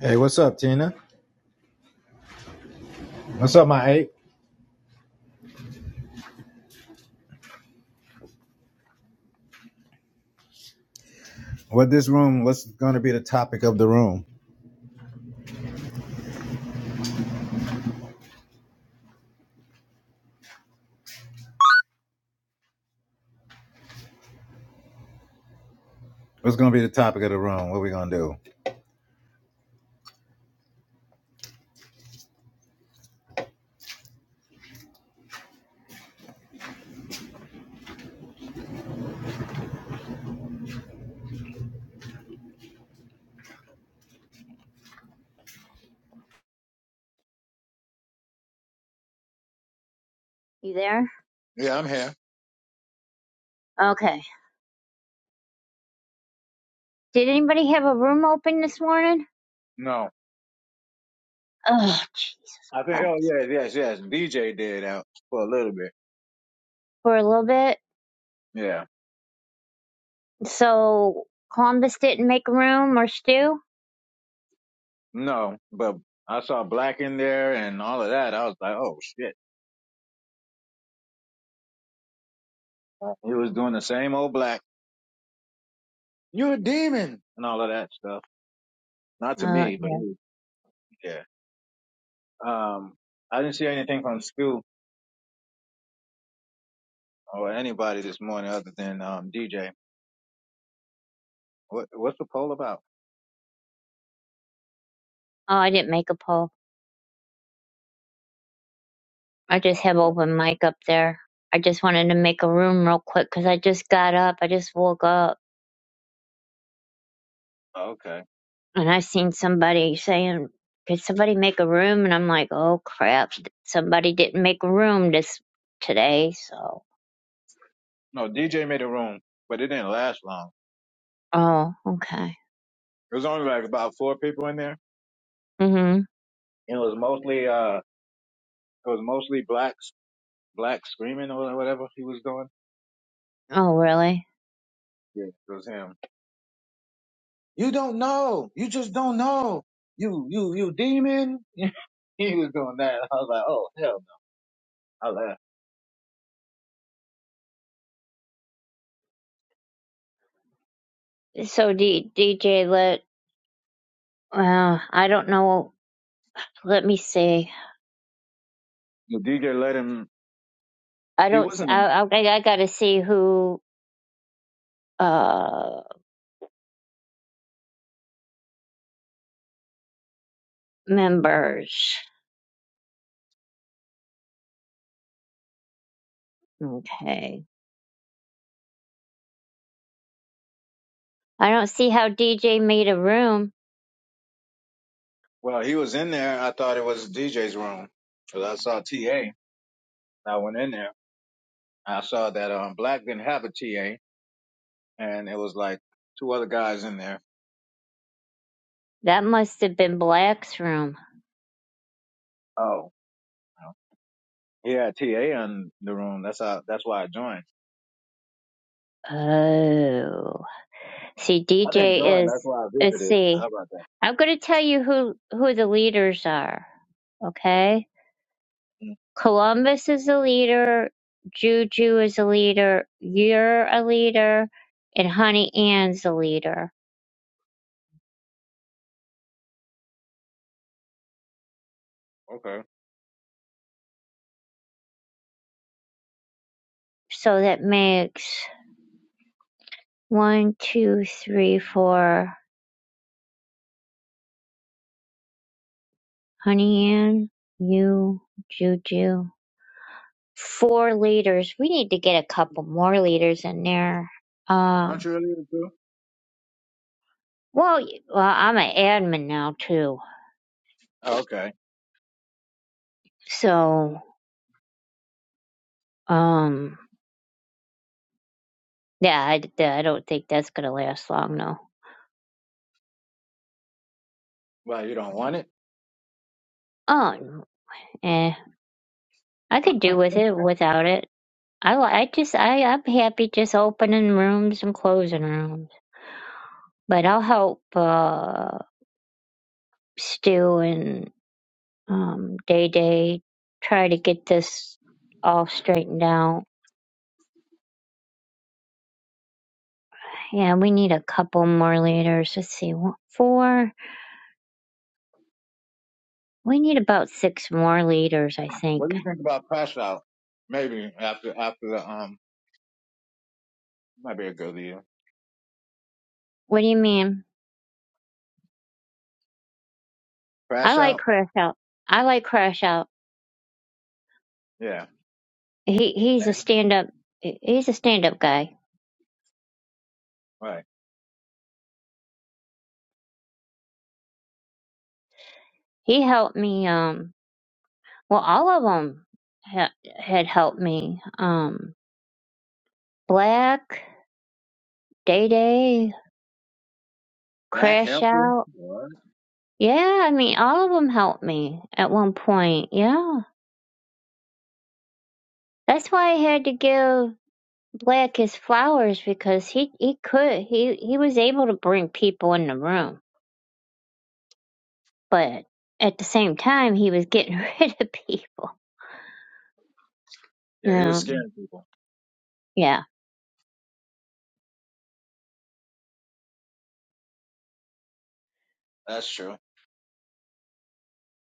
Hey, what's up, Tina? What's up, my ape? What this room? What's going to be the topic of the room? What's going to be the topic of the room? What we going to do? You there? Yeah, I'm here. Okay. Did anybody have a room open this morning? No, Oh, Jesus I think. Oh, Christ. yeah, yes, yes. DJ did out for a little bit. For a little bit. Yeah. So Columbus didn't make a room or Stu? No, but I saw black in there and all of that. I was like, oh shit. He was doing the same old black. You're a demon and all of that stuff. Not to Oh, me, but he yeah. Oh, was- yeah. Um, I didn't see anything from Stu or anybody this morning other than um DJ. What What's the poll about? I didn't make a poll. I just have open mic up there. I just wanted to make a room real quick because I just got up. I just woke up Oh, okay. and I seen somebody saying, could somebody make a room? And I'm like, oh crap. Somebody didn't make a room this today. So, No, DJ made a room, but it didn't last long. oh, okay. It was only like about four people in there. hmm And it was mostly uh it was mostly blacks black screaming or whatever he was doing. Oh, really? Yeah, it was him. You don't know. You just don't know. You you you demon. he was doing that. I was like, oh hell no. I laughed. So D, DJ, let uh, I don't know. Let me see. The DJ let him I he don't. s- wasn't I I I got to see who uh members. Okay. I don't see how DJ made a room. well, he was in there. I thought it was DJ's room. Cause I saw TA. I went in there. I saw that um black didn't have a TA and it was like two other guys in there. That must have been Black's room. Oh, you know. He had TA in the room. That's how. That's why I joined. Oh. See, I didn't DJ join. That's is. why I Let's visited. see. How about that? I'm gonna tell you who who the leaders are. Okay. Mm, Columbus is a leader, Juju is a leader, you're a leader, and Honey Ann's a leader. okay. So that makes one, two, three, four. Honey Ann, you, Juju. Four leaders. We need to get a couple more leaders in there. Aren't Um, you a leader too? well, y- well, I'm an admin now too. Oh, okay. So, um, yeah, I, I don't think that's gonna last long though. Well, you don't want it. Oh, eh. I could do with it without it. I li- I just I I'm happy just opening rooms and closing rooms. But I'll help uh Stu and um Day Day try to get this all straightened out. Yeah, we need a couple more leaders. Let's see, what, four. We need about six more leaders, I What think. do you think about crash out? Maybe after after the um might be a good leader. What do you mean? I Crash like out? Crash Out. I like Crash Out. Yeah. He he's a stand up. He's a stand up guy. Right. He helped me. Um, Well, all of them ha- had helped me. Um, Black, Day Day, Black Crash helper? Out. What? Yeah, I mean, all of them helped me at one point. Yeah, that's why I had to give Black his flowers because he he could he he was able to bring people in the room, but at the same time he was getting rid of people. Yeah, he was Um, scaring people. yeah, That's true.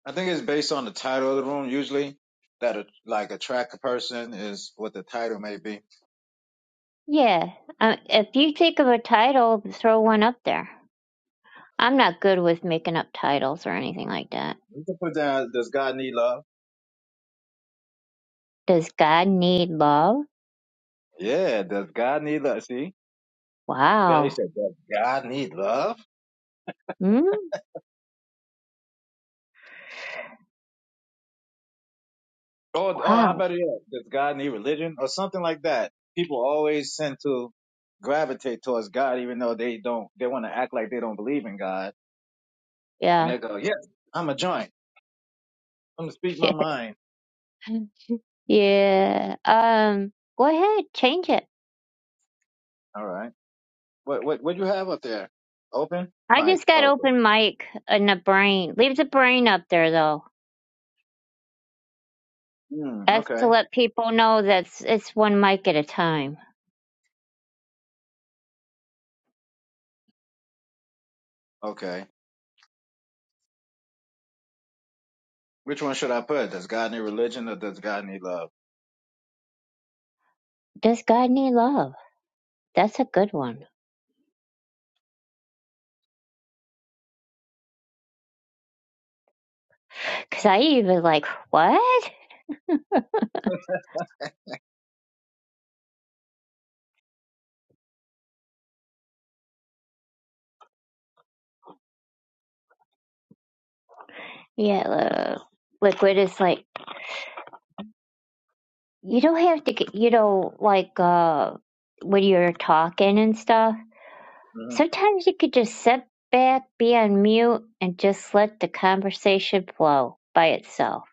I think it's based on the title of the room usually. That a, like attract a person is what the title may be. yeah. Uh, if you think of a title, throw one up there. I'm not good with making up titles or anything like that. You can put down, does God need love? Does God need love? Yeah, does God need love? See? Yeah, he Wow. said, does God need love? Hmm? Oh, oh, how Wow. about it? Yeah, Does God need religion or something like that? People always tend to gravitate towards God, even though they don't. They want to act like they don't believe in God, and Yeah. they go, "Yes, I'm a joint. I'm gonna speak my mind." yeah. Um, go ahead, change it. All right. What what what do you have up there? Open I mic. just got Okay. open mic in the brain. Leave the brain up there though. Hmm. That's to Okay. let people know that it's it's one mic at a time. Okay. Which one should I put? Does God need religion or does God need love? Does God need love? That's a good one. Cause I even like what? Yeah, uh, liquid is like you don't have to get you know like uh when you're talking and stuff. hmm Sometimes you could just sit back, be on mute, and just let the conversation flow by itself.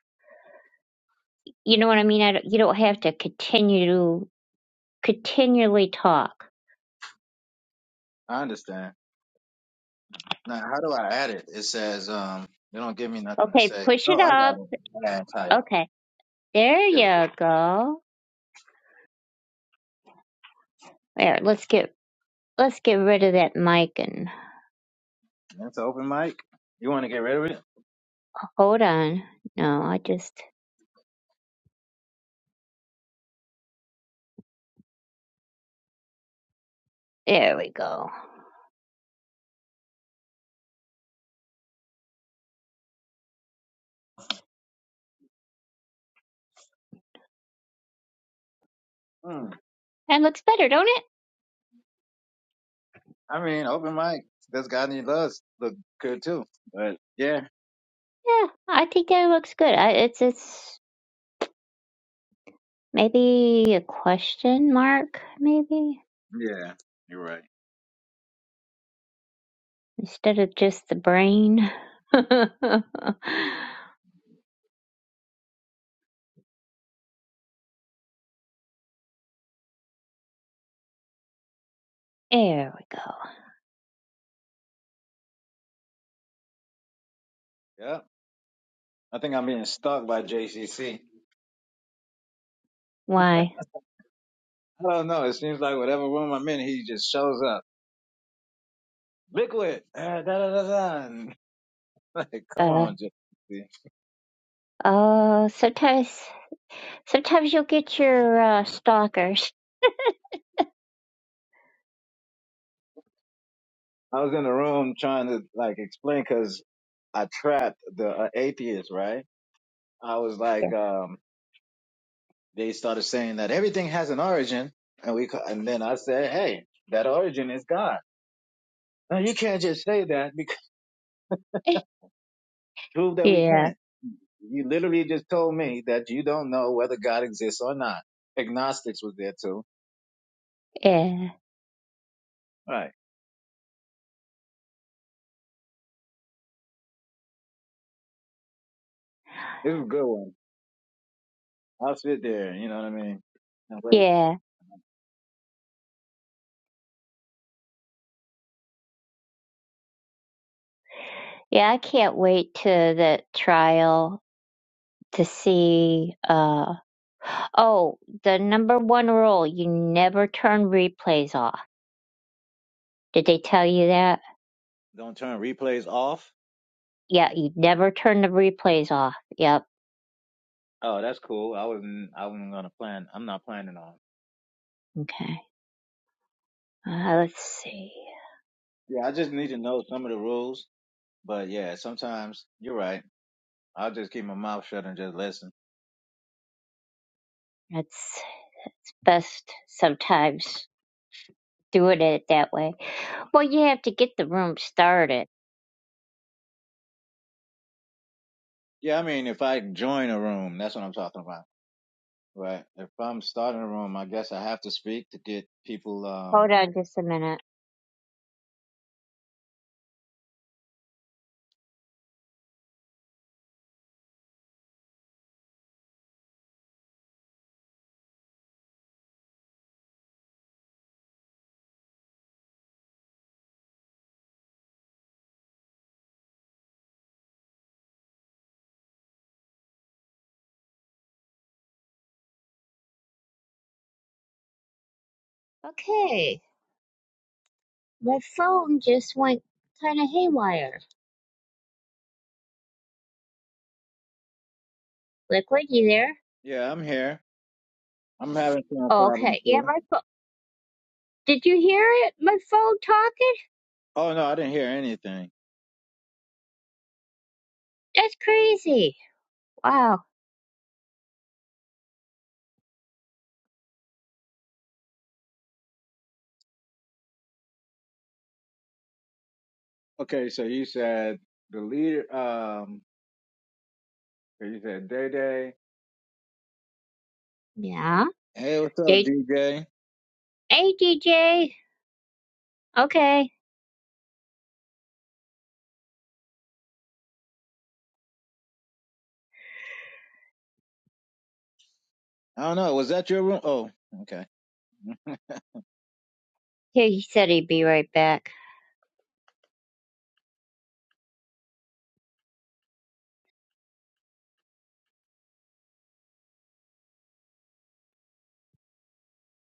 You know what I mean? I don't, you don't have to continue to continually talk. I understand. Now, how do I add it? It says, um, they don't give me nothing to Okay, say. push it Oh, I up. got it. Add title. Okay, there Here we you go. There, let's get let's get rid of that mic and go. That's an open mic. You want to get rid of it? Hold on. No, I just there we go. Hmm. That looks better, don't it? I mean, open mic. That's God and loves look good too. But yeah, Yeah, I think that looks good. I, it's it's maybe a question mark, maybe yeah, you're right. instead of just the brain. there we go. Yeah. I think I'm being stalked by JCC. Why? I don't know. It seems like whatever room I'm in, he just shows up. Liquid. Uh, da da da da. And, Like, come Uh on, JCC. oh. Sometimes sometimes you'll get your uh, stalkers. I was in the room trying to like explain because I trapped the uh, atheist, right? I was like, um, they started saying that everything has an origin, and we, ca- and then I said, hey, that origin is God. No, you can't just say that because prove that we can. Yeah, not You literally just told me that you don't know whether God exists or not. Agnostics was there too. yeah, yeah, All right, this is a good one. I'll sit there. You know what I mean? And wait, yeah. yeah. I can't wait to the trial to see. uh Oh, the number one rule, you never turn replays off. Did they tell you that? don't turn replays off. Yeah, you never turn the replays off. Yep. Oh, that's cool. I wasn't. I wasn't gonna plan. I'm not planning on. Okay. Uh, let's see. Yeah, I just need to know some of the rules. But yeah, sometimes you're right. I'll just keep my mouth shut and just listen. That's best sometimes doing it that way. Well, you have to get the room started. Yeah, I mean, if I join a room, that's what I'm talking about, right? If I'm starting a room, I guess I have to speak to get people. Um, Hold on just a minute. Okay. My phone just went kind of haywire. Liquid, you there? yeah, I'm here. I'm having some Oh, problem okay. Yeah, too. my phone. Did you hear it? My phone talking? Oh no, I didn't hear anything. That's crazy. Wow. Okay, so you said the leader. Um, you said Day Day. Yeah. Hey, what's up, D- DJ? hey, DJ. Okay. I don't know. Was that your room? Oh, okay. He he said he'd be right back.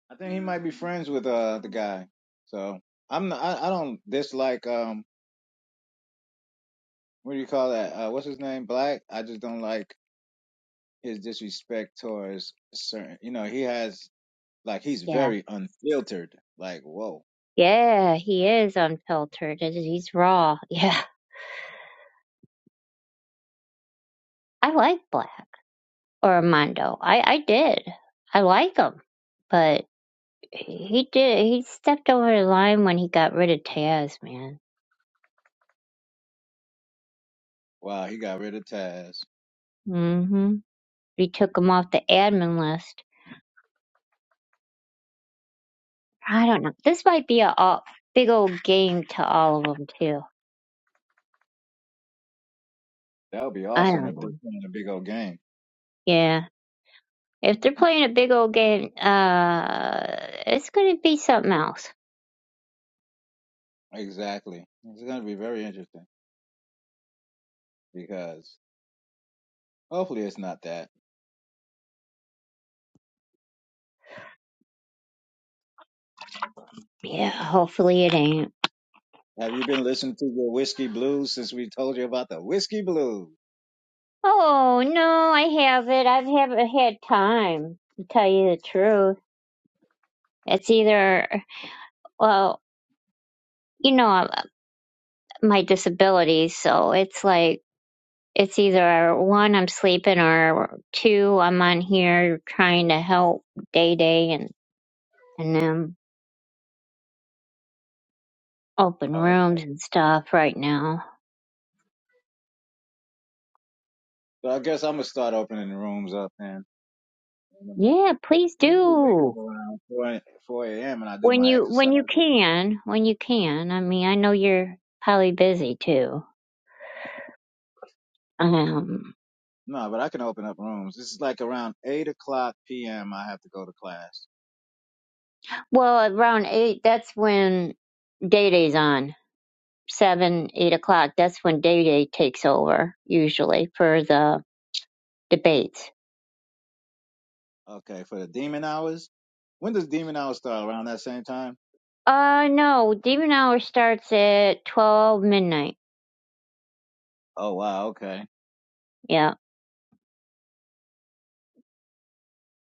I think he might be friends with uh the guy. So I'm. Not, I I don't dislike. um. what do you call that? Uh, what's his name? Black. I just don't like his disrespect towards certain. You know, he has like he's Yeah. very unfiltered. Like, whoa, Yeah, he is unfiltered. He's he's raw. Yeah. I like Black or Armando. I, I did. I like him. But he did. He stepped over the line when he got rid of Taz, man. wow, he got rid of Taz. Mm hmm. He took him off the admin list. I don't know. This might be a, a big old game to all of them, too. That would be I awesome if don't they're know. playing a big old game. Yeah. If they're playing a big old game, uh, it's gonna be something else. Exactly. It's going to be very interesting because hopefully it's not that. Yeah, hopefully it ain't. Have you been listening to your whiskey blues since we told you about the whiskey blues? Oh no, I haven't. I haven't had time to tell you the truth. It's either, well, you know, uh, my disability, so it's like it's either one I'm sleeping or two I'm on here trying to help Day Day and and them open Oh, okay. rooms and stuff right now. So I guess I'm gonna start opening the rooms up then. In the morning. Yeah, please I usually wake do. up around 4, 4 a.m. and I do when my you when you exercises. can when you can i mean i know you're probably busy too um No, but I can open up rooms. This is like around eight o'clock p.m. I have to go to class. well around eight that's when day day's on seven eight o'clock that's when day day takes over usually for the debates Okay, for the demon hours. When does demon hours start? Around that same time? uh no demon hour starts at 12 midnight Oh wow. Okay. yeah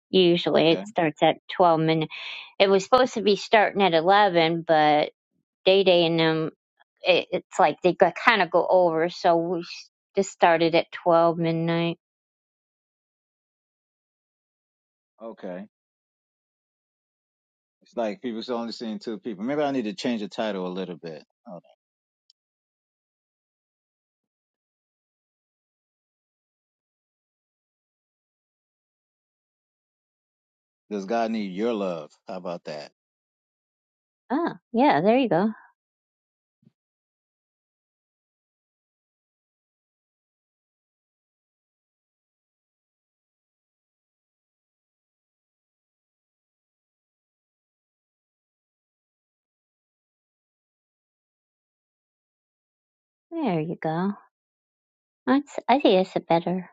usually Okay. it starts at 12 midnight it was supposed to be starting at 11 but Day Day and them, it, it's like they kind of go over. So we s- just started at 12 midnight. Okay. It's like people's only seeing two people. Maybe I need to change the title a little bit. Hold on. Does God need your love? How about that? Oh, yeah, there you go. There you go. That's, I think that's a better.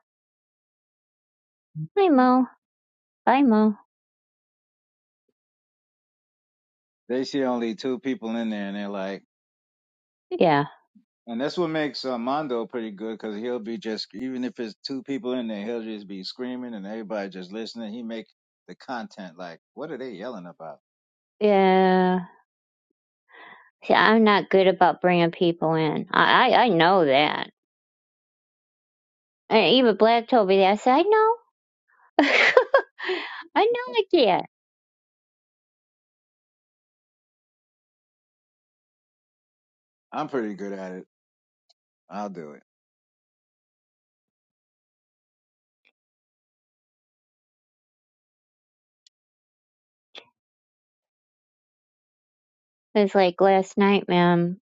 Hi, Hmm? Mo. Bye, Mo. They see only two people in there, and they're like. Yeah. And that's what makes uh, Mondo pretty good because he'll be just even if it's two people in there, he'll just be screaming and everybody just listening. He make the content like, what are they yelling about? Yeah. See, I'm not good about bringing people in. I, I, I know that. And even Black told me that. I said, I know. I know I can't. I'm pretty good at it. I'll do it. It's like last night, man.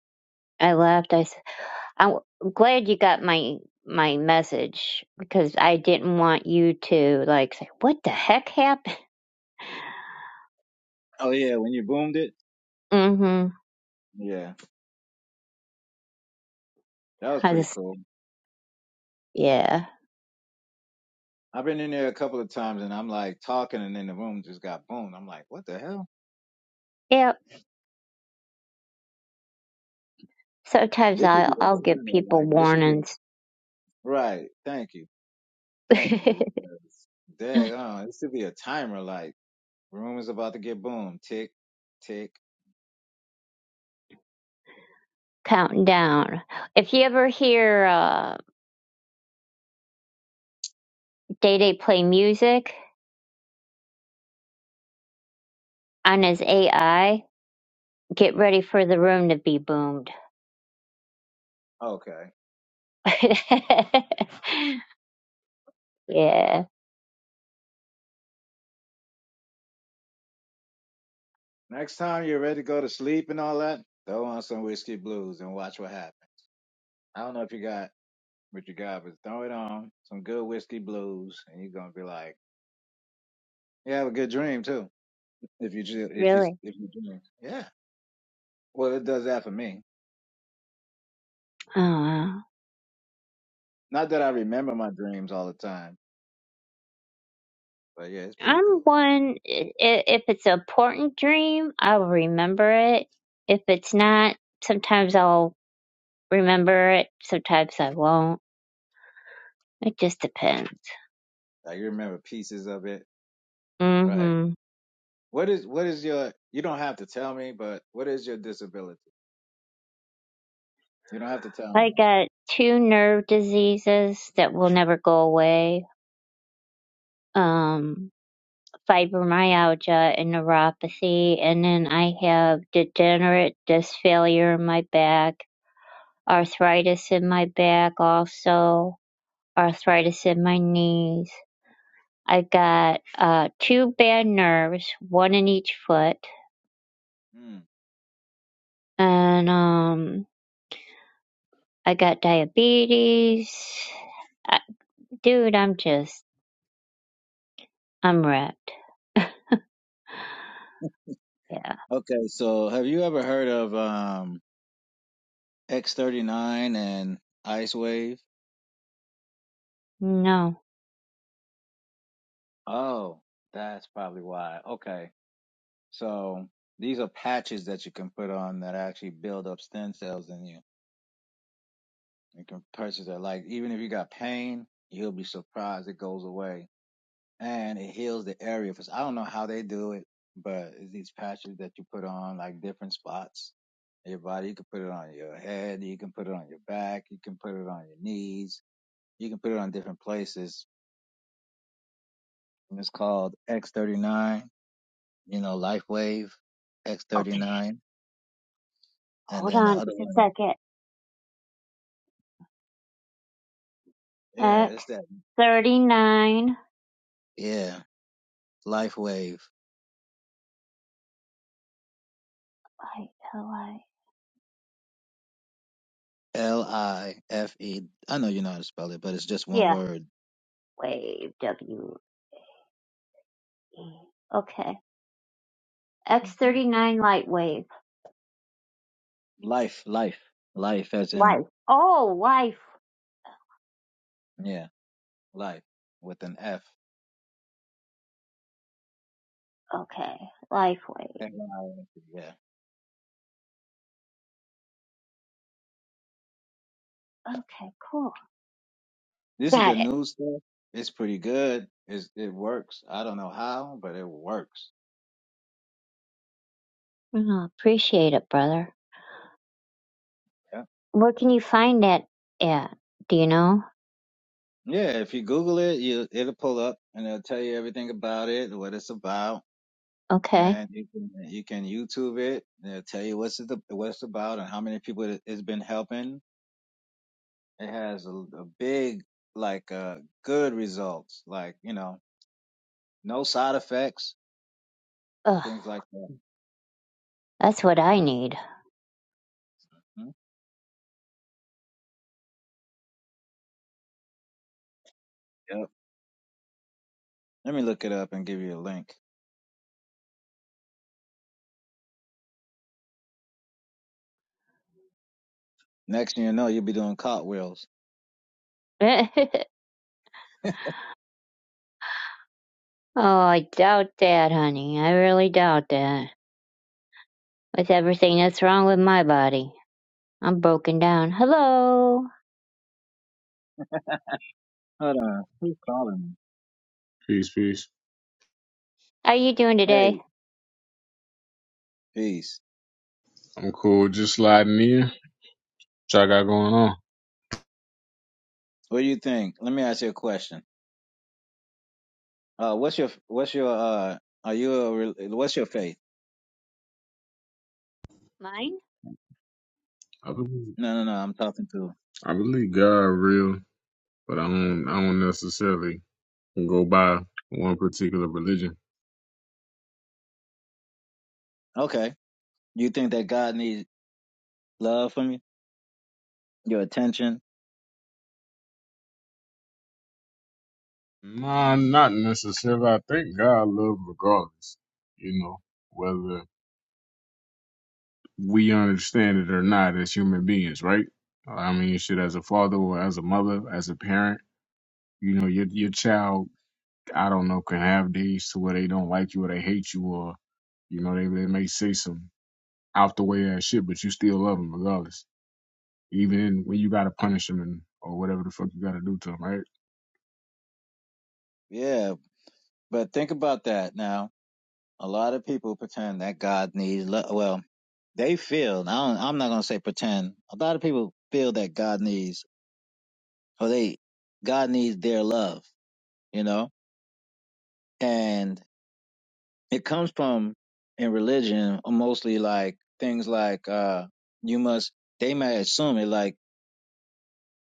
I left. I. said, I'm glad you got my my message because I didn't want you to like say what the heck happened. Oh yeah, when you boomed it, Mhm. yeah, that was I pretty just cool. yeah. I've been in there a couple of times and I'm like talking and then the room just got boomed. I'm like, what the hell? yeah. Sometimes This should be I'll I'll a give timer. people Like this should be a warnings. right. Thank you, thank you. Because, dang, oh, this should be a timer. Like room is about to get boomed. Tick, tick. Counting down. If you ever hear uh Day Day play music on his AI, get ready for the room to be boomed. Okay. yeah. Next time you're ready to go to sleep and all that, throw on some whiskey blues and watch what happens. I don't know if you got what you got, but throw it on some good whiskey blues, and you're gonna be like, you have a good dream too. If you ju- if you Really? if you dream, yeah. Well, it does that for me. Oh. wow. Not that I remember my dreams all the time, but yeah, it's pretty I'm cool. one, i- i- if it's an important dream, I'll remember it. If it's not, sometimes I'll remember it, sometimes I won't. It just depends. Like you remember pieces of it, right? hmm What is what is your? You don't have to tell me, but what is your disability? You don't have to tell I me. got two nerve diseases that will never go away. Um, fibromyalgia and neuropathy, and then I have degenerate disc failure in my back, arthritis in my back also, arthritis in my knees I got uh two bad nerves, one in each foot, and um I got diabetes. I, dude, I'm just I'm wrecked. yeah. Okay, so have you ever heard of um X39 and Ice Wave? No. Oh, that's probably why. Okay. So these are patches that you can put on that actually build up stem cells in you. You can purchase it. Like even if you got pain, you'll be surprised it goes away. And it heals the area. 'Cause I don't know how they do it, but it's these patches that you put on like different spots in your body. You can put it on your head, you can put it on your back, you can put it on your knees You can put it on different places. And it's called X39, you know, LifeWave Okay. X39. And Hold then the on other just a one, second. yeah, it's X that. thirty nine. Yeah, LifeWave I L I. L I F E. I know you know how to spell it, but it's just one Yeah. word. Wave W E. Okay. X Mhm. thirty nine light wave. Life, life, life as in, Life. Oh, life. yeah, life with an F. Okay. Life wave. F-I-F-E, Yeah. Okay. Cool. This is the Got it. new stuff. It's pretty good. It's, it works. I don't know how, but it works. Well, appreciate it, brother. Yeah. Where can you find that at? Do you know? Yeah, if you Google it, you it'll pull up and it'll tell you everything about it, what it's about, Okay. and you can you can YouTube it. And it'll tell you what's it what it's about and how many people it, it's been helping. It has a, a big like uh good results, like you know, no side effects, Ugh, things like that. that's what I need. Hmm? Yep. Let me look it up and give you a link. Next thing you know, you'll be doing cartwheels. oh, I doubt that, honey. I really doubt that. With everything that's wrong with my body, I'm broken down. Hello. Hold on, who's calling Peace, peace. How you doing me? today? Hey, peace. I'm cool. Just sliding in. What y'all got going on? What do you think? Let me ask you a question. Uh, what's your what's your uh are you a, re- what's your faith? Mine? I believe, No, no, no. I'm talking to. I believe God real, but I don't. I don't necessarily go by one particular religion. Okay, you think that God needs love from you, your attention? Nah, not necessarily. I think God love regardless. You know, whether we understand it or not as human beings, right? I mean, shit, as a father or as a mother, as a parent, you know, your your child, I don't know, can have days to where they don't like you or they hate you or you know they they may say some out the way as shit, but you still love them regardless. Even when you gotta punish them and or whatever the fuck you gotta do to them, right? Yeah, but think about that now. A lot of people pretend that God needs love. Well, they feel. I don't, I'm not gonna say pretend. A lot of people feel that God needs or they God needs their love. You know, and it comes from in religion mostly like things like uh you must. They may assume it like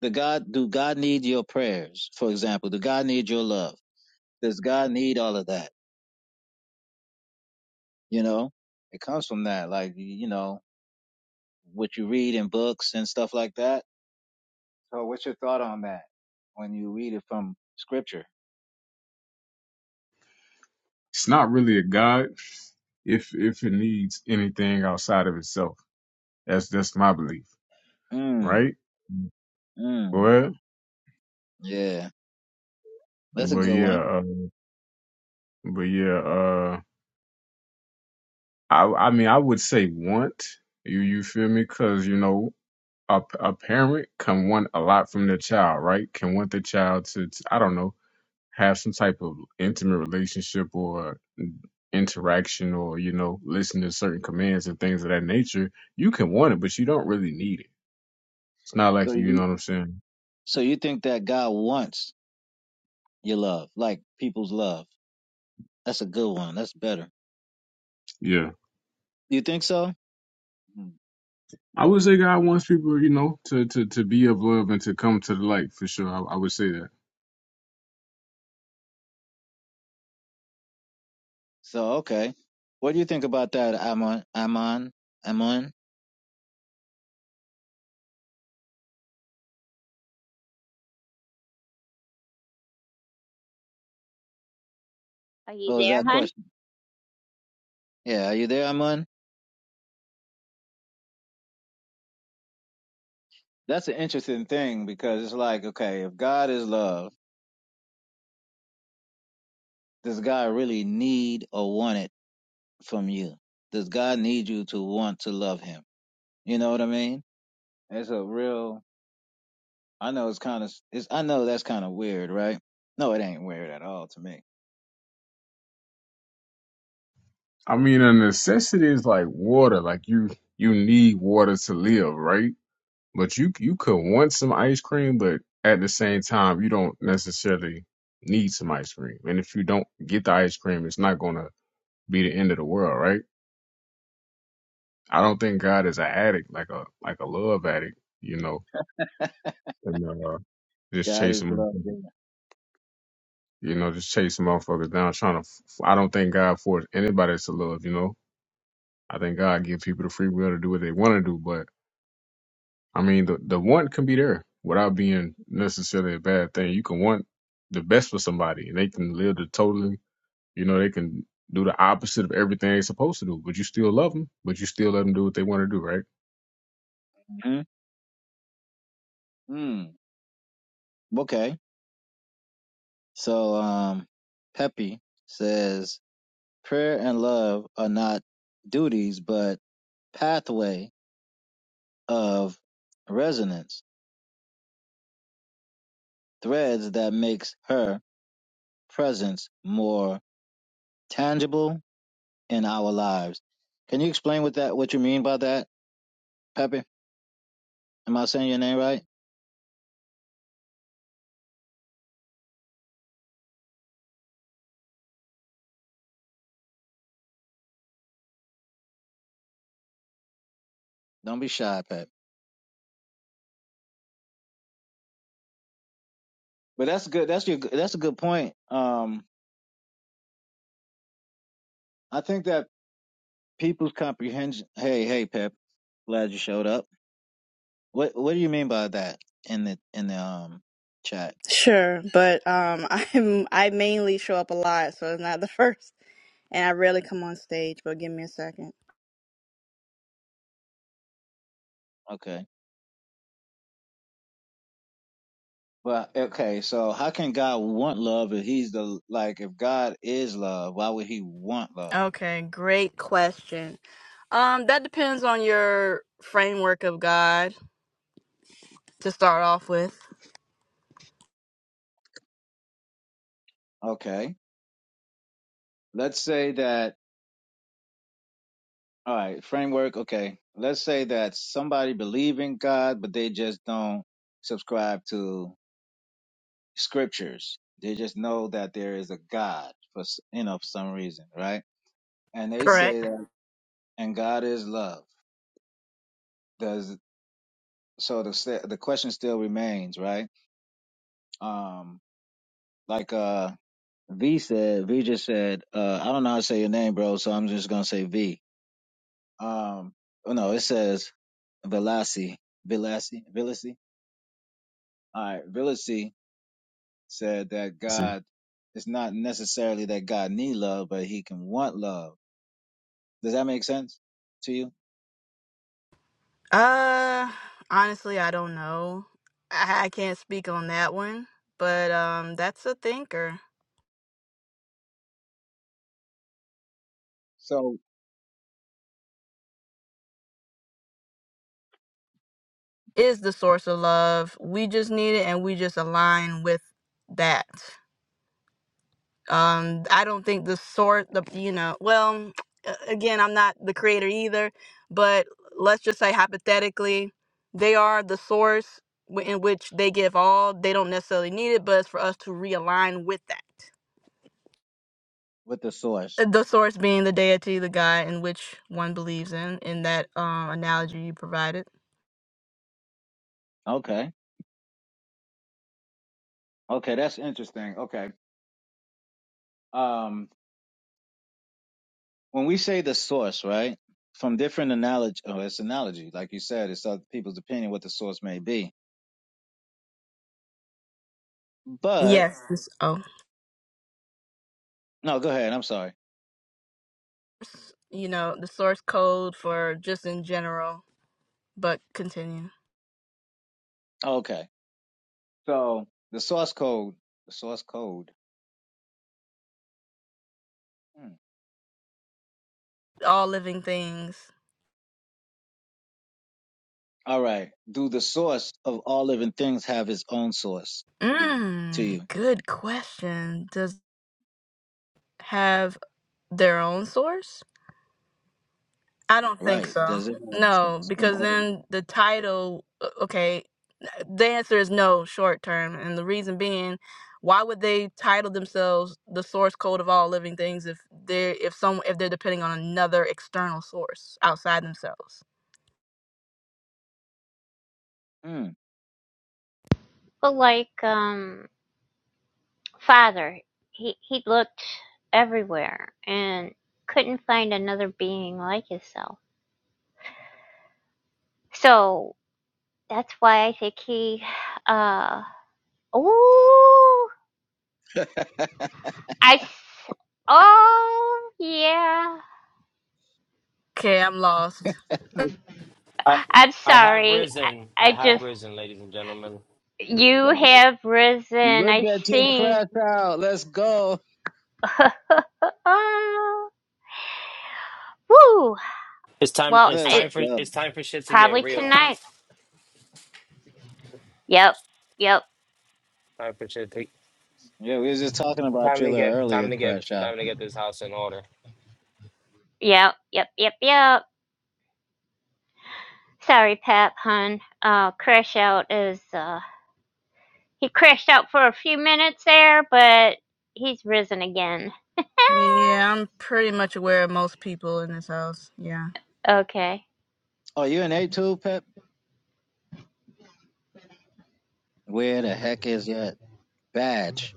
The God, do God need your prayers? For example, do God need your love? Does God need all of that? You know, it comes from that, like, you know, what you read in books and stuff like that. So what's your thought on that when you read it from scripture? It's not really a god if if it needs anything outside of itself. That's that's my belief, Mm, right? mm, Well, yeah, that's a but good yeah, one. uh, but yeah, uh, I I mean I would say want you you feel me? Cause you know a a parent can want a lot from their child, right? Can want the child to, to I don't know have some type of intimate relationship or interaction or you know listen to certain commands and things of that nature you can want it but you don't really need it it's not So like you you know you, what i'm saying so you think that God wants your love, like people's love. That's a good one. That's better. yeah You think so? Mm. i would say god wants people you know to to, to be of love and to come to the light for sure I, I would say that So, okay. What do you think about that, Amon? Amon? Amon? Are you What was there, that hon? question? Yeah, are you there, Amon? That's an interesting thing because it's like, okay, if God is love, does God really need or want it from you? Does God need you to want to love Him? You know what I mean? It's a real. I know it's kind of. It's. I know that's kind of weird, right? No, it ain't weird at all to me. i mean a necessity is like water like you you need water to live right but you you could want some ice cream but at the same time you don't necessarily need some ice cream and if you don't get the ice cream it's not gonna be the end of the world right I don't think God is an addict, like a like a love addict, you know, and uh, just God is chasing, love. motherfuckers- you know, just chasing motherfuckers down, trying to. F- I don't think God forced anybody to love, you know. I think God gives people the free will to do what they want to do, but I mean, the the want can be there without being necessarily a bad thing. You can want the best for somebody, and they can live the totally, you know, they can do the opposite of everything they're supposed to do, but you still love them, but you still let them do what they want to do, right? Mm-hmm. Mm. Okay. So, um, Peppy says prayer and love are not duties, but pathway of resonance threads that makes her presence more tangible in our lives. Can you explain what that what you mean by that, Pepe? Am I saying your name right? Don't be shy, Pep. But that's good. That's your that's a good point. Um I think that people's comprehension hey, hey Pep, glad you showed up. What what do you mean by that in the in the um chat? Sure, but um, I'm I mainly show up a lot, so it's not the first, and I rarely come on stage. But give me a second. Okay. Well, okay, so how can God want love if he's the like if God is love, why would he want love? Okay, great question. Um, that depends on your framework of God to start off with. Okay. Let's say that all right, framework, okay. Let's say that somebody believe in God but they just don't subscribe to scriptures. They just know that there is a God for s- you know for some reason, right? And they say Correct. that and God is love. Does so the st- the question still remains, right? Um like uh. V said, V just said, uh, I don't know how to say your name, bro, so I'm just gonna say V. Um, oh no, it says Velasi, Velasi, Velasi. All right, Velasi said that God it's not necessarily that God need love, but He can want love. Does that make sense to you? Uh, honestly, I don't know. I, I can't speak on that one, but um, that's a thinker. So Is the source of love. We just need it, and we just align with that. um i don't think the sort the you know well a- again i'm not the creator either but let's just say hypothetically they are the source w- in which they give all they don't necessarily need it but it's for us to realign with that with the source, Uh, the source being the deity the god in which one believes in in that um analogy you provided okay, okay, that's interesting. Okay, um, when we say the source, right? From different analogy, oh, it's analogy, like you said, it's other people's opinion what the source may be But yes this- oh no, go ahead. I'm sorry. you know the source code for just in general but continue Okay. So the source code, the source code. Hmm. all living things All right. Do the source of all living things have its own source to Mm, you? good question. Does have their own source? I don't think Right. so. Does it have a No, source? An because origin? then the title, o- okay, the answer is no short term. And the reason being, why would they title themselves the source code of all living things if they're if some if they're depending on another external source outside themselves? Hmm. Well, like, um, father, he he looked everywhere and couldn't find another being like himself. So that's why I think he. Uh, oh, I. s- Oh, yeah. Okay, I'm lost. I I'm I have sorry. I, risen. I I have just. risen, ladies and gentlemen. You have risen. Look I at you see. crash out. Let's go. Woo. It's time. Well, It's Let's I, time for. go. It's time for shit to get probably real. tonight. Yep. Yep. Time for shit. To, Yeah, we was just talking about time you a to little get. earlier, Time to get. crash out. Time to get this house in order. Yep. Yep. Yep. Yep. Sorry, Pep, hun. Uh, crash out is. Uh, he crashed out for a few minutes there, but he's risen again. Yeah, I'm pretty much aware of most people in this house. Yeah. Okay. Oh, you in A2, Pep? Where the heck is your badge?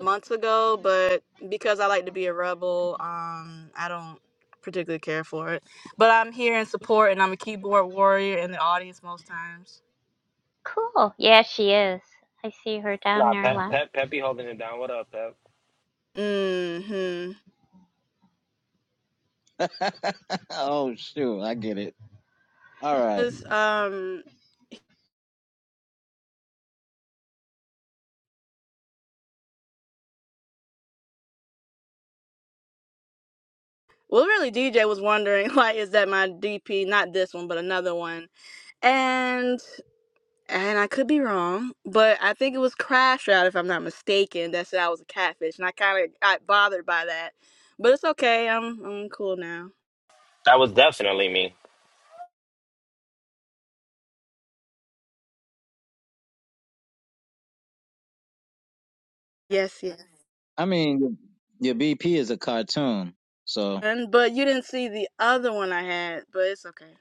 months ago, but because I like to be a rebel, um, I don't particularly care for it. But I'm here in support, and I'm a keyboard warrior in the audience most times. Cool. Yeah, she is. I see her down Nah, there a Pep. lot. Okay. Pep. Pep be holding it down. What up, Pep? Hmm. oh, shoot. I get it. All right. This um. Well, really, DJ was wondering, like, is that my DP? Not this one, but another one. And and I could be wrong, but I think it was Crash Out, if I'm not mistaken, that said I was a catfish, and I kind of got bothered by that. But it's okay. I'm I'm cool now. That was definitely me. Yes. Yes, I mean, your BP is a cartoon. So one, but you didn't see the other one I had, but it's okay.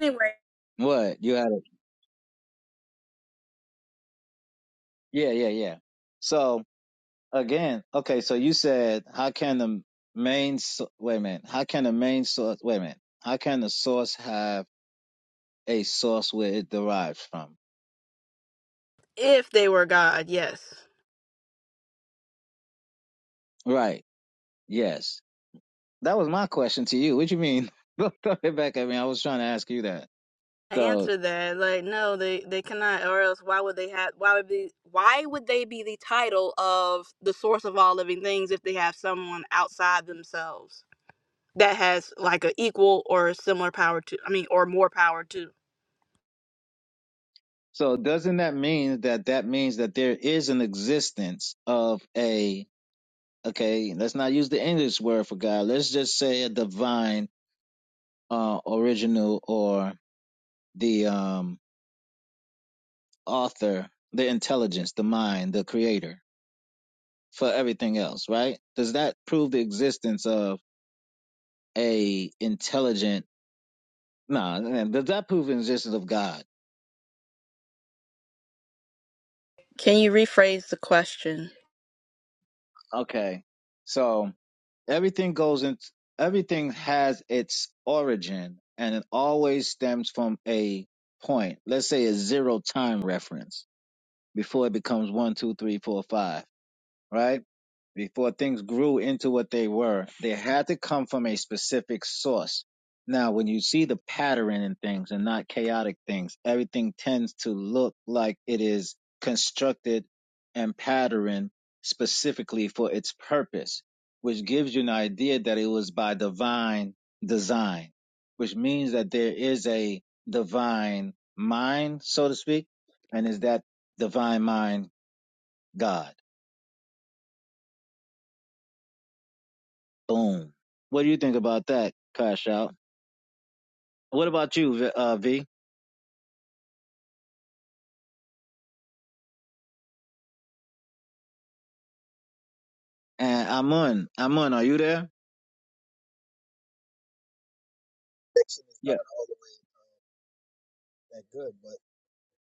Anyway, what? You had it. Yeah, yeah, yeah. So again, okay. So you said, how can the main? so- Wait a minute. How can the main source? Wait a minute. How can the source have a source where it derives from? if they were God, yes. Right. Yes. That was my question to you. What you mean? Don't throw it back at me. I was trying to ask you that. I So, answered that. Like, no, they, they cannot, or else why would they have why would be why would they be the title of the source of all living things if they have someone outside themselves that has like a equal or similar power to I mean or more power to? so doesn't that mean that that means that there is an existence of a okay let's not use the english word for god let's just say a divine uh original or the um author the intelligence the mind the creator for everything else right does that prove the existence of a intelligent no nah, does that prove the existence of god Can you rephrase the question? okay so everything goes in everything has its origin and it always stems from a point let's say a zero time reference before it becomes one, two, three, four, five right? Before things grew into what they were, they had to come from a specific source. Now, when you see the pattern in things and not chaotic things, everything tends to look like it is constructed and patterned specifically for its purpose, which gives you an idea that it was by divine design, which means that there is a divine mind, so to speak, and is that divine mind God? Boom. What do you think about that, Cash Out? What about you, v, uh, v? And Amun, Amun, are you there? connection is not Yeah. all the way that good, but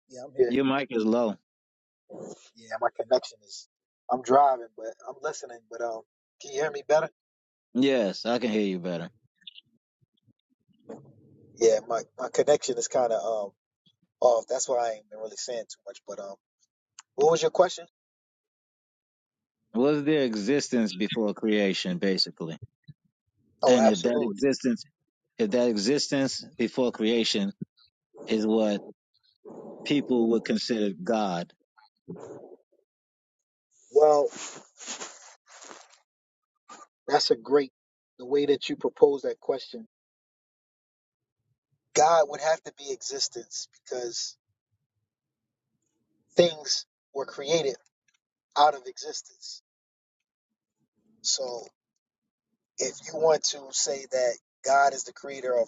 yeah, I'm here. Your mic is low. Yeah, my connection is. I'm driving, but I'm listening. But um, can you hear me better? Yes, I can hear you better. Yeah, my my connection is kind of um off. That's why I ain't been really saying too much. But um, what was your question? Was there existence before creation, basically? Oh, And if that absolutely. existence, if that existence before creation is what people would consider God. Well, that's a great the way that you propose that question. God would have to be existence because things were created out of existence. So if you want to say that God is the creator of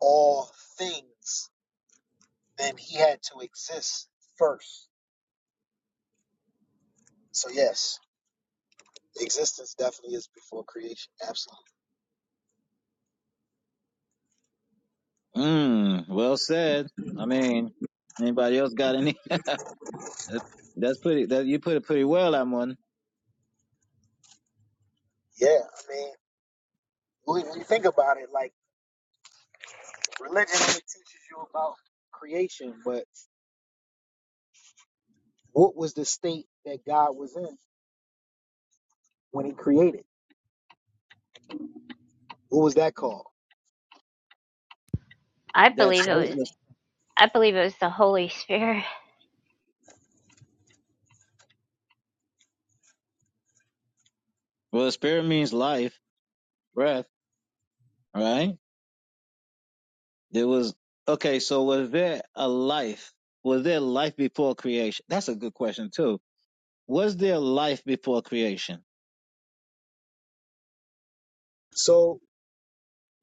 all things, then he had to exist first. So yes, existence definitely is before creation. Absolutely. Mm, well said. I mean, anybody else got any? That's pretty, that, you put it pretty well, Amun. Yeah, I mean, when you think about it, like religion only teaches you about creation, but what was the state that God was in when He created? What was that called? I That believe it was stateless. cool. I believe it was the Holy Spirit. Well, spirit means life, breath. All right. There was okay. So was there a life? Was there life before creation? That's a good question too. Was there life before creation? So,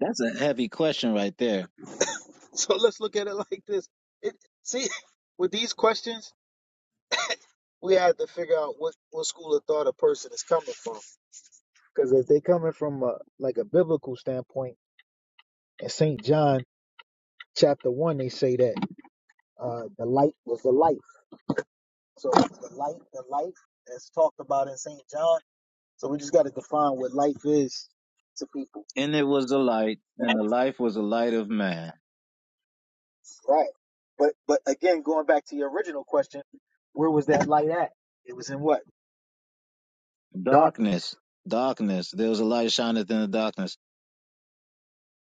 That's a heavy question right there. so let's look at it like this. It see, with these questions, we had to figure out what what school of thought a person is coming from. Because if they are coming from a like a biblical standpoint, and Saint John chapter one, they say that uh, the light was the life. So the light, the life that's talked about in Saint John. So we just got to define what life is to people, And it was the light, and the life was the light of man. right? But but again, going back to your original question, where was that light at? It was in what Darkness, darkness. darkness. There was a light shineth in the darkness.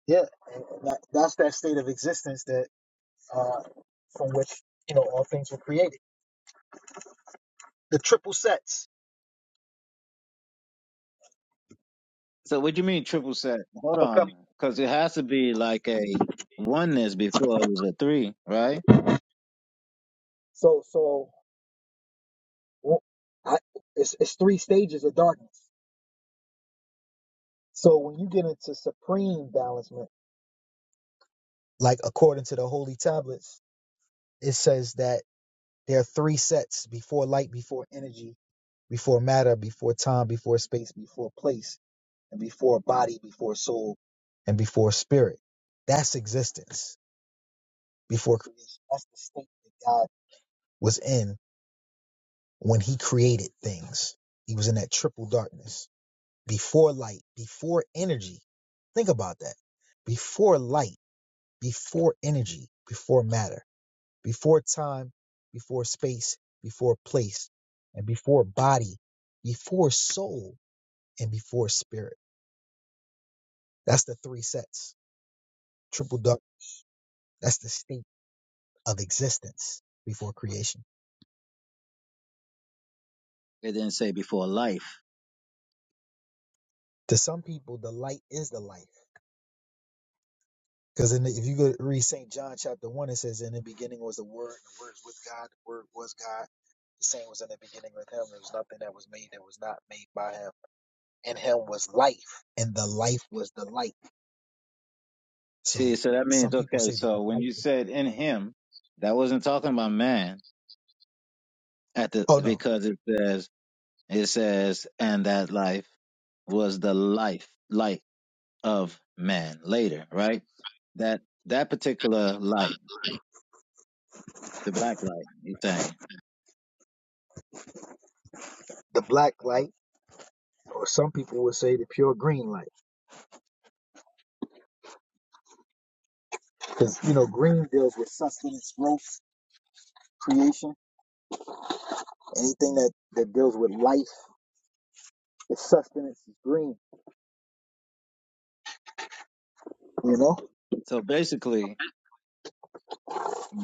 Yeah, and that, that's that state of existence that uh, from which you know all things were created. The triple sets. So what do you mean triple set? Hold Okay. on, because it has to be like a oneness before it was a three, right? So so well, I, it's it's three stages of darkness. So when you get into supreme balancement, like according to the holy tablets, it says that there are three sets before light, before energy, before matter, before time, before space, before place, and before body, before soul, and before spirit. That's existence before creation. That's the state that God was in when he created things. He was in that triple darkness before light, before energy. Think about that. Before light before energy, before matter, before time, before space, before place, and before body, before soul, and before spirit. That's the three sets. Triple duck, that's the state of existence before creation. It didn't say before life. To some people, the light is the life. Because if you go to read St. John chapter 1, it says, In the beginning was the Word, and the Word is with God, the Word was God. The same was in the beginning with Him. There was nothing that was made that was not made by Him In him was life, and the life was the light. See, So so that some means people okay. say that the So when light, you said in him, that wasn't talking about man at the oh no, because it says it says and that life was the life light of man later, right? That that particular light, the black light, you're saying. the black light, or some people would say the pure green light, because you know green deals with sustenance, growth, creation, anything that that deals with life, its sustenance is green. You know. So basically,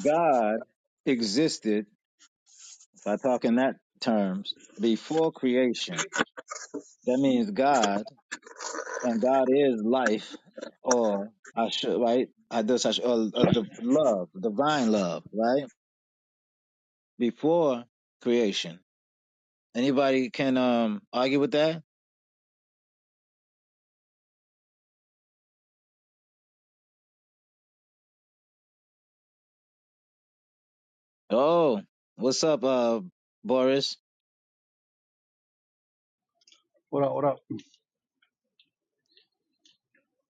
God existed. If I talk in that terms, before creation, that means God and God is life, or I should right. I just I should, or, or the love, divine love, right before creation. Anybody can um argue with that? Oh, what's up, uh, Boris? What up? What up?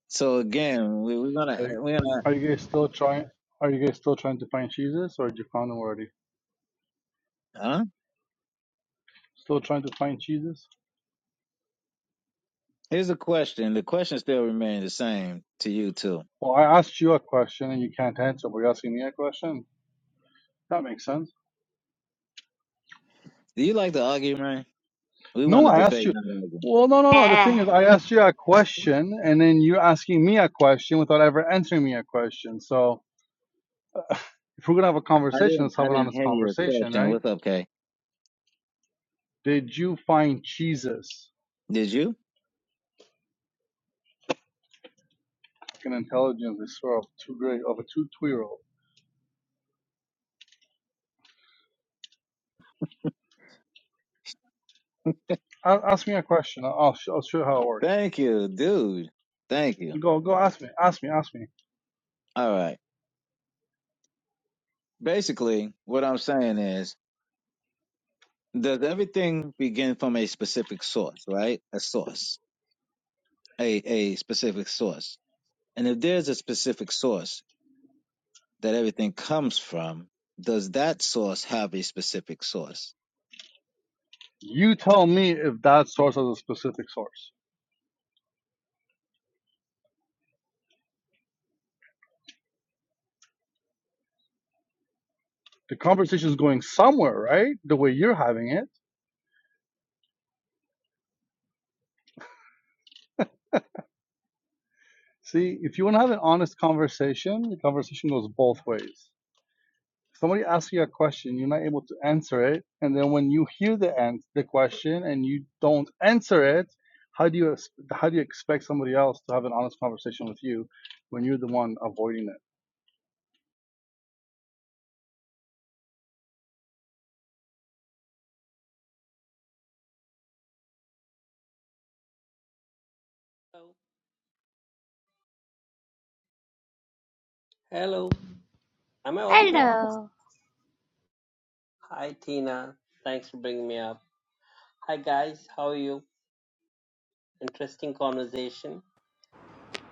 So again, we, we're Are gonna you, we're gonna are you guys still trying? Are you guys still trying to find cheeses, or did you found them already? huh? Still trying to find cheeses? Here's a question. The question still remains the same to you too. Well, I asked you a question and you can't answer, but you're asking me a question. That makes sense. Do you like to argue, man? We No, want to I asked debate, you. not argue. Well, no, no, no. The Yeah. thing is, I asked you a question, and then you're asking me a question without ever answering me a question. So, if we're gonna have a I conversation, didn't let's I have an didn't honest hear your conversation, question. right? What's up, Kay? Did you find cheeses? Did you? Fucking intelligence is sort of too great of a two two-year-old. a- ask me a question. I'll, I'll sh- I'll show you how it works. Thank you, dude. Thank you. Go, go. Ask me. Ask me. Ask me. All right. Basically, what I'm saying is, does everything begin from a specific source, right? A source, a, a specific source. And if there's a specific source that everything comes from, does that source have a specific source? You tell me if that source has a specific source. The conversation is going somewhere, right? The way you're having it. See, if you want to have an honest conversation, the conversation goes both ways. Somebody asks you a question, you're not able to answer it, and then when you hear the answer, the question, and you don't answer it, how do you ex- how do you expect somebody else to have an honest conversation with you when you're the one avoiding it? Hello. Hello. Am I audible? Hello. Hi, Tina. Thanks for bringing me up. Hi, guys. How are you? Interesting conversation.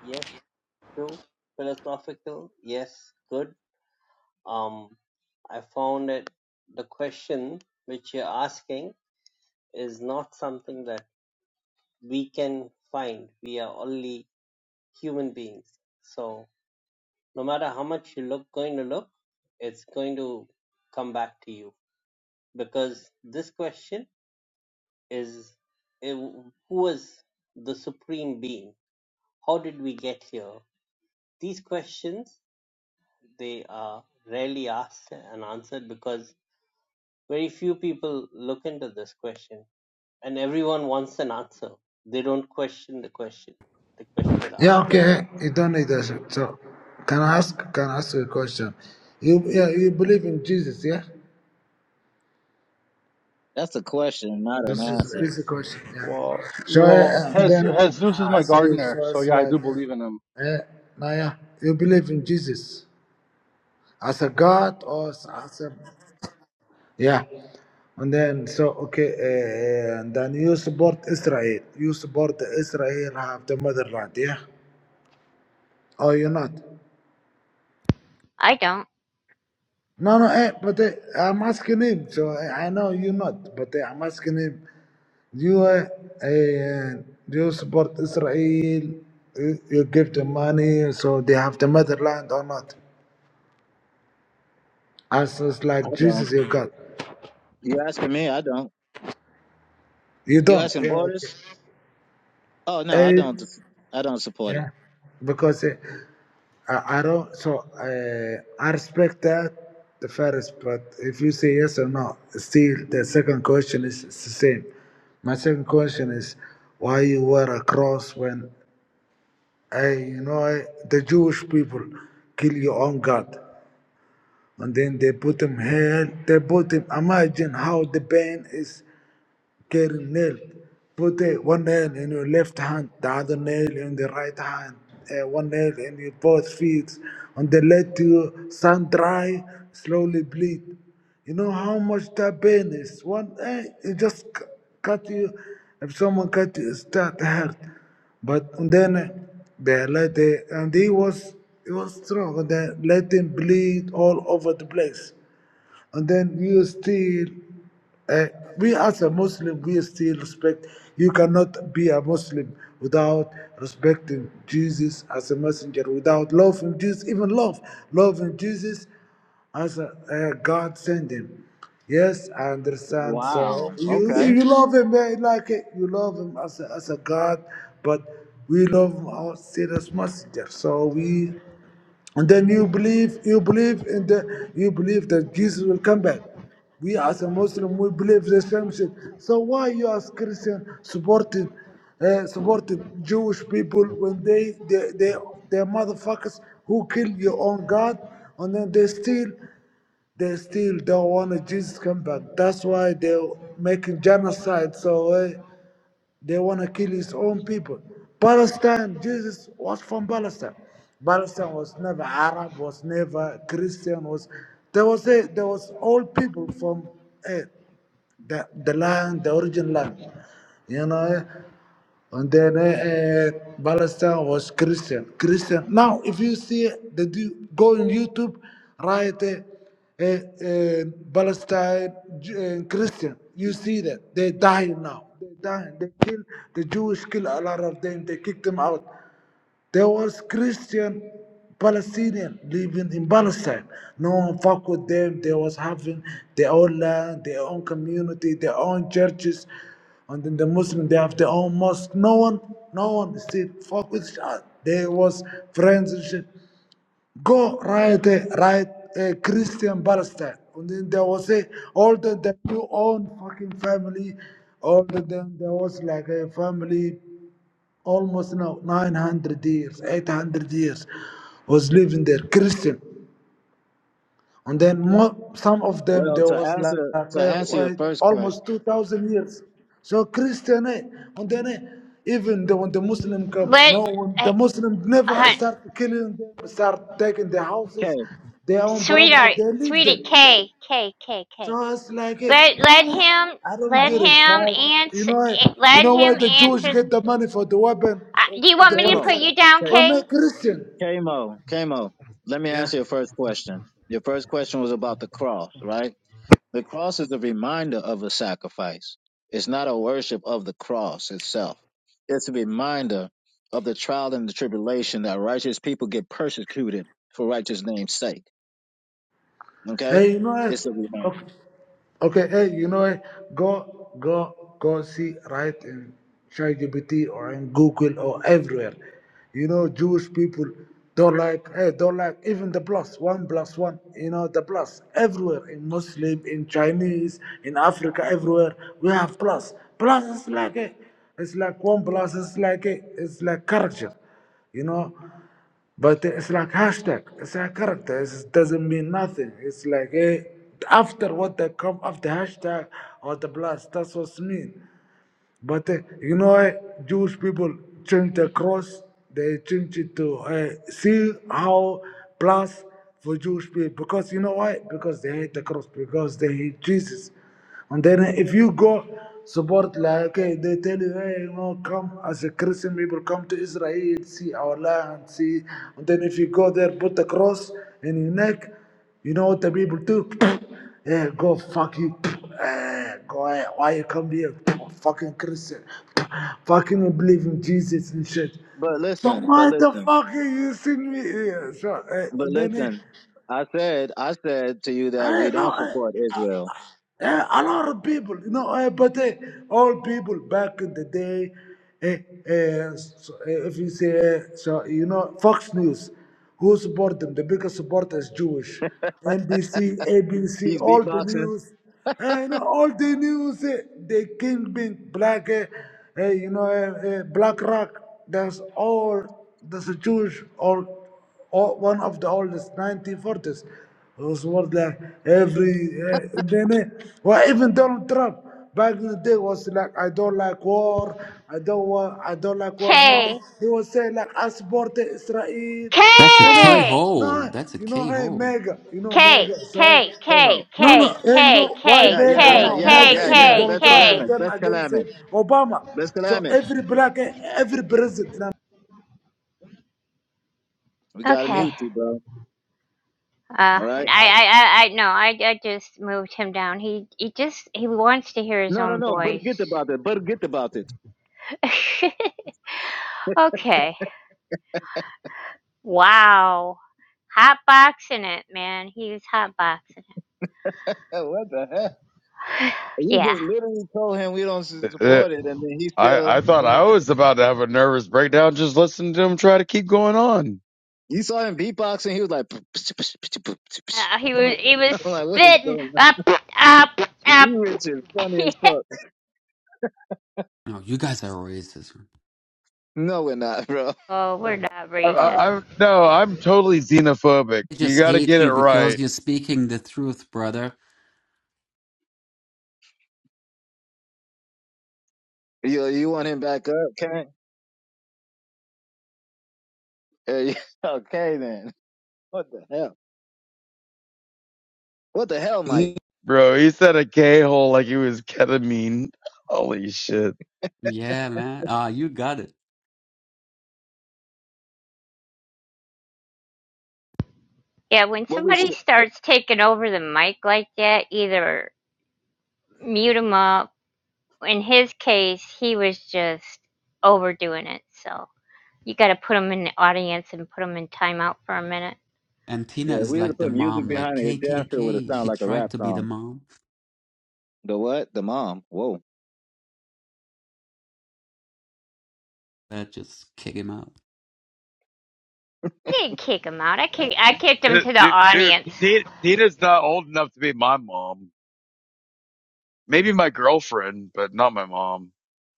Yes, true. Philosophical. Yes, good. Um, I found that the question which you're asking is not something that we can find. We are only human beings. So no matter how much you look, going to look, it's going to come back to you because this question is eh, who was the supreme being how did we get here these questions they are rarely asked and answered because very few people look into this question and everyone wants an answer they don't question the question they question the Yeah, answer okay. You don't need that. shit. So, can I ask? Can I ask you a question? You, yeah, you believe in Jesus, yeah? That's a question, not an This is answer. easy question. Yeah. Well, So well, uh, Jesus, then Jesus is I my ask you. gardener, So so it's yeah, I like, do believe in him. uh, uh, Naya, you believe in Jesus as a God or as as a yeah? And then so okay, uh, uh, and then you support Israel. You support Israel have the motherland, yeah? Or you not? I don't. No, no, eh, but eh, I'm asking him. So eh, I know you not, but eh, I'm asking him. You, eh, eh, you support Israel. You, you give them money, so they have the motherland or not? As is I like don't. Jesus, your God. You asking me? I don't. You You don't. asking Yeah, okay. Borders? Oh no, I Eh, don't. I don't support it. yeah, because eh, I, I don't. So uh, I respect that the first, but if you say yes or no, still the second question is, is the same. My second question is why you wear a cross when I, you know eh, the Jewish people kill your own God and then they put him here. They put him. Imagine how the pain is carrying nail. Put uh, one nail in your left hand, the other nail in the right hand, uh, one nail in your both feet, and they let your sun dry, slowly bleed. You know how much that pain is. One, eh, it just c- cut you. If someone cut you, it start hurt. But and then uh, they let the and he was he was strong. And they let him bleed all over the place and then you still uh, we as a muslim we still respect you cannot be a muslim without respecting jesus as a messenger without loving jesus even love loving jesus as a, uh, god sent him yes i understand so Wow. you Okay. you love him eh, like eh, you love him as a, as a god but we love him as a serious messenger so we and then you believe you believe in the you believe that jesus will come back we as a muslim we believe the same shit so why you as christian supporting uh, supporting jewish people when they they they they motherfuckers who kill your own god and then they still they still don't want Jesus come back. That's why they're making genocide. So uh, they want to kill his own people. Palestine, Jesus was from Palestine. Palestine was never Arab, was never Christian, was there was a, there was all people from eh, the the land, the origin land. You know, and then uh, uh, Palestine was Christian. Christian. Now, if you see the du- go on YouTube, write uh, uh, uh, Palestine Ju- uh, Christian. You see that they dying now. They dying. They kill the Jewish. Kill a lot of them. They kick them out. There was Christian Palestinian living in Palestine. No one fuck with them. They was having their own land, their own community, their own churches. And then the Muslim, they have their own mosque. No one, no one still fuck with each other. They was friends and shit. Go write a, write a Christian Palestine. And then there was a, older than your own fucking family, older than there was like a family almost now 900 years, 800 years, was living there, Christian. And then mo- some of them, Well, there to was like answer to eh, answer your wait, first question, almost 2,000 years. So Christian, eh, and then eh, even the, when the Muslim come, Let no, when I, the Muslim never uh, start killing them, start taking their houses, okay, their own property, sweetheart, they live sweetie them. K K K K. So it's like it. Let let I him I don't let get it. him Why? You answer know, you let know why him the Jewish answer. the- get the money for the weapon Uh, or do you kill want the me to Tamo. put Palestine? you down, For K? me, Christian. Kamo, Kamo, let me Yeah. answer your first question. Your first question was about the cross, right? The cross is a reminder of a sacrifice. It's not a worship of the cross itself. It's a reminder of the trial and the tribulation that righteous people get persecuted for righteous name's sake. Okay? Hey, you know what? It's a reminder. Of- Okay, hey, you know what? Go, go, go see, right in ChatGPT or in Google or everywhere. You know, Jewish people don't like, hey, don't like even the plus, one plus one, you know, the plus everywhere in Muslim, in Chinese, in Africa, everywhere. We have plus. Plus is like, hey, it's like one plus, it's like, hey, it's like culture you know but it's like hashtag. It's a character. It doesn't mean nothing. It's like eh, after what they come after hashtag or the blast. That's what's mean. But uh, you know, uh, Jewish people change the cross. They change it to uh, see how plus for Jewish people because you know why? Because they hate the cross. Because they hate Jesus. And then if you go support like okay, they tell you, hey, you know, come as a Christian people, come to Israel, see our land, see. And then if you go there, put the cross in your neck. You know what the people do? Yeah, go fuck you. Eh, go ahead. Why you come here? Fucking Christian. Fucking you believe in Jesus and shit. But So listen, but why the listen, fuck are you using me here? So eh, but then eh, listen. I said, I said to you that hey, we no, don't eh. support Israel. Yeah, a lot of people, you know, uh, but uh, all people back in the day, uh, uh, so, uh, if you say, uh, so, you know, Fox News, who support them? The biggest supporter is Jewish. NBC, ABC, He's all the beatboxing. news, uh, you know, all the news, uh, the Kingpin, Black, uh, uh, you know, uh, uh, Black Rock, that's all, that's a Jewish, all o- one of the oldest 1940s was worth like every uh, then, eh, well even Donald Trump back in the day was like I don't like war I don't want I don't like war now K he was saying like I support Israel you K That's a know K eh, no hole. eh, That's a you know K hey hole. mega you know K mega sorry K K Kamo. K no, no, K hey, you K know why K Yeah, K yeah, Mega yeah, now? yeah, Mega, K yeah, yeah. even K Donald Best Trump, they K Kalamic, turn best against Kalamic, him. Obama. best So Kalamic. every black, eh, every president, in We gotta Okay. mute Yeah. you, bro. Uh, All and right. I, I, I, I no, I, I just moved him down. He, he just, he wants to hear his No, no, own no. voice. Forget about it. Forget about it. okay. Wow. Hot boxing it, man. He was hot boxing what the heck? it. We Yeah. just literally told him we don't s- Uh, support it, and then he I still. I thought I was about to have a nervous breakdown just listening to him try to keep going on. You saw him beatboxing. He was like, Uh, he was, he was I'm like, what is spitting going on? up, up, D up. Rich is funny yeah. as fuck. No, you guys are racist. No, we're not, bro. Oh, we're not I, Nah. racist. I, I no, I'm totally xenophobic. I You just got to hate get you it because right, you're speaking the truth, brother. You you want him back up? Okay. okay then. What the hell? What the hell, Mike? N- bro. He said a K hole like he was ketamine. Holy shit, Yeah, man. Ah, you got it. Yeah, when What we? somebody starts taking over the mic like that, either mute mute 'em up in his case, he was just overdoing it. So you got to put him in the audience and put him in timeout for a minute. And Yeah, Tina if is we would have like the put music mom, like behind it. K It K damn sure would have K. sounded She like a tried rap to be the song. mom, The what? The mom. Whoa. but just kick him out. I didn't kick him out. I kicked, I kicked him dude, to the dude, dude audience. Tina- Tina's not old enough to be my mom. Maybe my girlfriend, but not my mom.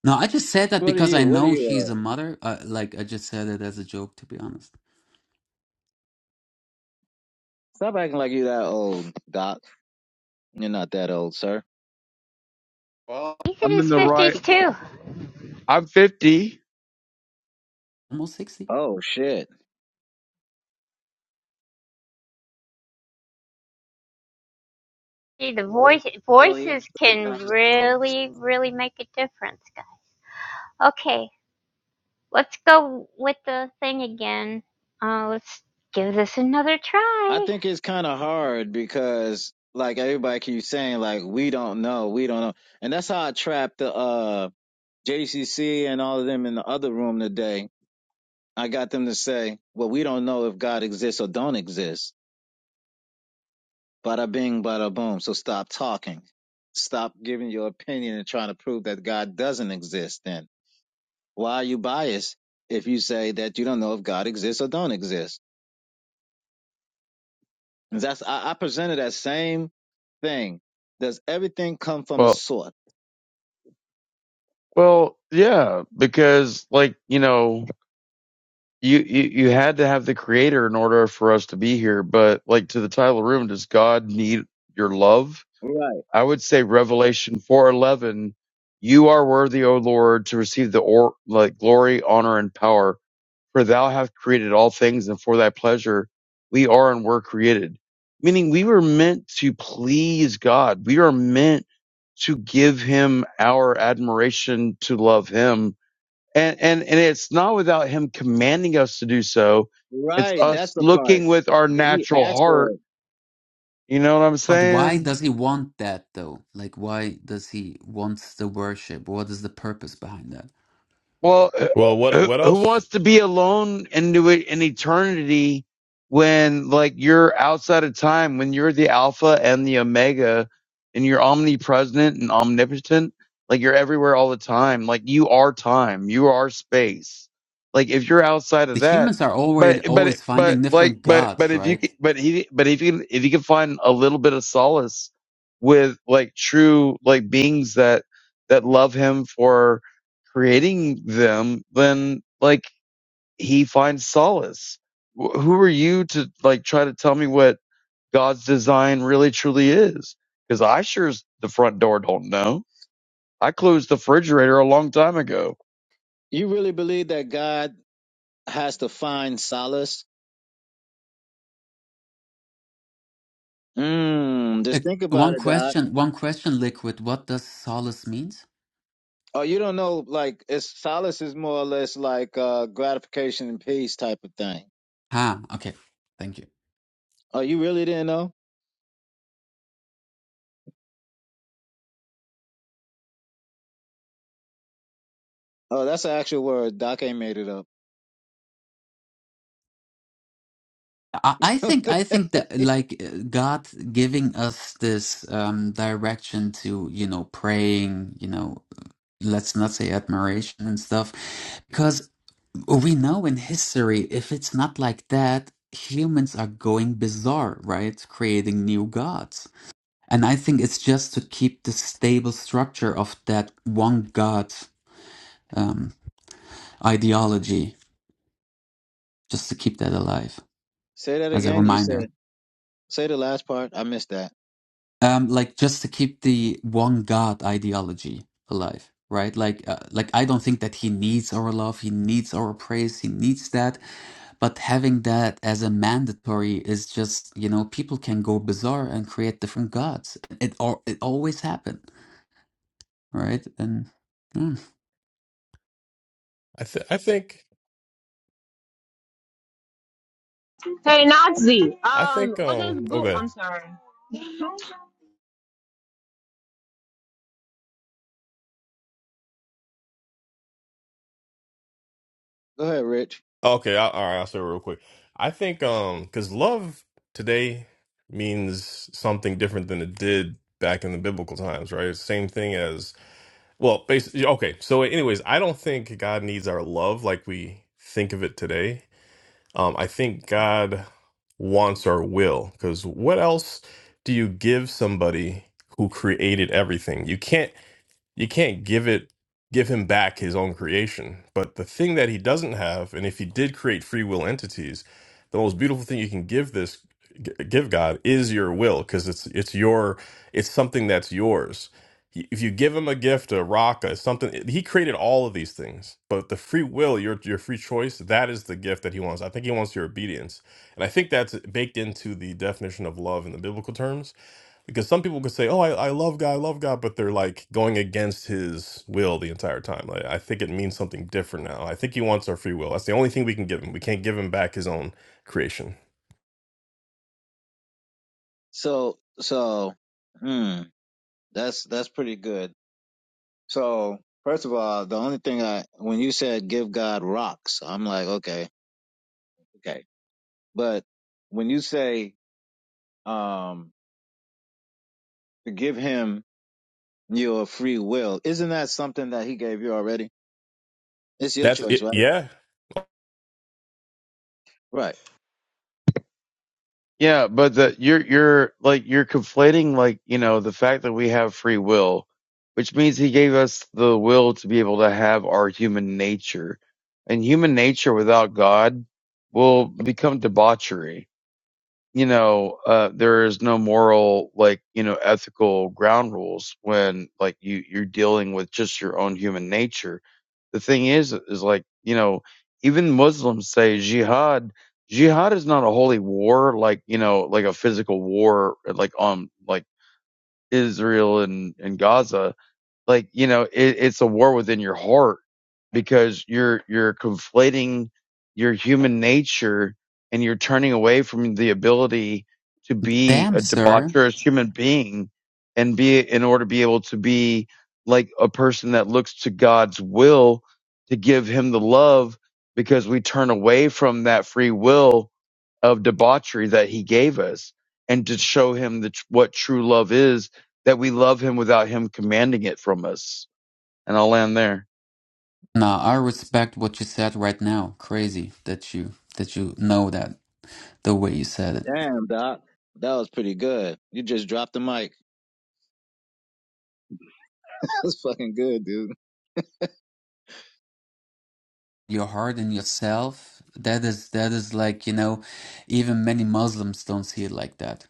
No, I just said that What are because I you? What are know she's you? Uh, a mother. Uh, like I just said it as a joke, to be honest. stop acting like you that old, Doc. You're not that old, sir. Well, He's in I'm in his the right. fifties too. I'm 50. Almost sixty. Oh shit. See, the voice bro voices age can doesn't matter bro really, really make a difference, guys. Okay, let's go with the thing again. Uh, let's give this another I try. think it's kind of hard because like everybody keeps saying like we don't know, we don't know, and that's how I trapped the uh JCC and all of them in the other room today. I got them to say, well, we don't know if God exists or don't exist. Bada bing, bada boom. So stop talking. Stop giving your opinion and trying to prove that God doesn't exist then. Why are you biased if you say that you don't know if God exists or don't exist? And that's, I, I presented that same thing. Does everything come from a Well, source? well, yeah, because like, you know, you, you, you had to have the creator in order for us to be here. But like to the title of the room, does God need your love? Right. I would say Revelation 411, you are worthy, O Lord, to receive the or, like glory, honor, and power. For thou hast created all things, and for thy pleasure we are and were created. Meaning we were meant to please God. We are meant to give him our admiration, to love him. And, and, and it's not without him commanding us to do so. It's Right. That's us the looking part. with our Did he natural ask for heart. it? You know what I'm But why saying? does he want that though? Like, why does he want the worship? What is the purpose behind that? Well, uh, Well, what who, what who else? wants to be alone into it in eternity when like you're outside of time, when you're the alpha and the omega and you're omnipresent and omnipotent, like you're everywhere all the time. Like you are time, you are space. Like if you're outside of The that, humans are always but, but, always but finding like, different but, but gods, if you, right? c- but he, but if you, can- if you can find a little bit of solace with like true, like beings that, that love him for, creating them, then like he finds solace. Who are you to like try to tell me what God's design really truly is? Because I sure as the front door don't know. I closed the refrigerator a long time ago. You really believe that God has to find solace? Mmm. Uh, Just think about one it, Doc. question, one question, liquid. What does solace means? Oh, you don't know, like, it's solace is more or less like uh, gratification and peace type of thing. Ah, okay. Thank you. Oh, you really didn't know? Oh, that's an actual word. Doc ain't made it up. I, I think I think that like uh, God giving us this um direction to you know praying, you know, let's not say admiration and stuff, we know in history if it's not like that humans are going bizarre right creating new gods and i think it's just to keep the stable structure of that one god um, ideology just to keep that alive Say that as a again. You reminder said, say the last part. I missed that. um like just to keep the one god ideology alive right like uh, like i don't think that he needs our love he needs our praise he needs that but having that as a mandatory is just you know people can go bizarre and create different gods it or it always happened right and mm. I th I think Hey Nazi, I um, think what um does Google? okay I'm sorry. Go ahead, Rich. okay I, all right I'll say it real quick. I think um because love today means something different than it did back in the biblical times, right? It's the same thing as well, basically. Okay, so anyways, I don't think God needs our love like we think of it today. Um, I think God wants our will because what else do you give somebody who created everything? You can't you can't give it give him back his own creation but the thing that he doesn't have and if he did create free will entities the most beautiful thing you can give this g- give god is your will because it's it's your it's something that's yours He- if you give him a gift a rock a something he created all of these things but the free will your your free choice that is the gift that he wants i think he wants your obedience and i think that's baked into the definition of love in the biblical terms because some people could say, "Oh, I, I love God, I love God," but they're like going against His will the entire time. Like, I think it means something different now. I think He wants our free will. That's the only thing we can give Him. We can't give Him back His own creation. So, so, hmm, that's, that's pretty good. So, first of all, the only thing I, when you said give God rocks, I'm like, okay, okay. But when you say, um, to give him your free will, isn't that something that he gave you already? It's your That's choice, it. right? Yeah. Right. Yeah, but the, you're you're like you're conflating like you know the fact that we have free will, which means He gave us the will to be able to have our human nature, and human nature without God will become debauchery you know, uh, there is no moral, like, you know, ethical ground rules when like you you're dealing with just your own human nature. The thing is, is like, you know, even Muslims say jihad, jihad is not a holy war, like, you know, like a physical war, like on like Israel and, and Gaza like you know it, it's a war within your heart because you're you're conflating your human nature and you're turning away from the ability to be damn a sir debaucherous human being and be in order to be able to be like a person that looks to God's will to give him the love because we turn away from that free will of debauchery that he gave us and to show him the, tr- what true love is that we love him without him commanding it from us. And I'll land there. now i respect what you said right now crazy that you that you know that the way you said it Damn, doc. That was pretty good. You just dropped the mic. That's fucking good, dude. your heart and yourself that is that is like you know even many muslims don't see it like that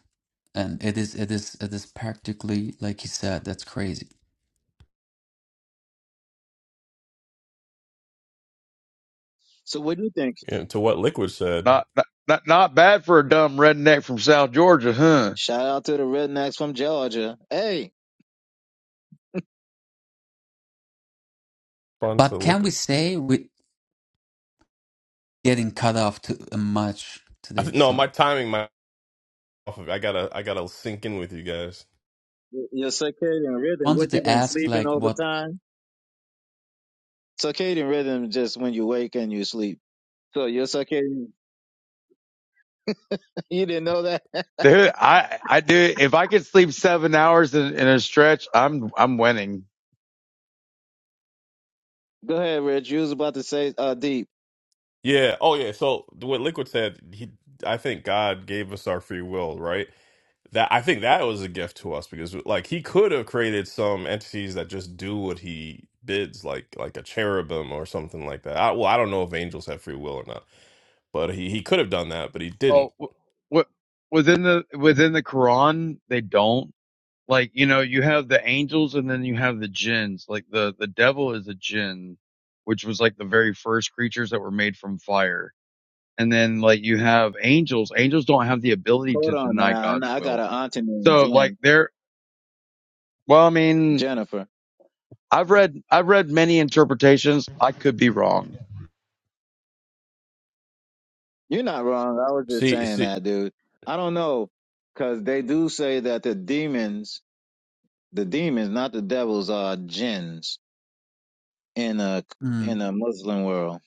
and it is it is it is practically like you said that's crazy So what do you think? yeah to what Liquid said. Not not not bad for a dumb redneck from South Georgia, huh? Shout out to the rednecks from Georgia. Hey, Fun to but can we Liquid. say we're getting cut off too much I today th- no, my sorry timing, my off of. I gotta, I gotta sync in with you guys. y- your circadian rhythm. wanted What you to been ask sleeping like over what time? Circadian rhythm is just when you wake and you sleep. So your circadian. you didn't know that? Dude, I I do. If I could sleep seven hours in, in a stretch, I'm I'm winning. Go ahead, Rich. You was about to say uh deep. Yeah. Oh, yeah. So what Liquid said, he, I think God gave us our free will, right? That I think that was a gift to us because like he could have created some entities that just do what he bids, like like a cherubim or something like that. I, well, I don't know if angels have free will or not, but he he could have done that, but he didn't. Oh, what w- within the within the Quran they don't like you know you have the angels and then you have the jinns. Like the the devil is a jinn, which was like the very first creatures that were made from fire And then like you have angels. Angels don't have the ability to Hold on deny now. I know God's I got will. an auntie named So like Jen. they're, well, I mean, Jennifer. I've read, I've read many interpretations. I could be wrong. You're not wrong. I was just See, saying see, that, dude. I don't know, because they do say that the demons, the demons, not the devils, are jinns in a mm, in a Muslim world.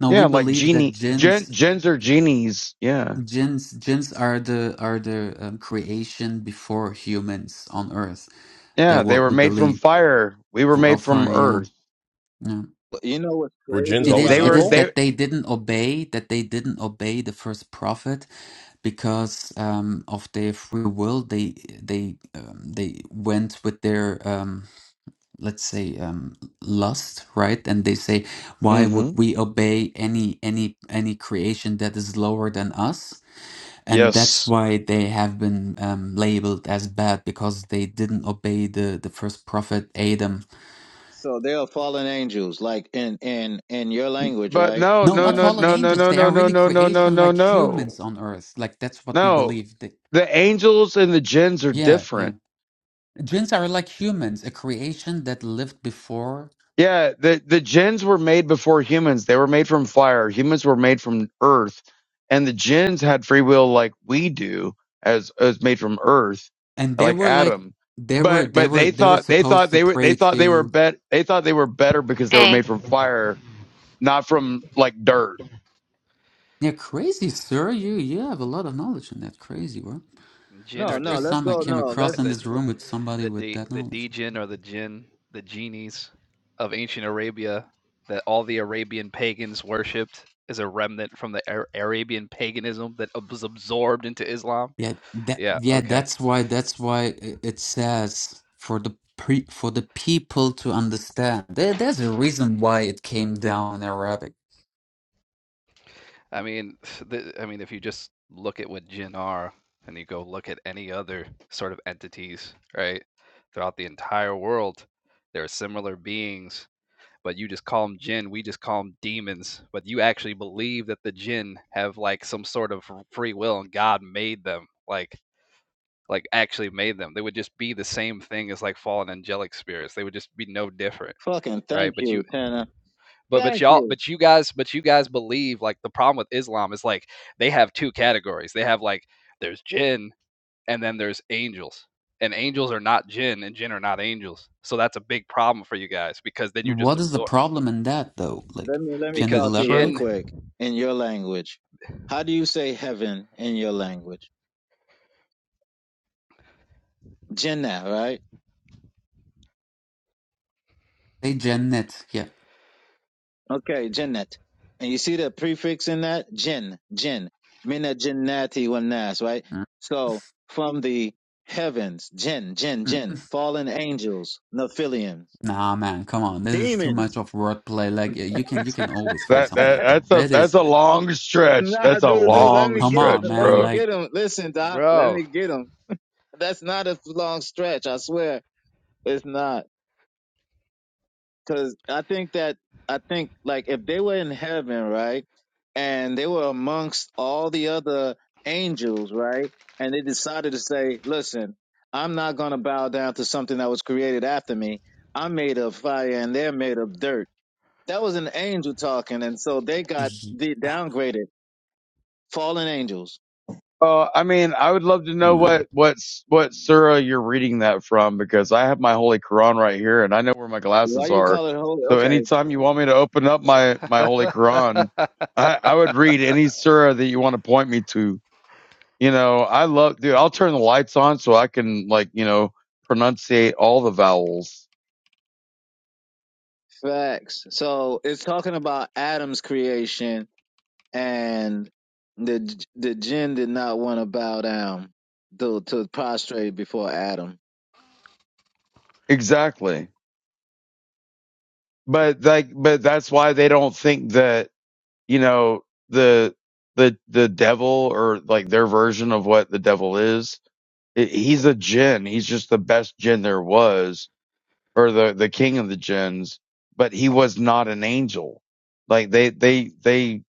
no we Yeah. Like believe that genie, gen, jinns gens are genies. Yeah. jinns jinns are the are the um, creation before humans on earth Yeah. that They what were we made from believe fire. We were for, made for from yeah earth. yeah But you know what's were crazy jinns It always is They about it were, it? is evil? they, that they didn't obey that they didn't obey the first prophet because um, of their free will they they um, they went with their um, let's say um, lust right and they say why would hmm we obey any any any creation that is lower than us and that's Yes. why they have been um, labeled as bad because they didn't obey the the first prophet Adam So they are fallen angels, like in in in your language, But right? no, No, no, not Tana? no, fallen no, no, angels. no, They no, are no, really no, no, no, creation no, like no. humans on earth. Like that's what we No. believe. That, The angels and the gens are yeah, different yeah. Jinns are like humans, a creation that lived before, Yeah, the the jinns were made before humans. They were made from fire. Humans were made from earth, and the jinns had free will like we do, as as made from earth, and they like were like Adam. they were But they but were they they were thought they thought supposed to they were they pray thought they were to. bet they thought they were better because they were Hey. made from fire, not from like dirt. Yeah, crazy, sir. You you have a lot of knowledge in that. Crazy, bro. Jinn The No, are just no. first Let's time I go. came No, across let's in the this room with somebody the with de, that the knowledge. djinn or the jinn, the genies of ancient Arabia that all the Arabian pagans worshipped is a remnant from the Ar- Arabian paganism that was absorbed into Islam. Yeah, that Yeah, yeah, okay. that's why that's why i- it says for the pre for the people to understand. There, there's a reason why it came down in Arabic. I mean, the, I mean, if you just look at what jinn are, and you go look at any other sort of entities, right? Throughout the entire world, there are similar beings but you just call them jinn. We just call them demons. But you actually believe that the jinn have like some sort of free will and God made them, like like actually made them. They would just be the same thing as like fallen angelic spirits. They would just be no different, fucking right? thank But you, you, Tana. but but Thank y'all, you. but you guys, but you guys believe like the problem with Islam is like they have two categories. They have like there's jinn and then there's angels. And angels are not jinn, and jinn are not angels. So that's a big problem for you guys because then you're just What is the absorbed. problem in that though? Let Like, me let me can you Because talk to you real elaborate? jinn quick in your language. How do you say heaven in your language? Jinnah, right? Say Jannat, yeah. Okay, Jannat. And you see the prefix in that? Jinn, jinn. Mina jinnati wa nas, right? Mm, So from the heavens, jinn, jinn, mm. mm. jinn, fallen angels, Nephilims, Nah, man, come on. This is too demons. much of wordplay. Like, y- you can you can always find That something that like that. that's a That that's is a long stretch. Nah, That's a dude, dude, like, let long me come get him. on, stretch, Let man. me bro. get Like, him. Listen, Doc, let Bro. me get him. That's not a long stretch. I swear. It's not. because I think that I think like if they were in heaven, right, and they were amongst all the other angels, right, and they decided to say, "Listen, I'm not going to bow down to something that was created after me. I'm made of fire, and they're made of dirt." That was an angel talking, and so they got y- de- downgraded, fallen angels. Uh, I mean, I would love to know nah. what what what surah you're reading that from because I have my Holy Quran right here and I know where my Why glasses you are. call it holy? So Okay, anytime you want me to open up my my Holy Quran, I I would read any surah that you want to point me to. You know, I love, dude. I'll turn the lights on so I can like you know pronunciate all the vowels facts. So it's talking about Adam's creation and the the jinn did not want to bow down to, to prostrate before Adam. exactly. But like, but that's why they don't think that you know the the the devil or like their version of what the devil is it, he's a jinn he's just the best jinn there was or the the king of the jinns but he was not an angel like they they they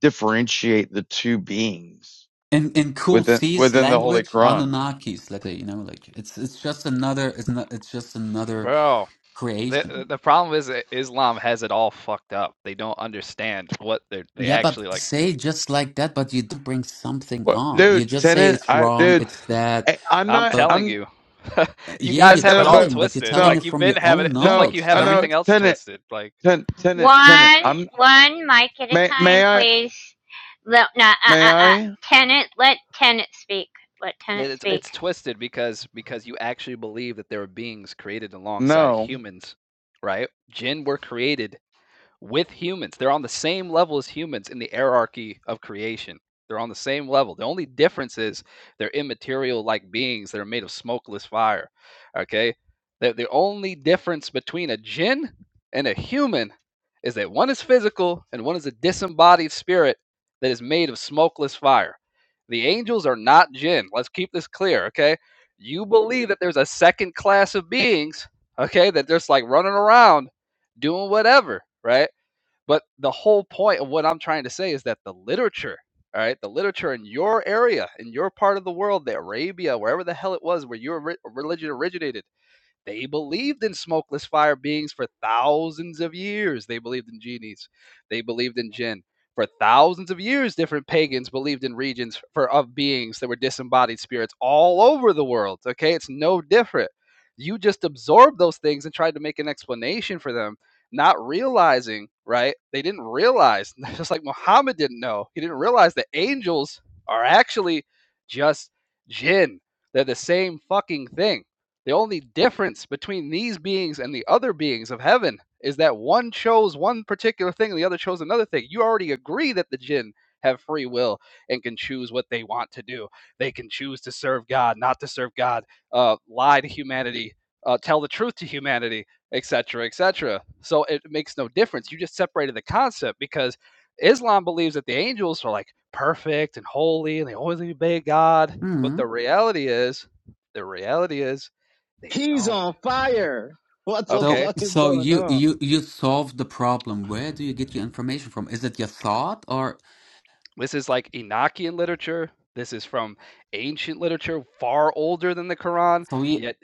differentiate the two beings in in cool within C's within the holy language, quran Anunnakis, let like you know, like it's it's just another it's not it's just another Bro. creation. The the problem is that Islam has it all fucked up. They don't understand what they are they Yeah, but actually like. say just like that, but you don't bring something what, on. You dude just say tenant it's i wrong, No. dude it's that. I, i'm I'm not But telling i'm you. uh, you yeah, you're guys and have no it all but telling, but you're twisted. no telling Like it you've from been your having own it just no like you knowledge, have i know everything Tanit. else tenant twisted. Like ten, tenant tenant One, i'm one mic at a may may time, i please. Let, not, uh, may uh, uh. i Tenant, let tenant speak. Let tenant it's speak. it's twisted because because you actually believe that there are beings created alongside No. humans, right? Jinn were created with humans. They're on the same level as humans in the hierarchy of creation. They're on the same level. The only difference is they're immaterial like beings that are made of smokeless fire. Okay? The, the only difference between a jinn and a human is that one is physical and one is a disembodied spirit that is made of smokeless fire. The angels are not jinn. Let's keep this clear, okay? You believe that there's a second class of beings, okay, that just like running around doing whatever, right? But the whole point of what I'm trying to say is that the literature, all right, the literature in your area, in your part of the world, the Arabia, wherever the hell it was where your re- religion originated they believed in smokeless fire beings for thousands of years. They believed in genies. They believed in jinn. For thousands of years, different pagans believed in regions for of beings that were disembodied spirits all over the world. Okay, it's no different. You just absorbed those things and tried to make an explanation for them, not realizing, right? They didn't realize, just like Muhammad didn't know. He didn't realize that angels are actually just jinn. They're the same fucking thing the only difference between these beings and the other beings of heaven is that one chose one particular thing and the other chose another thing. You already agree that the jinn have free will and can choose what they want to do. They can choose to serve God, not to serve God, uh, lie to humanity, uh, tell the truth to humanity, etc., etc. So it makes no difference. You just separated the concept because Islam believes that the angels are like perfect and holy and they always obey God. But hmm the reality is, the reality is they He's don't. on fire. What the So Okay. fuck is so going you on? you you solve the problem. Where do you get your information from? Is it your thought or This is like Enochian literature. This is from ancient literature, far older than the Quran. so? Yet,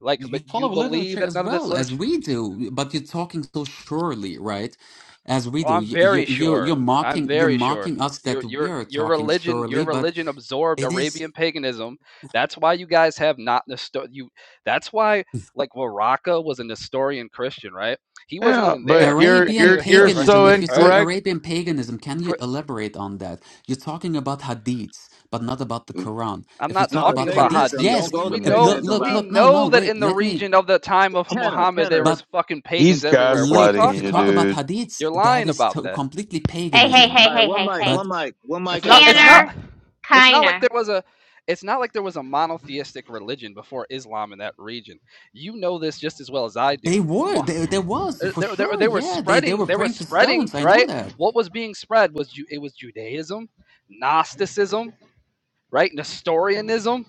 like, you but follow you believe literature that as none of this well as literature. we do, but you're talking so surely, right? As we Well, do, I'm you you very you- sure. you're I'm mocking you're very sure. mocking us that Your we your are your talking religion surely, your but religion absorbed it is Arabian paganism. That's why you guys have not Nestor. You. That's why like Waraka was a Nestorian Christian, right? He wasn't Yeah, even but there in you're the Arabian Cave you're of you're Hira, right? paganism. so If you All say right. incorrect. Arabian paganism, can you elaborate on that? You're talking about hadiths, but not about the Mm, Quran. I'm If you not talk No, the talking about about hadiths, paganism. hadiths. Don't yes. We go the we If- know look, mm, paganism look, we route. look. No, no, know that wait. in the Let me. region of the time of Kenna, Muhammad Kenna. there was But fucking he's pagans everywhere. What are you look, if gaslighting you talking you, talk about? about dude. hadiths, You're that lying is about to- that. completely Hey, hey, paganism. hey, All right, hey, one hey, mic, hey. one But mic, one It's mic at not a it's time. not Canner, it's not like Kiner. there was a it's not like there was a monotheistic religion before Islam in that region. You know this just as well as I do. They were. Mu- They, there was for They, they, sure. they were Yeah, they they spreading were they were praying to spreading, stones. I know right? that. What was being spread was it was Judaism, Gnosticism, right? Nestorianism,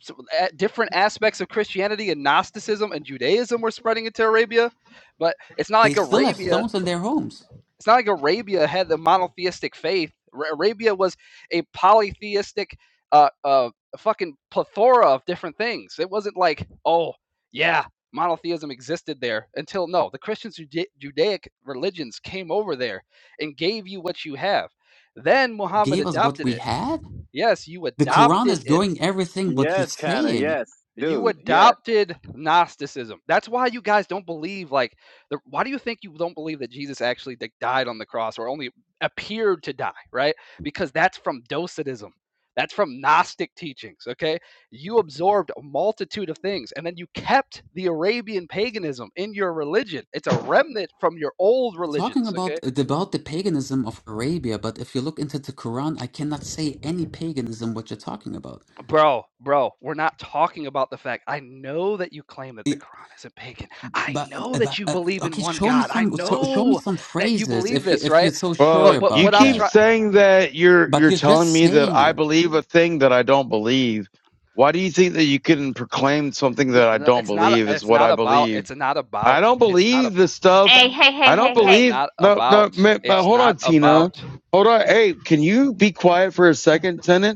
so, a- different aspects of Christianity and Gnosticism and Judaism were spreading into Arabia, but it's not They like still have Arabia. stones in their homes. It's not like Arabia had the monotheistic faith. Ra- Arabia was a polytheistic, uh, uh, fucking plethora of different things. It wasn't like, oh yeah, monotheism existed there until no, the Christian Juda- Judaic religions came over there and gave you what you have. Then Muhammad Gave us what adopted we it. had. Yes, you The Quran adopted is it going everything what you're Yes, Kenna. saying. Yes, You dude. Yes. adopted Gnosticism. That's why you guys don't believe like the, why do you think you don't believe that Jesus actually like, died on the cross or only appeared to die, right? Because that's from Docetism. That's from Gnostic teachings, okay? You absorbed a multitude of things and then you kept the Arabian paganism in your religion. It's a remnant from your old Talking religions, okay? about uh, about the paganism of Arabia, but if you look into the Quran, I cannot say any paganism what you're talking about. Bro, bro, we're not talking about the fact I know that you claim that the I- Quran isn't pagan. I But, know but that you uh, believe in okay, one show me God. some I so, show me know some that you phrases if believe you this, if right? you're so sure Well, But but you about what I'm keep that. trying saying that you're But you're he's just telling me that saying I it. believe a thing that I don't believe. Why do you think that you can proclaim something no, that I no, don't it's not believe is it's what not I about believe? it's not I about don't it's not believe the about stuff. Hey, hey, I hey, don't hey, it's hey. believe. not No, no, about ma- ma- it's hold on, not Tina. about Hold on. Hey, can you be quiet for a second, tenant?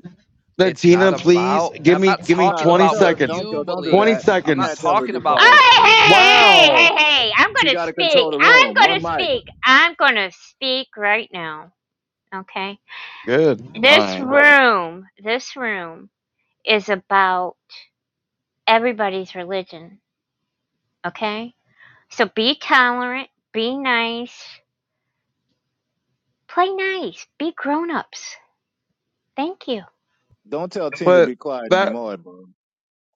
Then it's not Tina, please about give I'm me not give me talking No, don't twenty about tell what her. seconds. Don't you tell. Don't do Twenty believe. that. You I'm not can't seconds. tell her to talking be about what quiet. Oh, hey, you believe. hey, hey, Wow. hey, hey. I'm She gonna got to speak. control the I'm room. One gonna mic. speak. I'm gonna speak right now. Okay. Good. night. This room, this room is about everybody's religion. Okay. So be tolerant. Be nice Play nice, be grown-ups. Thank you. Don't tell Tina to But be quiet that anymore, bro.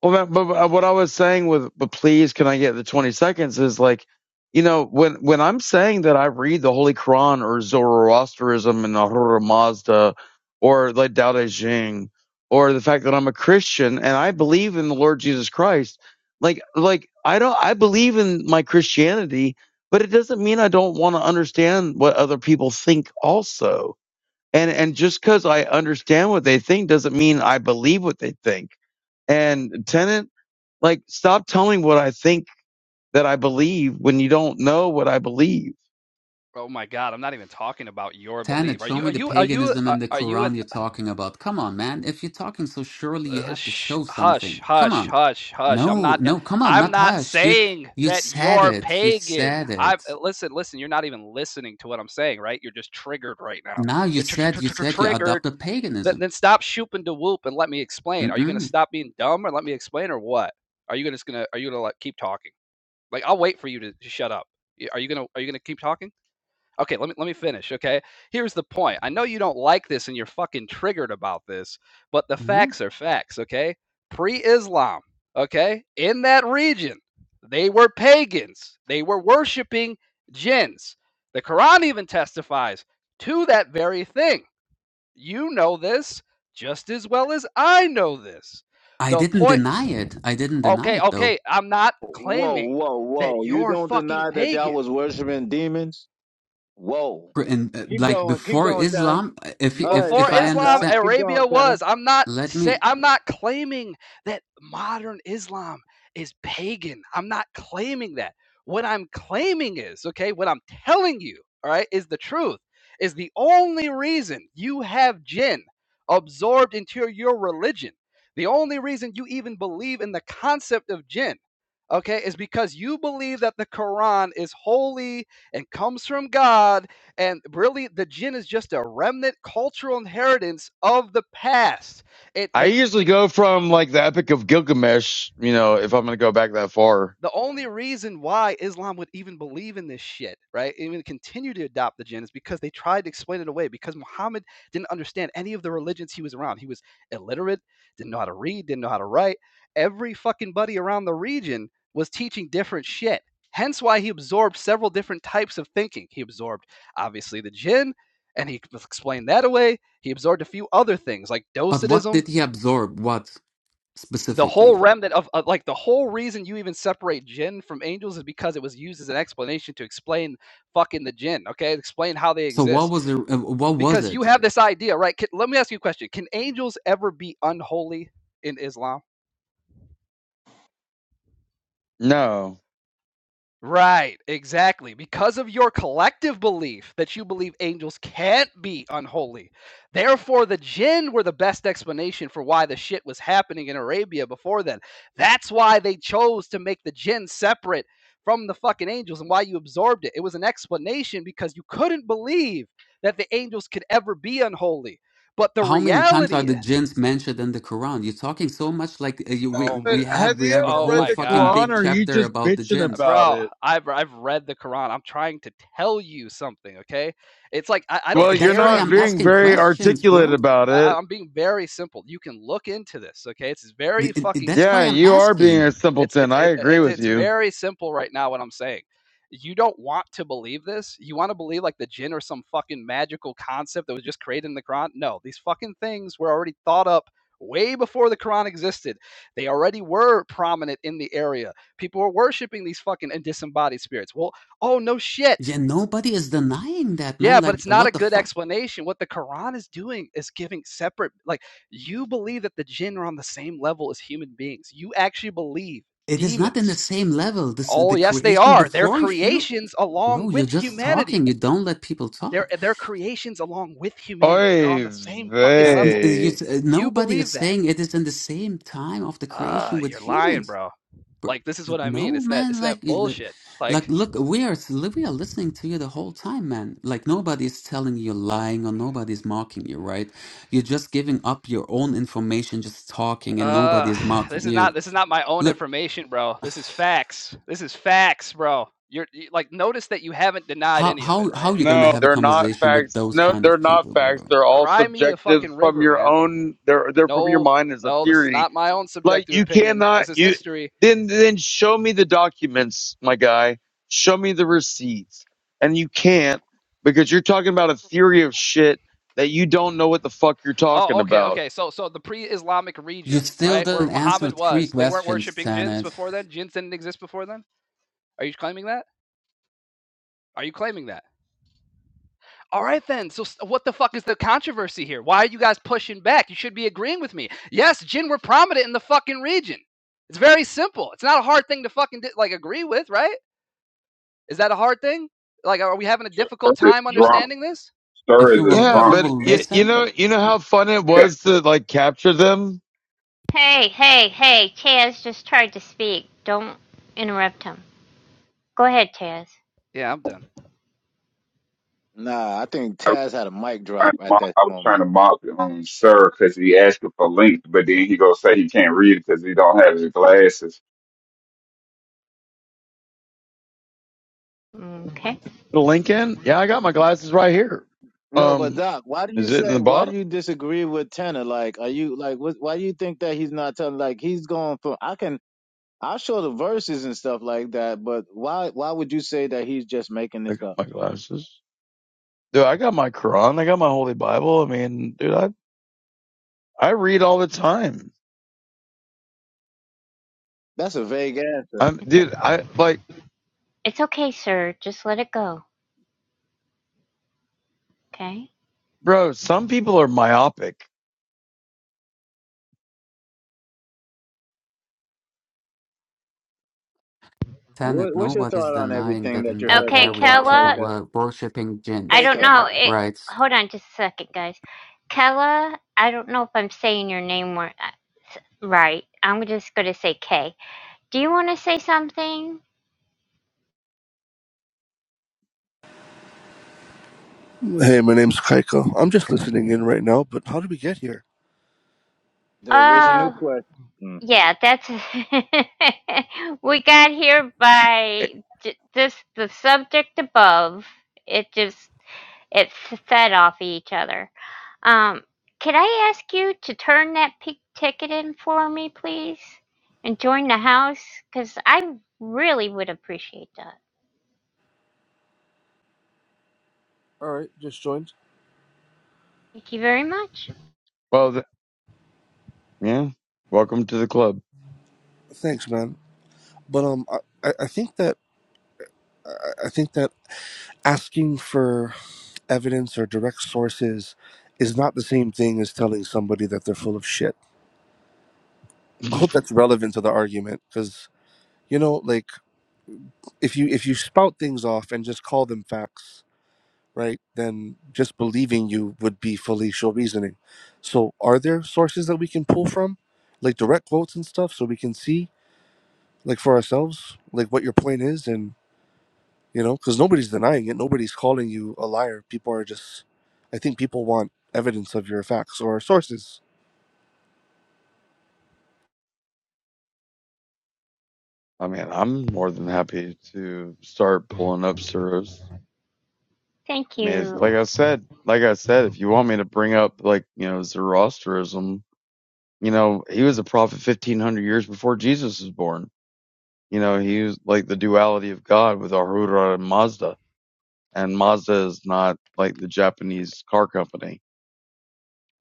Well, but, but what I was saying with, but please, can I get the 20 seconds is like, you know, when, when I'm saying that I read the Holy Quran or Zoroastrianism and the Hurra Mazda or like Tao Te Ching or the fact that I'm a Christian and I believe in the Lord Jesus Christ, like, like I don't, I believe in my Christianity, but it doesn't mean I don't want to understand what other people think also. And, and just because I understand what they think doesn't mean I believe what they think. And Tennant like, stop telling what I think that I believe when you don't know what I believe. Oh my god, I'm not even talking about your Tanit, belief. Are show you me are the you are you paganism are, and the are you an Quran you're talking about. Come on, man. If you're talking so surely, you uh, have to sh- show hush, something. Come hush, on. hush, hush. I'm No, not. uh, no, come on, I'm not not hush. You saying you that said you're it. You pagan. said I it. uh, listen, listen. You're not even listening to what I'm saying, right? You're just triggered right now. Now you You're tr- tr- said tr- you tr- said you triggered. adopted Then, paganism. then stop shooping to whoop and let me explain. Are you gonna Mm-mm. stop being dumb or let me explain or what? Are you gonna just gonna? Are you gonna like keep talking? Like I'll wait for you to to shut up. Y- Are you gonna? Are you gonna keep talking? Okay, let me let me finish, okay? Here's the point. I know you don't like this and you're fucking triggered about this, but the No. facts are facts, okay? Pre-Islam, okay? In that region, they were pagans. They were worshiping jinns. The Quran even testifies to that very thing. You know this just as well as I know this. I The didn't point deny it. I didn't deny Okay, it though. okay, I'm not Whoa, claiming whoa, that whoa. You you're don't fucking deny that pagan. y'all was worshiping demons? Whoa. in uh, Keep like going. Keep before going, Tanner. Islam, if All if right, before if I stop, Islam, stop. understand, Keep going, Arabia Tanner. was. I'm not let say me. I'm not claiming that modern Islam is pagan. I'm not claiming that. What I'm claiming is, okay, what I'm telling you, all right, is the truth. Is the only reason you have jinn absorbed into your religion. The only reason you even believe in the concept of jinn, okay, is because you believe that the Quran is holy and comes from God and really, the gin is just a remnant cultural inheritance of the past. It I they usually go from like the Epic of Gilgamesh, you know, if I'm going to go back that far. The only reason why Islam would even believe in this shit, right? Even continue to adopt the jinn is because they tried to explain it away because Muhammad didn't understand any of the religions he was around. He was illiterate, didn't know how to read, didn't know how to write. Every fucking buddy around the region was teaching different shit. Hence why he absorbed several different types of thinking. He absorbed obviously the jinn, and he explained that away. He absorbed a few other things like But what docetism, did he absorb? What the whole specifically? remnant of, of like the whole reason you even separate jinn from angels is because it was used as an explanation to explain fucking the jinn okay explain how they So what exist was the, uh, what was because you it? have this idea right can, let me ask you a question can angels ever be unholy in islam No. Right, exactly. Because of your collective belief that you believe angels can't be unholy. Therefore, the jinn were the best explanation for why the shit was happening in Arabia before then. That's why they chose to make the jinn separate from the fucking angels and why you absorbed it. It was an explanation because you couldn't believe that the angels could ever be unholy. But the How many times are reality the is, jinns mentioned in the Quran? You're talking so much like uh, you, we oh my, But we have have we you have a ever oh read whole my the fucking God. Quran big or are you chapter just about the bitching Uh, jinns. about bro it? i've i've read the quran i'm trying to tell you something okay it's like i, I don't Well, Uh, you're That's care why if not I'm you don't being asking very questions, articulate bro. about I, it. I- am being very simple you can look into this okay it's The- very it- it- fucking That's Yeah, why simple I'm you are being asking. a it's simpleton. it's I it, agree it, with it's you. very simple right now what I'm saying. You don't want to believe this. You want to believe like the jinn or some fucking magical concept that was just created in the Quran. No, these fucking things were already thought up way before the Quran existed. They already were prominent in the area. People were worshiping these fucking disembodied spirits. Well, oh no Yeah, shit. nobody is denying that, Yeah, man. but Like, it's not a what the good fuck? explanation. What the Quran is doing is giving separate like you believe that the jinn are on the same level as human beings. You actually believe It is not in demons the same level. This Oh, the yes, they creation are. They're before you. creations along Bro, you're with just humanity. talking. You don't let people They're, talk. they're creations along with humanity. They're on Oy the same fucking Uh, n- level. uh, you, s- vey. uh, You nobody believe is that. saying it is in the same time of the creation Uh, with you're lying, humans. bro. Bro, Like this is what I mean. no, It's that it's man. Like, that you li- bullshit. like, Like, look, we are li- we are listening to you the whole time, man. Like, nobody's telling you lying or nobody's mocking you, right? You're just giving up your own information, just talking, and nobody uh, is this mocking is not you. this is not my own Look, information, bro. This is facts. This is facts, bro. You're you, like notice that you haven't denied how any of it, how how right? you gonna No, have a they're not conversation with facts. those No, kind they're of not people, facts. bro? They're all Cry me a subjective fucking from river, your man. own. They're they're from your No, mind as a no, this is theory. not my own Like subjective you opinion. cannot This is you history. then then show me the documents, my guy. Show me the receipts, and you can't because you're talking about a theory of shit that you don't know what the fuck you're talking Oh, okay, about. okay. So, so the pre-Islamic You region, still right, where didn't answer Muhammad three was, they weren't questions, worshiping jinns Tanit. before then. Jinns didn't exist before then. Are you claiming that? Are you claiming that? All right, then. So, s- what the fuck is the controversy here? Why are you guys pushing back? You should be agreeing with me. Yes, jinn were prominent in the fucking region. It's very simple. It's not a hard thing to fucking di- like agree with, right? Is that a hard thing? Like, are we having a Sir difficult is time drunk. understanding this? Sir If is you will, a Yeah, if drunk. you but will you, And you listen, know you know how fun it was to like capture them, Hey, hey, hey, Taz just tried to speak. Don't interrupt him. Go ahead, Taz. Yeah, I'm done, Nah, I think Taz had a mic I was trying drop to at mock, that I was trying moment. to mock um, Sir because he asked him for links, but then he go say he can't read it because he don't have his glasses. Okay. the Lincoln. Yeah, I got my glasses right here. No, but Um, Doc, why do you is it in say, the why do bottom? you disagree with Tanner? Like, are you, like, what, why do you think that he's not telling, like, he's going for, I can, I'll show the verses and stuff like that, but why, why would you say that he's just making I this got up? my glasses. Dude, I got my Quran. I got my Holy Bible. I mean, dude, I I read all the time. That's a vague answer. I'm, It's a, dude, I like, it's okay, sir. Just let it go. Okay. bro. Some people are myopic. What, Tenet, what's your nobody is thought on denying everything that that in you that heard Okay, so area far, people Kella. Keika? were worshipping I jinns, don't Keika, know. It, right? hold on just a second, guys. Kella, I don't know if I'm saying your name uh, right. I'm just going to say K. Do you want to say something? Hey, my name's Kaiko. I'm just listening in right now, but how did we get here? The Oh. original question. Yeah, that's we got here Eh, by j- just the subject above. It just it f- fed off each other. Um, could I ask you to turn that pink ticket in for me, please, and join the house? Because I really would appreciate that. All right, just joined. Thank you very much. Well, th- yeah. Welcome to the club. Thanks, man. But um, I, I I think that I I think that asking for evidence or direct sources is not the same thing as telling somebody that they're full of shit. I hope I that's relevant to the argument, because you know, like if you if you spout things off and just call them facts, right? Then just believing you would be fallacious reasoning. So, are there sources that we can pull from, like direct quotes and stuff, so we can see? like for ourselves, like what your point is, and you know, because nobody's denying it, nobody's calling you a liar. People are just, I think people want evidence of your facts or sources. mean, I'm more than happy to start pulling up surahs. Thank I mean, if, like you. I said, like I said, if you want me to bring up, like you know, Zoroastrianism, you know, he was a prophet 1500 years before Jesus was born. You know, he was like the duality of God with Ahura and Mazda and Mazda is not like the Japanese car company.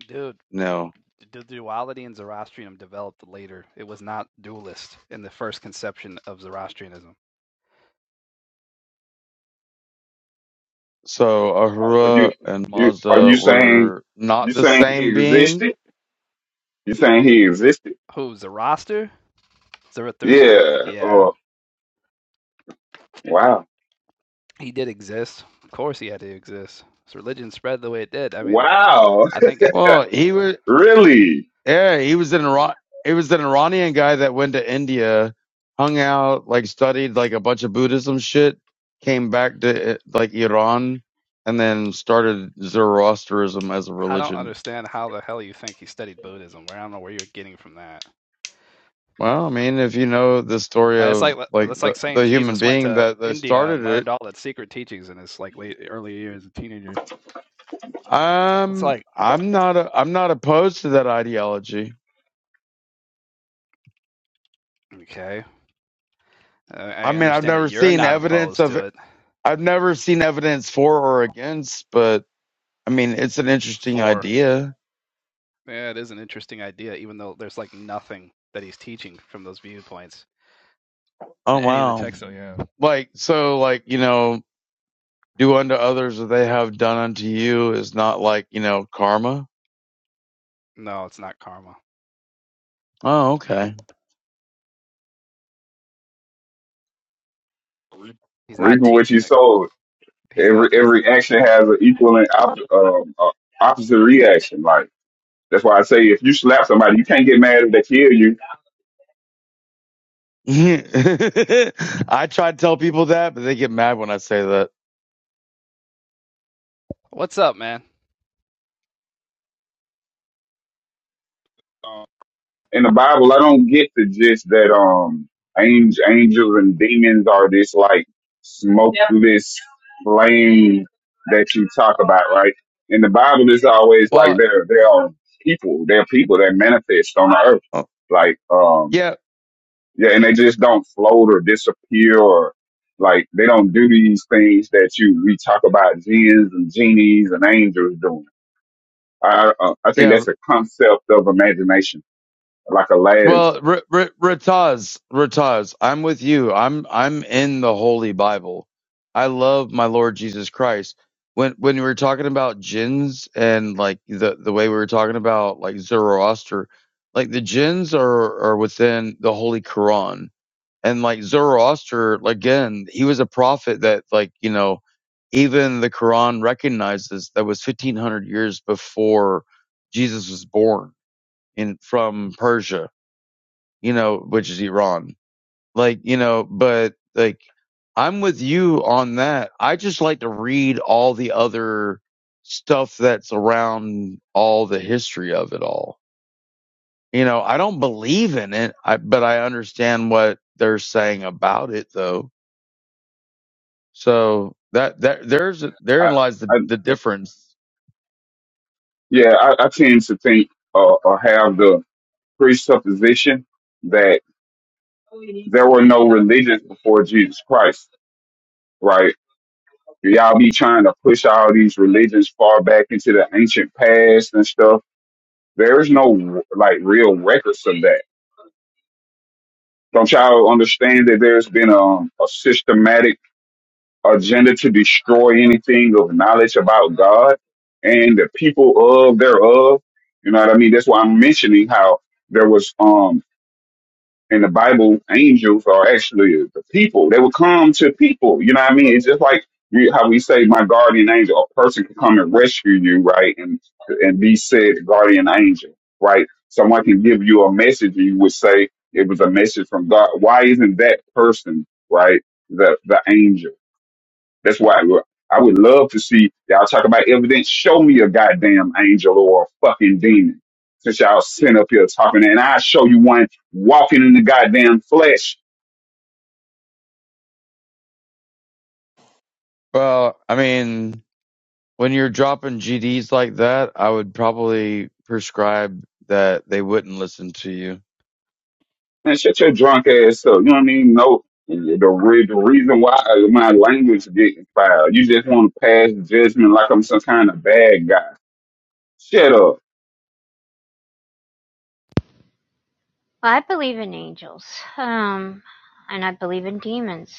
dude. No. The duality in Zoroastrianism developed later. It was not dualist in the first conception of Zoroastrianism. So Uh, Are you Ahura and you are Mazda you saying were not you the saying he same being. existed? You saying he existed? Who, Zoroaster? Zarathustra? Yeah. Yeah, Oh wow, he did exist. Of course, he had to exist. His religion spread the way it did. I mean, wow, I think it. Well, he was, really? yeah, he was an Iran, he was an Iranian guy that went to India, hung out, like studied like a bunch of Buddhism shit, came back to eh, like Iran, and then started Zoroastrianism as a I don't religion. understand how the hell you think he studied Buddhism. I don't know where you're getting from that. Well, I mean, if you know the story Uh, It's of like like that's like the, saying the human Jesus went being to that, that India started and it, learned all the secret teachings in his like late early years as a teenager. It's Um, like I'm not. A, I'm not opposed to that ideology. okay, uh, I I mean, I've understand that never you're seen not evidence opposed of. to it I've never seen evidence for or against, but I mean, it's an interesting for idea. Yeah, it is an interesting idea, even though there's like nothing that he's teaching from those viewpoints Oh in any of the wow! texts. So yeah, Like so, like you know, do unto others what they have done unto you is not like you know karma. No, it's not karma. Oh okay. He's not Reaping what teaching you that. sold. He's Every not. He's. every action has an equal and op- um, uh, opposite reaction. Like. That's why I say if you slap somebody, you can't get mad if they kill you. I try to tell people that, but they get mad when I say that. What's up, man? Um, in the Bible, I don't get the gist that um angel, angels and demons are this like smokeless flame that you talk about, right? In the Bible, it's always like Well, they're they're people, they're people that manifest on the earth, uh, like um yeah, yeah, and they just don't float or disappear or like they don't do these things that you we talk about jinns and genies and angels doing I I uh, I think yeah. that's a concept of imagination, like Aladdin. Well, R- R- Rataz, Rataz, I'm with you. I'm I'm in the Holy Bible. I love my Lord Jesus Christ. When when we were talking about jinns and like the the way we were talking about like Zoroaster, like the jinns are are within the Holy Quran, and like Zoroaster, again, he was a prophet that like you know, even the Quran recognizes that was 1500 years before Jesus was born in from Persia you know, which is Iran. Like, you know, but like I'm with you on that. I just like to read all the other stuff that's around all the history of it all. You know, I don't believe in it, I, but I understand what they're saying about it though. So that, that there's, therein I, lies the, I the difference. yeah, I, I tend to think uh, or have the presupposition that there were no religions before Jesus Christ, right? Y'all be trying to push all these religions far back into the ancient past and stuff. There is no like real records of that. Don't y'all understand that there's been um a systematic agenda to destroy anything of knowledge about God and the people of thereof. You know what I mean? That's why I'm mentioning how there was um in the Bible, angels are actually the people. They would come to people. You know what I mean? It's just like we, how we say, "My guardian angel," a person can come and rescue you, right? And and be said guardian angel, right? Someone can give you a message, and you would say it was a message from God. Why isn't that person, right, the the angel? That's why look, I would love to see y'all talk about evidence. Show me a goddamn angel or a fucking demon. Since y'all sitting up here talking, and I show you one walking in the goddamn flesh. Well, I mean, when you're dropping GDs like that, I would probably prescribe that they wouldn't listen to you Man, shut your drunk ass up. You know what I mean? No, the, re- the reason why my language is getting filed. You just want to pass judgment like I'm some kind of bad guy. Shut up. Well, I believe in angels, um, and I believe in demons.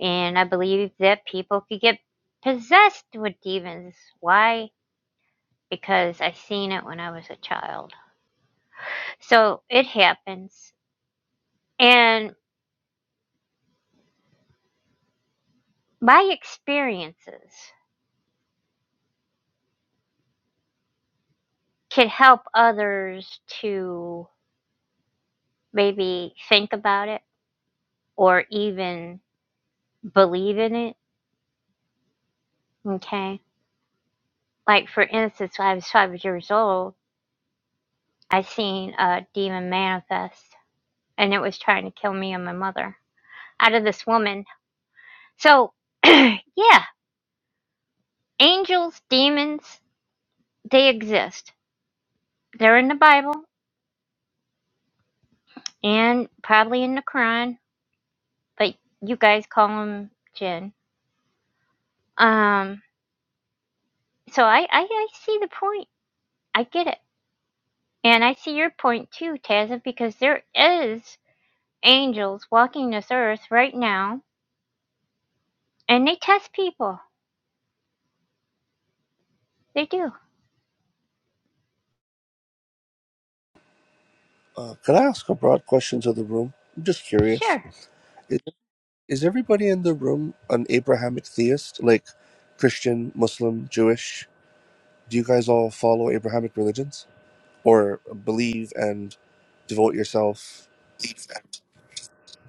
And I believe that people could get possessed with demons. Why? Because I seen it when I was a child. So it happens. And my experiences can help others to maybe think about it or even believe in it. Okay. Like, for instance, when I was five years old, I seen a demon manifest and it was trying to kill me and my mother out of this woman. So, yeah, Angels, demons, they exist. They're in the Bible and probably in the Quran, but you guys call them jinn. Um, so I, I, I see the point. I get it. And I see your point too, Tazza, because there is angels walking this earth right now, and they test people. They do. Uh, could I ask a broad question to the room? I'm just curious. Sure. Is, is everybody in the room an Abrahamic theist, like Christian, Muslim, Jewish? Do you guys all follow Abrahamic religions or believe and devote yourself?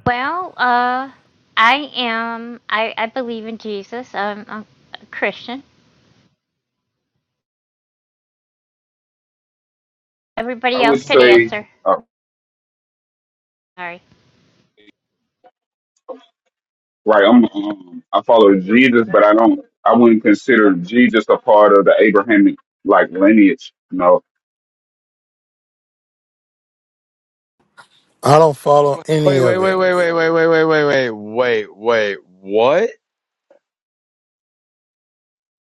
Well, uh, I am, I, I believe in Jesus. I'm, I'm a Christian. I Everybody would else could say. answer. Sorry. Right. I'm. Um, I follow Jesus, but I don't. I wouldn't consider Jesus a part of the Abrahamic like lineage. No. I don't follow Wait, any wait, of wait, it. wait, wait, wait, wait, wait, wait, wait, wait, wait. What?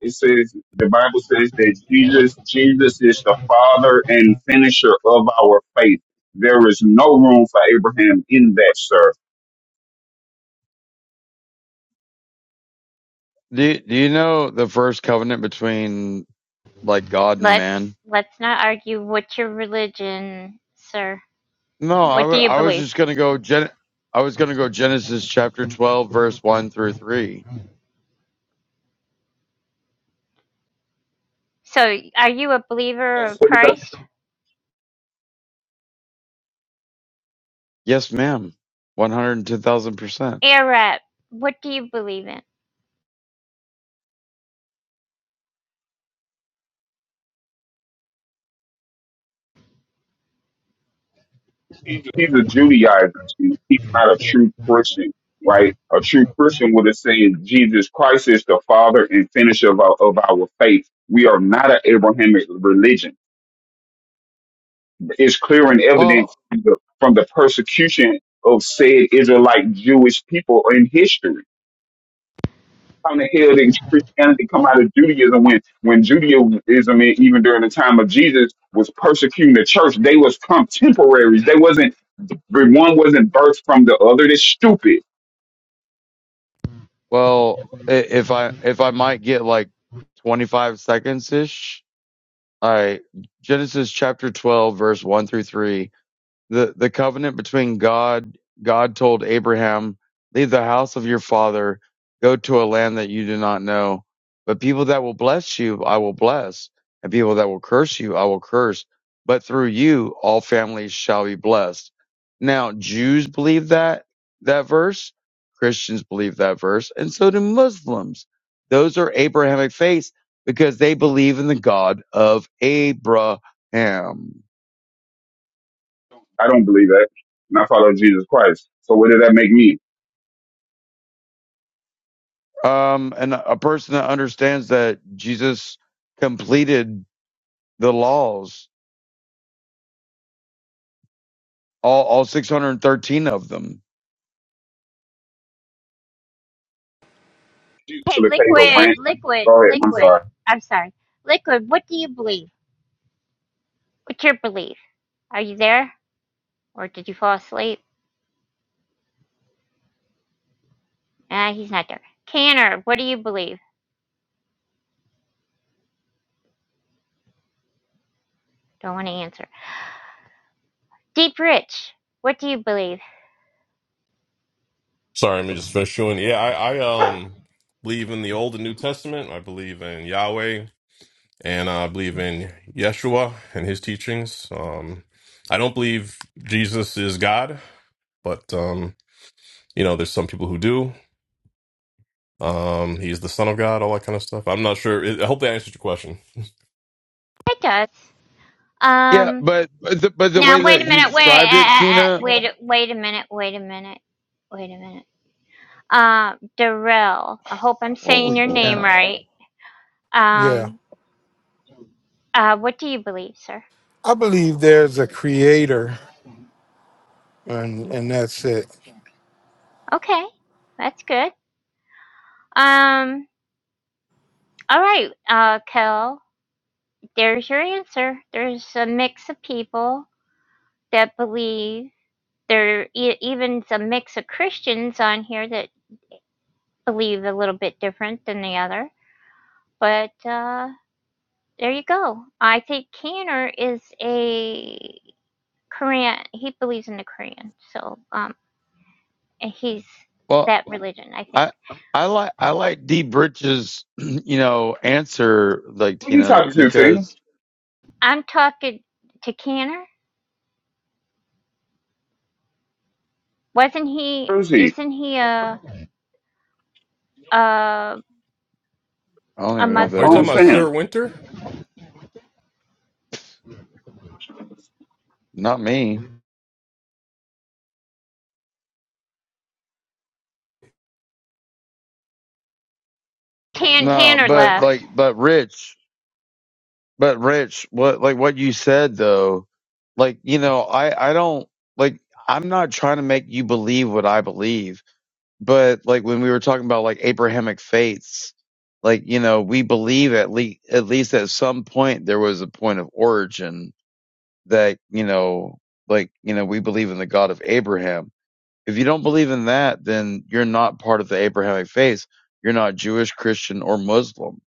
It says the Bible says that Jesus, Jesus is the father and finisher of our faith. There is no room for Abraham in that, sir. Do you, do you know the first covenant between like God and man? Let's let's not argue what's your religion, sir. No, I What wa- do you I was believe? just gonna go Gen. I was gonna go Genesis chapter twelve, verse one through three. So, are you a believer That's, of that's, Christ? Yes, ma'am. One hundred and ten thousand percent. Air Rap, what do you believe in? he's, a, he's a Judaizer. He's not a true Christian, right? A true Christian would have said Jesus Christ is the father and finisher of our, of our faith. We are not an Abrahamic religion is clear and evident Well, from the, from the persecution of said Israelite Jewish people in history. How in the hell did Christianity come out of Judaism when, when Judaism, e- even during the time of Jesus, was persecuting the church? They was contemporaries. They wasn't, one wasn't birthed from the other. That's stupid. well, i- if I if I might get like twenty five seconds ish. All right, Genesis chapter twelve, verse one through three. the the covenant between God God told Abraham, leave the house of your father, go to a land that you do not know. But people that will bless you, I will bless, and people that will curse you, I will curse. But through you, all families shall be blessed. Now, Jews believe that that verse, Christians believe that verse, and so do Muslims. Those are Abrahamic faiths because they believe in the God of Abraham. I don't believe that. And I follow Jesus Christ. So what did that make me? um, and a person that understands that Jesus completed the laws, all, all 613 of them. You Hey, should have paid a Liquid, rant. Liquid, Go ahead. I'm Liquid. sorry. I'm sorry. Liquid, what do you believe? What's your belief? Are you there? Or did you fall asleep? Ah, he's not there. Canner, what do you believe? Don't want to answer. Deep Rich, what do you believe? Sorry, let me just finish chewing. Yeah, I I um believe in the Old and New Testament. I believe in Yahweh. and I believe in Yeshua and his teachings. Um, I don't believe Jesus is God, but um, you know, there's some people who do. Um, he's the Son of God, all that kind of stuff. I'm not sure. I I hope that answers your question. It does. Yeah, Um, but but the, but the Now way that wait a he minute. Wait. described Uh, it, uh, uh, Tina, wait. Wait a minute. Wait a minute. Wait a minute. Uh, Darrell. I hope I'm saying holy your name cow! right. Yeah. Um. Uh, what do you believe, sir? I believe there's a creator and and that's it. Okay, that's good. Um. All right. Uh, Kel. There's your answer. There's a mix of people that believe. There e- even a mix of Christians on here that believe a little bit different than the other. But uh, There you go. I think Kanner is a Korean. He believes in the Korean, so um, and he's Well, that religion. I think. I I like I like D Bridges, you know, answer like Who you Tina talking to, Tina? because I'm talking to Kanner. Wasn't he? Who is he? Isn't he a a I don't a even know who Are I you that Muslim? don't talking about is. Sir understand. Winter? I Not me. Tan No, Tanner but left. like but Rich. But Rich, what like what you said though, like you know, I I don't like I'm not trying to make you believe what I believe, but like when we were talking about like Abrahamic faiths, like you know, we believe at least at least at some point there was a point of origin that you know, like you know, we believe in the God of Abraham. If you don't believe in that, then you're not part of the Abrahamic faith. You're not Jewish, Christian, or Muslim.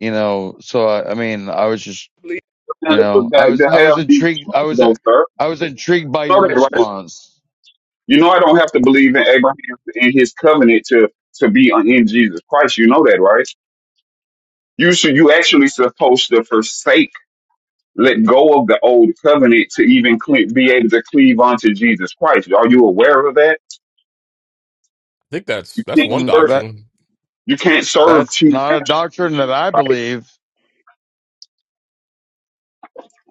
You know, so I, I mean, I was just believe you for know, I that to was I was have these intrigued. I promises, was though, sir. I was intrigued by You your know that, right? response. You know I don't have to believe in Abraham and his covenant to to be on- in Jesus Christ. You know that, right? You should. You actually supposed to forsake, let go of the old covenant to even cle- be able to cleave onto Jesus Christ. Are you aware of that? think that's You that's can't one Um, serve. that doctrine. You can't serve that's two not a masters, doctrine that I right? believe.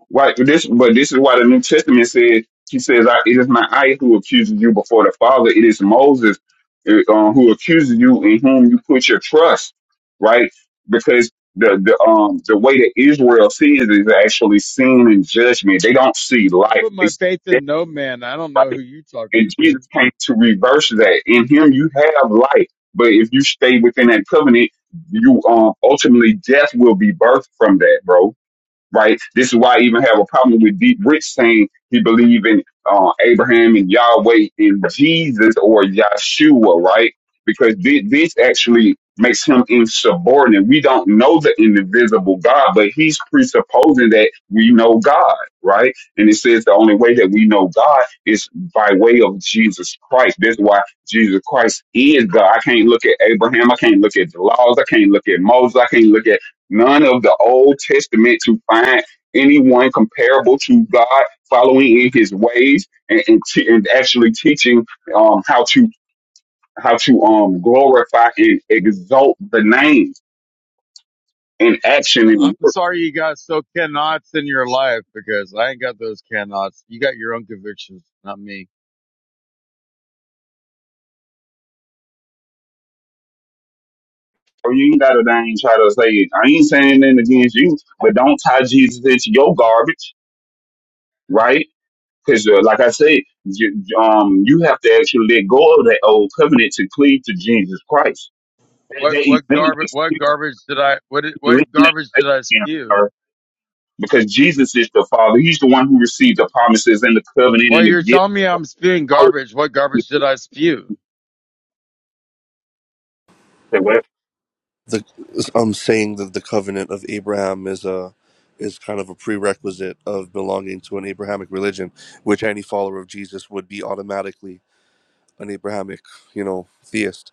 Why This, but this is why the New Testament says, he says, I, it is not I who accuses you before the Father. It is Moses uh, uh, who accuses you in whom you put your trust. Right. Because the, the, um, the way that Israel sees is actually sin and judgment. They don't see I life. put They my see faith death. in no man. I don't know who Right. you talking And to. Jesus came to reverse that. In him, you have life. But if you stay within that covenant, you, um, ultimately death will be birthed from that, bro right? This is why I even have a problem with Deep Rich saying he believe in uh, Abraham and Yahweh and Jesus or Yahshua, right? Because thi- this actually makes him insubordinate. We don't know the invisible God, but he's presupposing that we know God, right? And it says the only way that we know God is by way of Jesus Christ. That's why Jesus Christ is God. I can't look at Abraham. I can't look at the laws. I can't look at Moses. I can't look at none of the Old Testament to find anyone comparable to God following in His ways and and, te- and actually teaching um, how to how to um, glorify and exalt the name in action I- and I'm work. sorry you got so cannots in your life because I ain't got those cannots. You got your own convictions, not me. Or you ain't gotta dang try to say it. I ain't saying nothing against you, but don't tie Jesus into your garbage, right? Because uh, like I said, j- um, you have to actually let go of that old covenant to cleave to Jesus Christ. That, What that what garbage eliminates. what garbage did I what did- what eliminate garbage did I Abraham spew? or- because Jesus is the Father. He's the one who received the promises and the covenant Well, and the you're gift. telling me I'm spewing All of garbage. What it. garbage did I spew? They won't the um saying that the covenant of Abraham is a is kind of a prerequisite of belonging to an Abrahamic religion, which any follower of Jesus would be automatically an Abrahamic, you know, theist.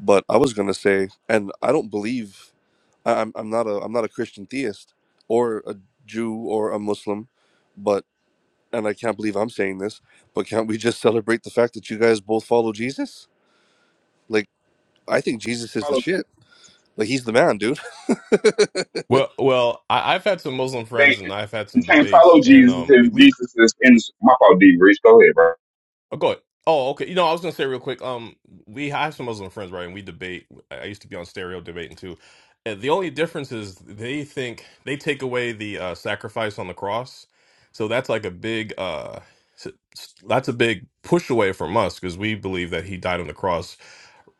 But I was gonna say, and I don't believe I, I'm I'm not a I'm not a Christian theist or a Jew or a Muslim, but and I can't believe I'm saying this, but can't we just celebrate the fact that you guys both follow Jesus? Like I think Jesus is the follow shit. Jesus. Like he's the man, dude. Well, well, I, I've had some Muslim friends, They- and I've had you some can't debates, follow and Jesus um, we if we. Jesus is in my fault, D. Rich. Go ahead, bro. Oh, go ahead. Oh, okay. You know, I was gonna say real quick. Um, we I have some Muslim friends, right? And we debate. I I used to be on stereo debating too. And the only difference is they think they take away the uh, sacrifice on the cross, so that's like a big uh, s- s- that's a big push away from us because we believe that he died on the cross,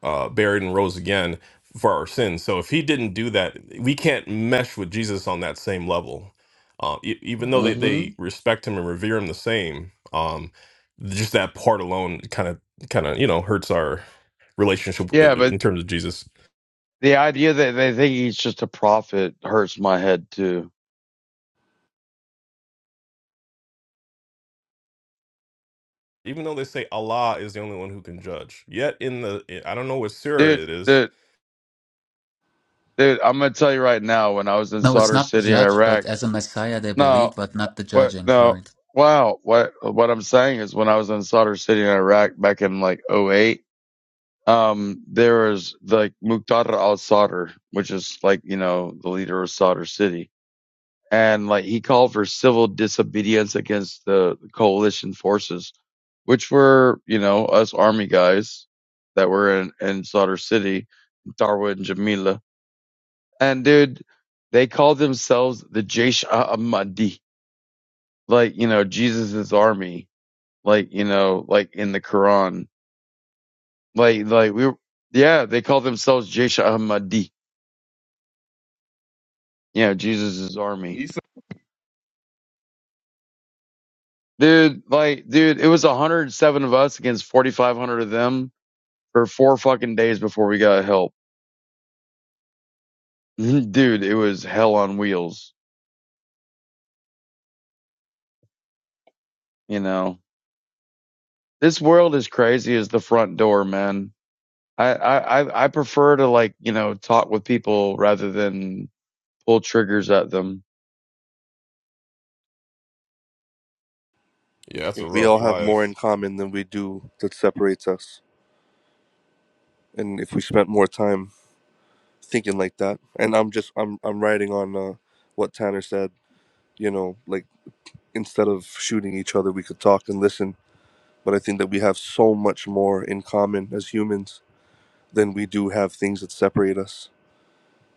uh, buried and rose again for our sins. So if he didn't do that, we can't mesh with Jesus on that same level. Um, e- even though they, hmm they respect him and revere him the same. Um, just that part alone kind of kind of you know hurts our relationship uh, Yeah, but in terms of jesus The idea that they think he's just a prophet hurts my head too. even though they say allah is the only one who can judge yet in the eh, i don't know what surah Dude, it is dude, dude, I'm gonna tell you right now, when I was in No, it's Sadr not City in judge, but Iraq, as a messiah they no, believe, but not the what, judging, no, right? wow, what, what I'm saying is when I was in Sadr City in Iraq back in like '08, um, there was like Muqtada al-Sadr, which is like, you know, the leader of Sadr City and like he called for civil disobedience against the coalition forces, which were you know us army guys that were in in Slaughter City, Darwa and Jamila, and dude, they called themselves the Jaish Ahmadi, like you know Jesus's army, like you know like in the Quran, like like we were, yeah they called themselves Jaish Ahmadi, you know Jesus's army. He said, Dude, like, dude, it was 107 of us against 4,500 of them for four fucking days before we got help. Dude, it was hell on wheels. You know, this world is crazy as the front door, man. I, I, I prefer to like, you know, talk with people rather than pull triggers at them. yeah that's a Like we all rough have life more in common than we do that separates us. And if we spent more time thinking like that, and I'm just I'm I'm writing on uh, what Tanner said. You know, like instead of shooting each other, we could talk and listen. But I think that we have so much more in common as humans than we do have things that separate us.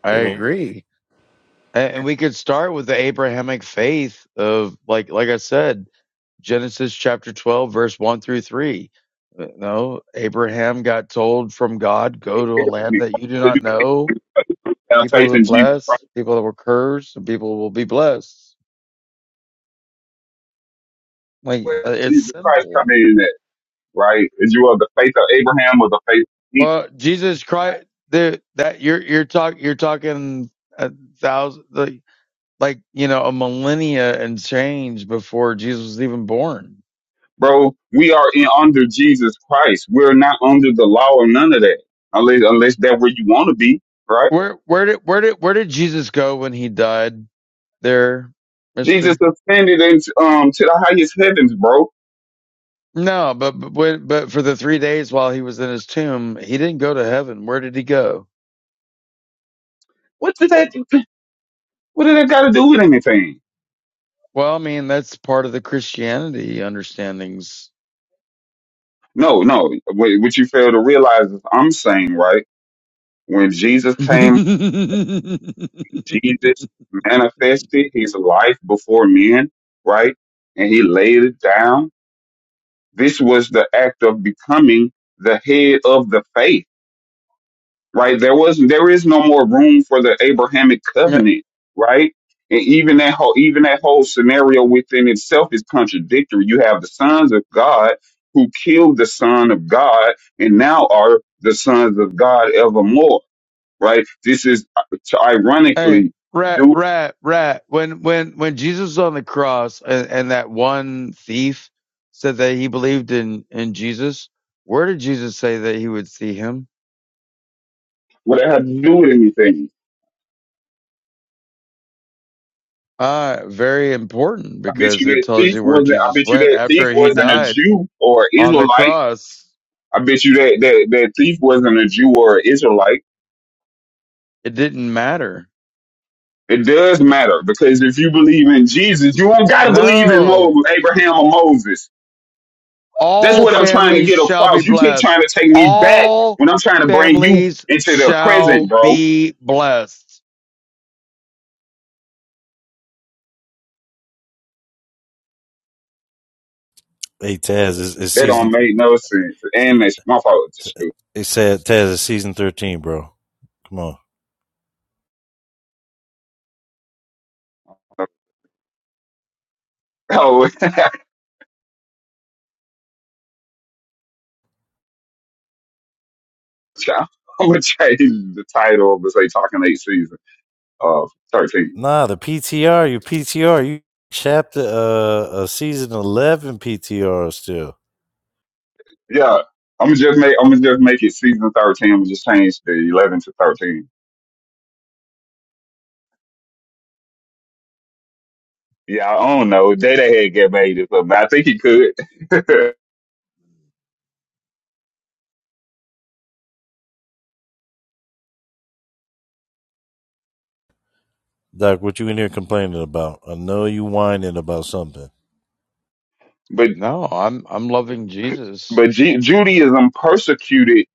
I You know, agree. And we could start with the Abrahamic faith of like, like I said, Genesis chapter 12, verse one through three. No, Abraham got told from God, go to "Hey, a land "You that you do gotta do not it." know have People faith were in Jesus blessed. Christ. People that were cursed, and people will be blessed. Like Where uh, did it's Jesus Christ simple. come in at, right? Is you of the faith of Abraham or the faith of Jesus? Well, Jesus Christ, the, that you're you're talking you're talking a thousand like, like you know a millennia and change before Jesus was even born. Bro, we are in under Jesus Christ. We're not under the law or none of that. Unless unless that's where you want to be, right? Where where did where did where did Jesus go when he died? There, Jesus Mister. ascended into um to the highest heavens, bro. No, but but when- but for the three days while he was in his tomb, he didn't go to heaven. Where did he go? What did that? What did that got to do with anything? Well, I mean, that's part of the Christianity understandings. No, no. What, what you fail to realize is I'm saying right when Jesus came, Yeah. Jesus manifested His life before men, right, and He laid it down. This was the act of becoming the head of the faith right? There was there is no more room for the Abrahamic covenant, right? And even that whole even that whole scenario within itself is contradictory. You have the sons of God who killed the Son of God and now are the sons of God evermore, right? This is uh, hey, ironically rat, do rat, rat. When when when Jesus was on the cross, and, and that one thief said that he believed in in Jesus, where did Jesus say that he would see him? what that have to do with anything. Uh, very important I bet because you it that tells thief you where wasn't. I Jesus bet you went that thief after he wasn't a died Jew or on the Israelite. cross. I bet you that that, that thief wasn't a Jew or Israelite It didn't matter. It does matter because if you believe in Jesus, you don't gotta believe in No. Mo- Abraham or Moses. That's All what I'm trying to families get shall be across. You keep blessed. trying to take me back All when I'm trying to bring you families into the shall present, bro. be blessed. Hey bro. Taz, it's, it's That don't season. make no sense. And it's my fault. It's just stupid. It said Taz, it's season thirteen, bro. Come on. Oh, I'm gonna change the title of say talking eight season of thirteen. Nah, the PTR, you PTR, you chapter uh, uh season eleven PTR still. Yeah, I'm gonna just make I'm gonna just make it season thirteen. I'm gonna just change the eleven to thirteen. Yeah, I don't know. Data had get made it, but I think he could. but Doc, what you in here complaining about? I know you whining about something. No, I'm I'm loving Jesus. but Ju- Judaism persecuted.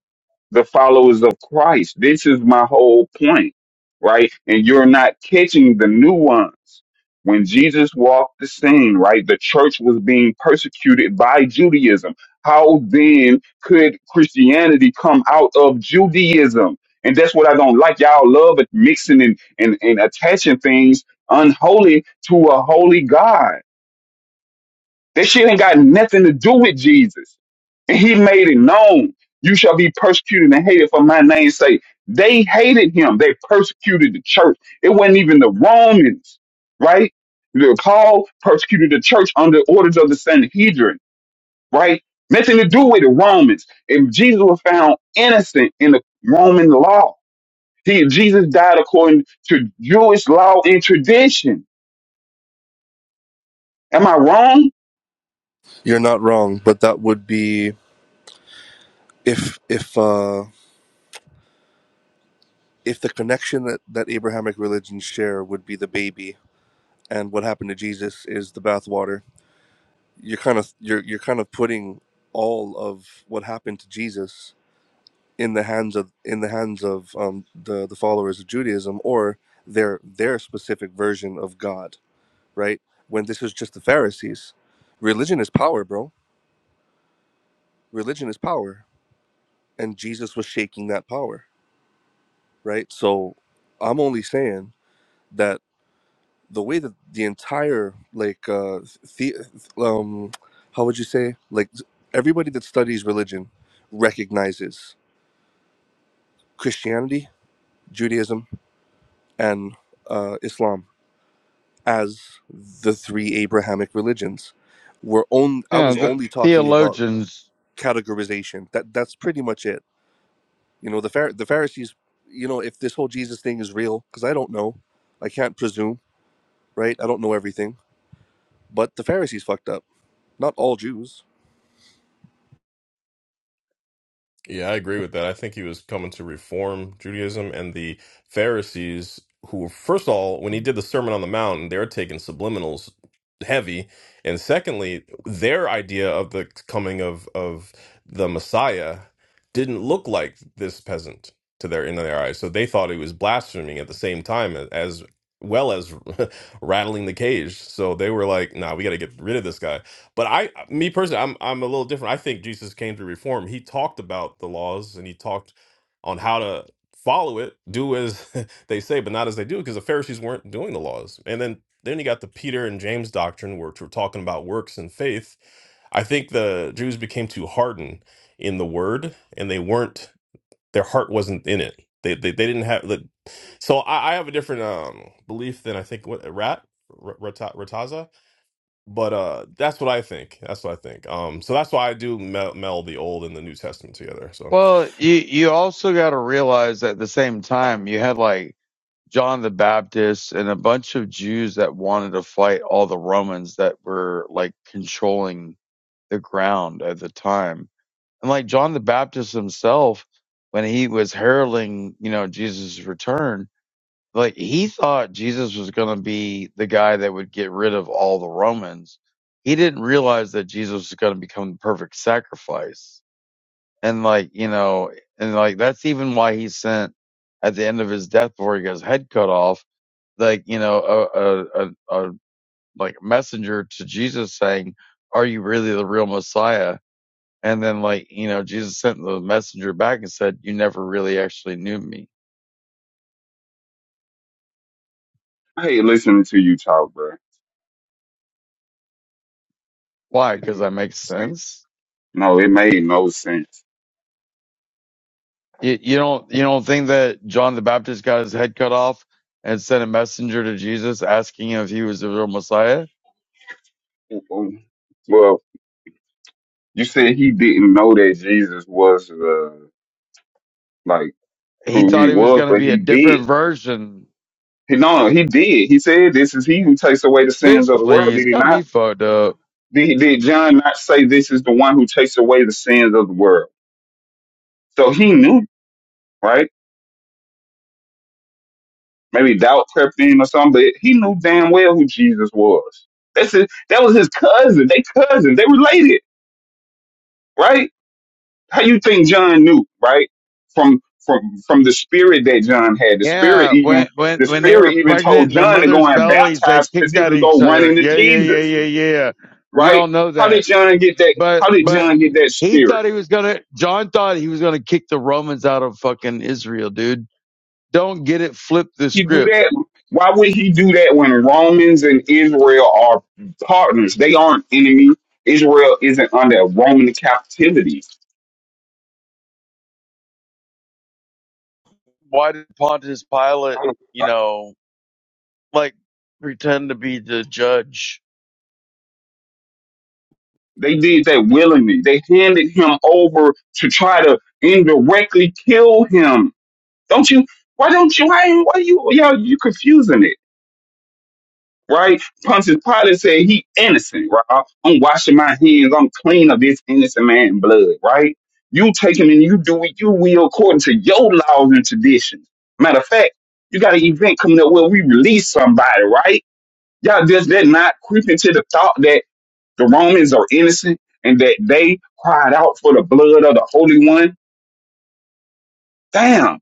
the followers of Christ. This is my whole point, right? And you're not catching the nuance. When Jesus walked the scene, right, the church was being persecuted by Judaism. How then could Christianity come out of Judaism? And that's what I don't like. Y'all love it mixing and, and, and attaching things unholy to a holy God that shit ain't got nothing to do with Jesus. And he made it known. You shall be persecuted and hated for my name's sake. They hated him. They persecuted the church. It wasn't even the Romans, right? The Paul persecuted the church under orders of the Sanhedrin, right? Nothing to do with the Romans. And Jesus was found innocent in the Roman law. He, Jesus died according to Jewish law and tradition. Am I wrong? you're not wrong, but that would be if if uh, if the connection that that Abrahamic religions share would be the baby, and what happened to Jesus is the bathwater you're kind of you're you're kind of putting all of what happened to Jesus in the hands of in the hands of um, the the followers of Judaism or their their specific version of God, right? When this is just the Pharisees, religion is power, bro. Religion is power, and Jesus was shaking that power, right? So I'm only saying that the way that the entire like uh the um how would you say like everybody that studies religion recognizes Christianity, Judaism, and uh, Islam as the three Abrahamic religions. Were on. I Yeah, was the only talking about theologians. categorization. That that's pretty much it. You know, the Phar- the Pharisees. You know, if this whole Jesus thing is real, because I don't know, I can't presume, right? I don't know everything. But the Pharisees fucked up. Not all Jews. Yeah, I agree with that. I think he was coming to reform Judaism and the Pharisees, who were, first of all, when he did the Sermon on the Mount, they were taking subliminals heavy. And secondly, their idea of the coming of, of the Messiah didn't look like this peasant to their in their eyes. So they thought he was blaspheming at the same time as well as rattling the cage. So they were like, nah, we got to get rid of this guy but I, me personally, I'm I'm a little different. I think Jesus came to reform. He talked about the laws and he talked on how to follow it, do as they say, but not as they do, because the Pharisees weren't doing the laws. And then then you got the Peter and James doctrine, which were talking about works and faith. I think the Jews became too hardened in the word, and they weren't. Their heart wasn't in it. They they, they didn't have the. So I, I have a different um belief than I think what Rat Rat Rataza. But uh, that's what I think. That's what I think. Um, so that's why I do mel meld the Old and the New Testament together. So Well, you you also got to realize at the same time you had like John the Baptist and a bunch of Jews that wanted to fight all the Romans that were like controlling the ground at the time And like John the Baptist himself, when he was heralding, you know, Jesus' return, like he thought Jesus was going to be the guy that would get rid of all the Romans. He didn't realize that Jesus was going to become the perfect sacrifice. And like, you know, and like that's even why he sent at the end of his death before he got his head cut off, like, you know, a, a, a, a like messenger to Jesus saying, are you really the real Messiah? And then, like, you know, Jesus sent the messenger back and said, you never really actually knew me. I hate listening to you talk, bro. Why? It Cause didn't that make makes sense. sense. No, it made no sense. You, you don't, you don't think that John the Baptist got his head cut off and sent a messenger to Jesus asking him if he was the real Messiah? Mhm. Well, you said he didn't know that Jesus was uh, like He who thought he he was was, going to but be a he did. different version. He no, no, he did. He said, "This is he who takes away the sins Bitch, of the world." please Did he got me not? fucked up. Did, did John not say, "This is the one who takes away the sins of the world"? So he knew, right? Maybe doubt crept in or something, but he knew damn well who Jesus was. That's his, that was his cousin. They cousins. They related, right? How you think John knew, right? From from from the spirit that John had. The spirit Yeah. When, even when, the when they were spirit even pregnant told in their John to go mother's and bellies, they baptize because kicked he at was each going to run other. into Yeah. Yeah. Yeah. Jesus, Yeah. Yeah. We right? all know How that. did John get that? but How did but John get that he spirit? thought he was gonna. John thought he was gonna kick the Romans out of fucking Israel, dude. Don't get it. Flip the He do script. that. Why would he do that when Romans and Israel are partners? They aren't enemy. Israel isn't under Roman captivity. Why did Pontius Pilate, you know, like pretend to be the judge? They did that willingly. They handed him over to try to indirectly kill him Don't you? Why don't you? Why, why you? Y'all, you confusing it, right? Pontius Pilate said he innocent, right? I'm washing my hands. I'm clean of this innocent man blood, right? You take him and you do what you will according to your laws and traditions. Matter of fact, you got an event coming up where we release somebody, right? Y'all just that not creeping to the thought that the Romans are innocent and that they cried out for the blood of the Holy One. Damn,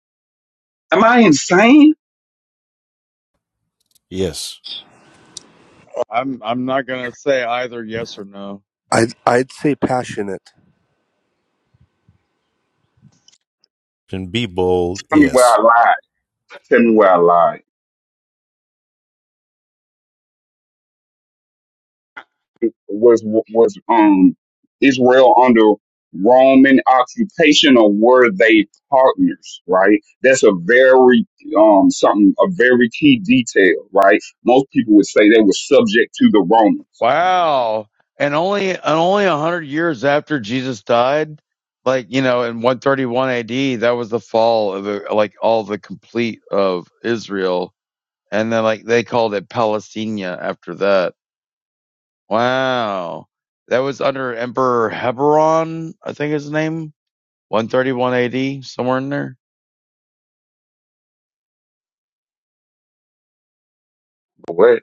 am I insane? Yes, I'm I'm not gonna say either yes or no. I'd I'd say passionate. can be bold. Tell me where Yes, I lied. Tell me where I lied. was was um Israel under Roman occupation or were they partners, right? That's a very um something a very key detail, right? Most people would say they were subject to the Romans. Wow. And only and only a hundred years after Jesus died, like you know, in 131 A.D., that was the fall of the, like all the complete of Israel and then like they called it Palestina after that. Wow, that was under Emperor Heberon, I think his name, 131 AD, somewhere in there. What?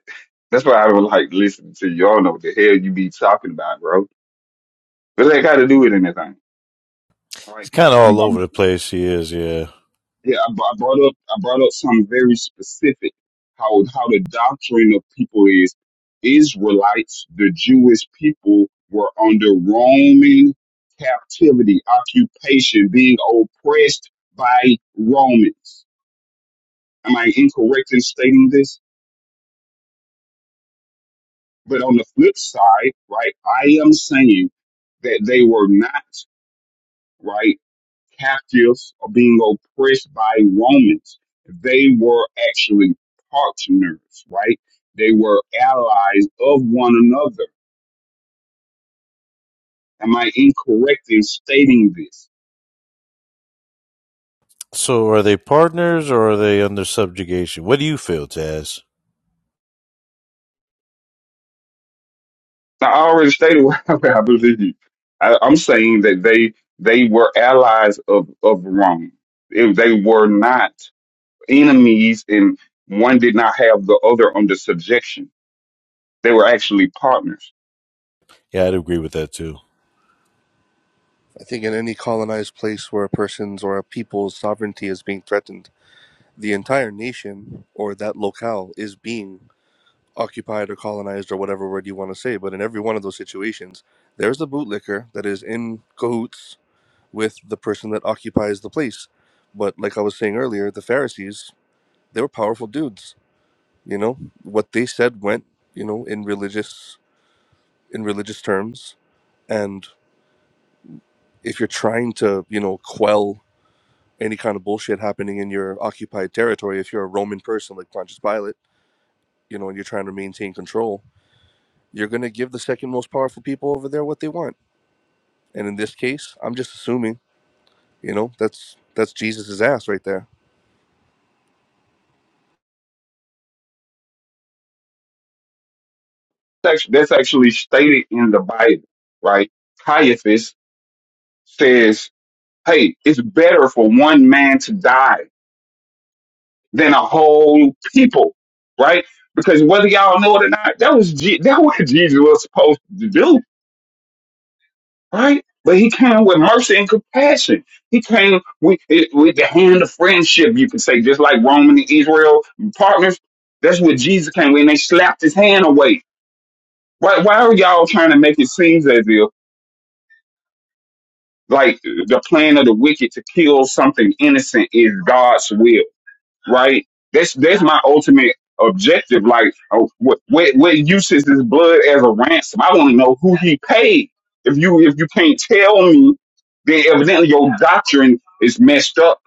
That's why I don't like listening to you. y'all. Know what the hell you be talking about, bro? What that got to do with anything? All right. he's kind of all over the place. He is, yeah. Yeah, I, br- I brought up I brought up something very specific. How how the doctrine of people is Israelites, the Jewish people were under Roman captivity, occupation, being oppressed by Romans. Am I incorrect in stating this? But on the flip side, right, I am saying that they were not right. captives or being oppressed by Romans. They were actually partners, right? They were allies of one another. Am I incorrect in stating this? So, are they partners or are they under subjugation? What do you feel, Taz? I already stated what I believe. I, I'm saying that they they were allies of of Rome. If they were not enemies, and one did not have the other under subjection, they were actually partners. Yeah, I'd agree with that too. I think in any colonized place where a person's or a people's sovereignty is being threatened the entire nation or that locale is being occupied or colonized or whatever word you want to say. But in every one of those situations, there's the bootlicker that is in cahoots with the person that occupies the place. But like I was saying earlier, the Pharisees, they were powerful dudes. You know, what they said went, you know, in religious in religious terms. And if you're trying to, you know, quell any kind of bullshit happening in your occupied territory, if you're a Roman person like Pontius Pilate, you know, and you're trying to maintain control, you're going to give the second most powerful people over there what they want. And in this case, I'm just assuming, you know, that's that's Jesus's ass right there. That's that's actually stated in the Bible, right? Caiaphas says, hey, it's better for one man to die than a whole people, right? Because whether y'all know it or not, that was Je- that what Jesus was supposed to do, right? But he came with mercy and compassion. He came with, with the hand of friendship, you could say, just like Roman and Israel partners. That's what Jesus came with, and they slapped his hand away. Why, why are y'all trying to make it seem as if? like the plan of the wicked to kill something innocent is God's will, right? That's that's my ultimate objective. Like, oh, what what what use is his blood as a ransom? I want to know who he paid. If you if you can't tell me, then evidently your doctrine is messed up.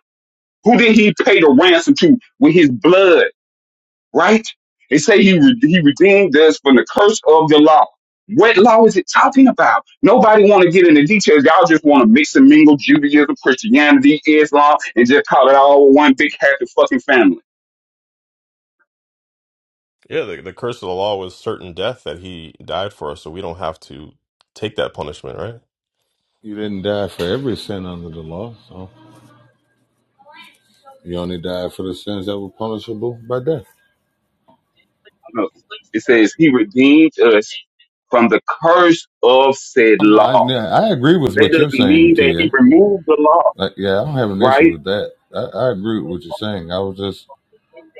Who did he pay the ransom to with his blood? right? They say he re- he redeemed us from the curse of the law. What law is it talking about? Nobody want to get into details. Y'all just want to mix and mingle Judaism, Christianity, Islam, and just call it all one big happy fucking family. yeah, the, the curse of the law was certain death that he died for us, so we don't have to take that punishment, right? You didn't die for every sin under the law, so you only died for the sins that were punishable by death. No. It says he redeemed us from the curse of said Oh, no, I law. yeah, I agree with That what you're doesn't saying, mean that he Tia. removed the law, Like, yeah, I don't have an issue right? with that. I, I agree with what you're saying. I was just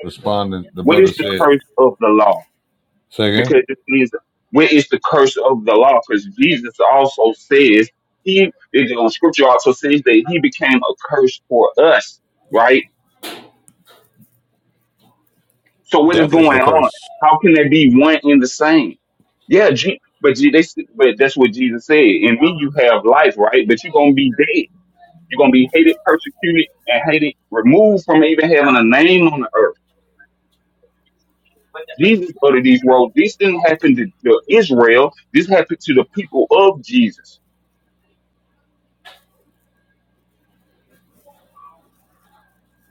responding. The What brother is the said, curse of the law? "Say again, because it means where is the curse of the law? Because Jesus also says he the scripture also says that he became a curse for us, right? So what is Death going is the on? curse. How can there be one in the same? Yeah, G, but G, they, s- but that's what Jesus said. In me you have life, right? But you're gonna be dead. You're gonna be hated, persecuted, and hated, removed from even having a name on the earth. Jesus uttered these words. This didn't happen to to Israel. This happened to the people of Jesus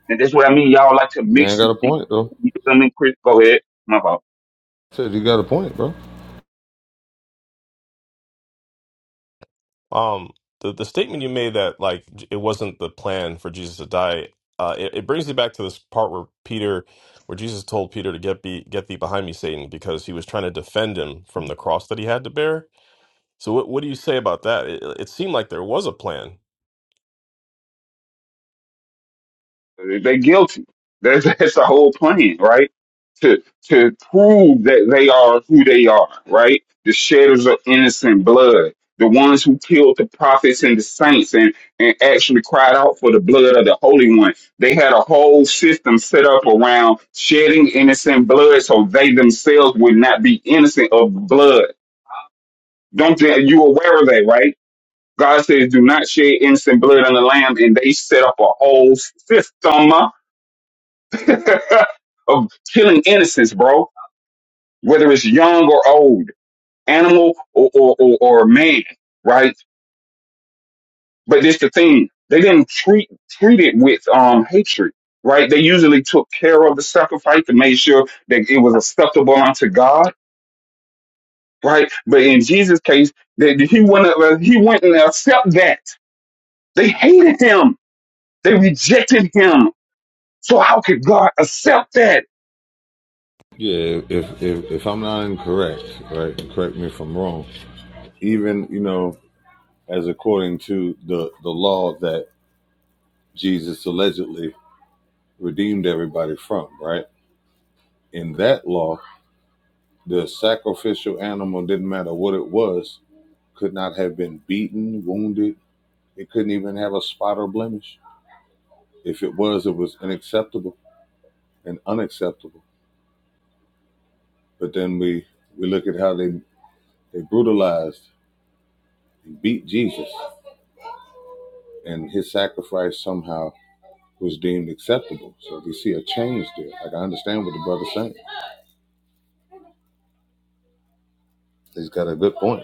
And that's what I mean. Y'all like to man, mix got and a think. point though." You know what I mean, Chris? Go ahead. My fault. I said you got a point, bro. Um, the the statement you made that like j- it wasn't the plan for Jesus to die. Uh, it, it brings me back to this part where Peter, where Jesus told Peter to get be get thee behind me, Satan, because he was trying to defend him from the cross that he had to bear So what what do you say about that? It, it seemed like there was a plan. They're guilty. That's, that's the whole plan, right? To to prove that they are who they are, right? The shedders of innocent blood, the ones who killed the prophets and the saints, and and actually cried out for the blood of the Holy One. They had a whole system set up around shedding innocent blood, so they themselves would not be innocent of blood. Don't you you aware of that, right? God says, do not shed innocent blood on the lamb. And they set up a whole system of killing innocents, bro, whether it's young or old, animal or, or, or, or man, right? But this the thing. They didn't treat, treat it with, um, hatred, right? They usually took care of the sacrifice to make sure that it was acceptable unto God, right? But in Jesus' case, that he wouldn't, he wouldn't accept that. They hated him. They rejected him So how could God accept that? Yeah, if if if I'm not incorrect, right? and Correct me if I'm wrong. Even you know, as according to the the law that Jesus allegedly redeemed everybody from, right? In that law, the sacrificial animal didn't matter what it was, could not have been beaten, wounded. It couldn't even have a spot or blemish. If it was, it was unacceptable and unacceptable. But then we we look at how they they brutalized and beat Jesus, and his sacrifice somehow was deemed acceptable. So we see a change there. Like I understand what the brother's saying. He's got a good point.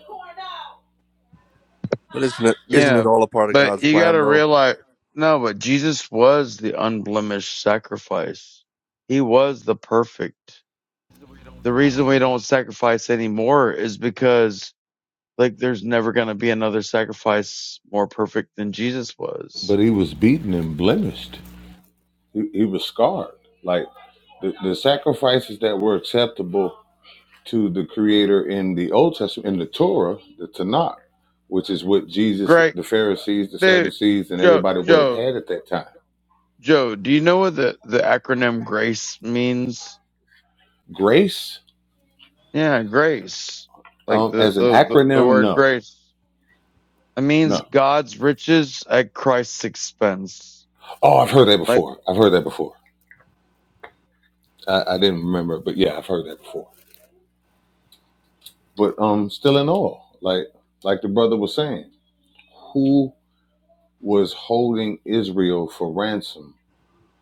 But isn't it isn't it Yeah, all a part of but God's you got plan to though? realize no, but Jesus was the unblemished sacrifice. He was the perfect. The reason we don't sacrifice anymore is because like there's never going to be another sacrifice more perfect than Jesus But was. he was beaten and blemished. He, he was scarred. Like the, the sacrifices that were acceptable to the Creator in the Old Testament, in the Torah, the Tanakh, which is what Jesus, Great the Pharisees, the dude, Sadducees, and Joe, everybody would have Joe, had at that time. Joe, do you know what the, the acronym GRACE means? Grace, Yeah, grace. Like um, the, as an the, the, the acronym, word no, grace. It means no. God's riches at Christ's expense. Oh, I've heard that Like, before. I've heard that before. I, I didn't remember, but yeah, I've heard that before. But um, still in awe, like like the brother was saying, who was holding Israel for ransom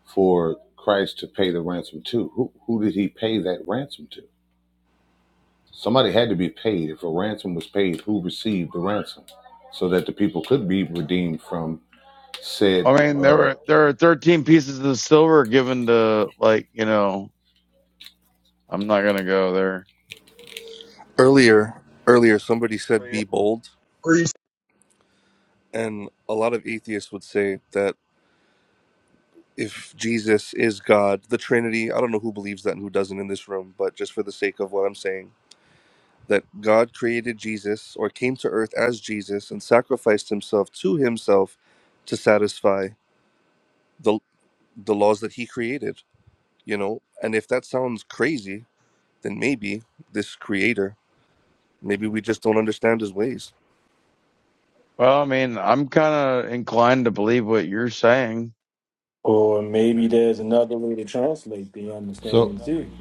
for Christ to pay the ransom to. Who, who did he pay that ransom to? Somebody had to be paid. If a ransom was paid, who received the ransom so that the people could be redeemed from said? I mean, there Uh, were, there are 13 pieces of silver given to, like, you know, I'm not going to go there. Earlier, earlier somebody said be bold, and a lot of atheists would say that if Jesus is God, the Trinity, I don't know who believes that and who doesn't in this room, but just for the sake of what I'm saying, that God created Jesus or came to earth as Jesus and sacrificed himself to himself to satisfy the. the laws that he created, you know? And if that sounds crazy, then maybe this creator, maybe we just don't understand his ways. Well, I mean, I'm kind of inclined to believe what you're saying. Or maybe there's another way to translate the so understanding too.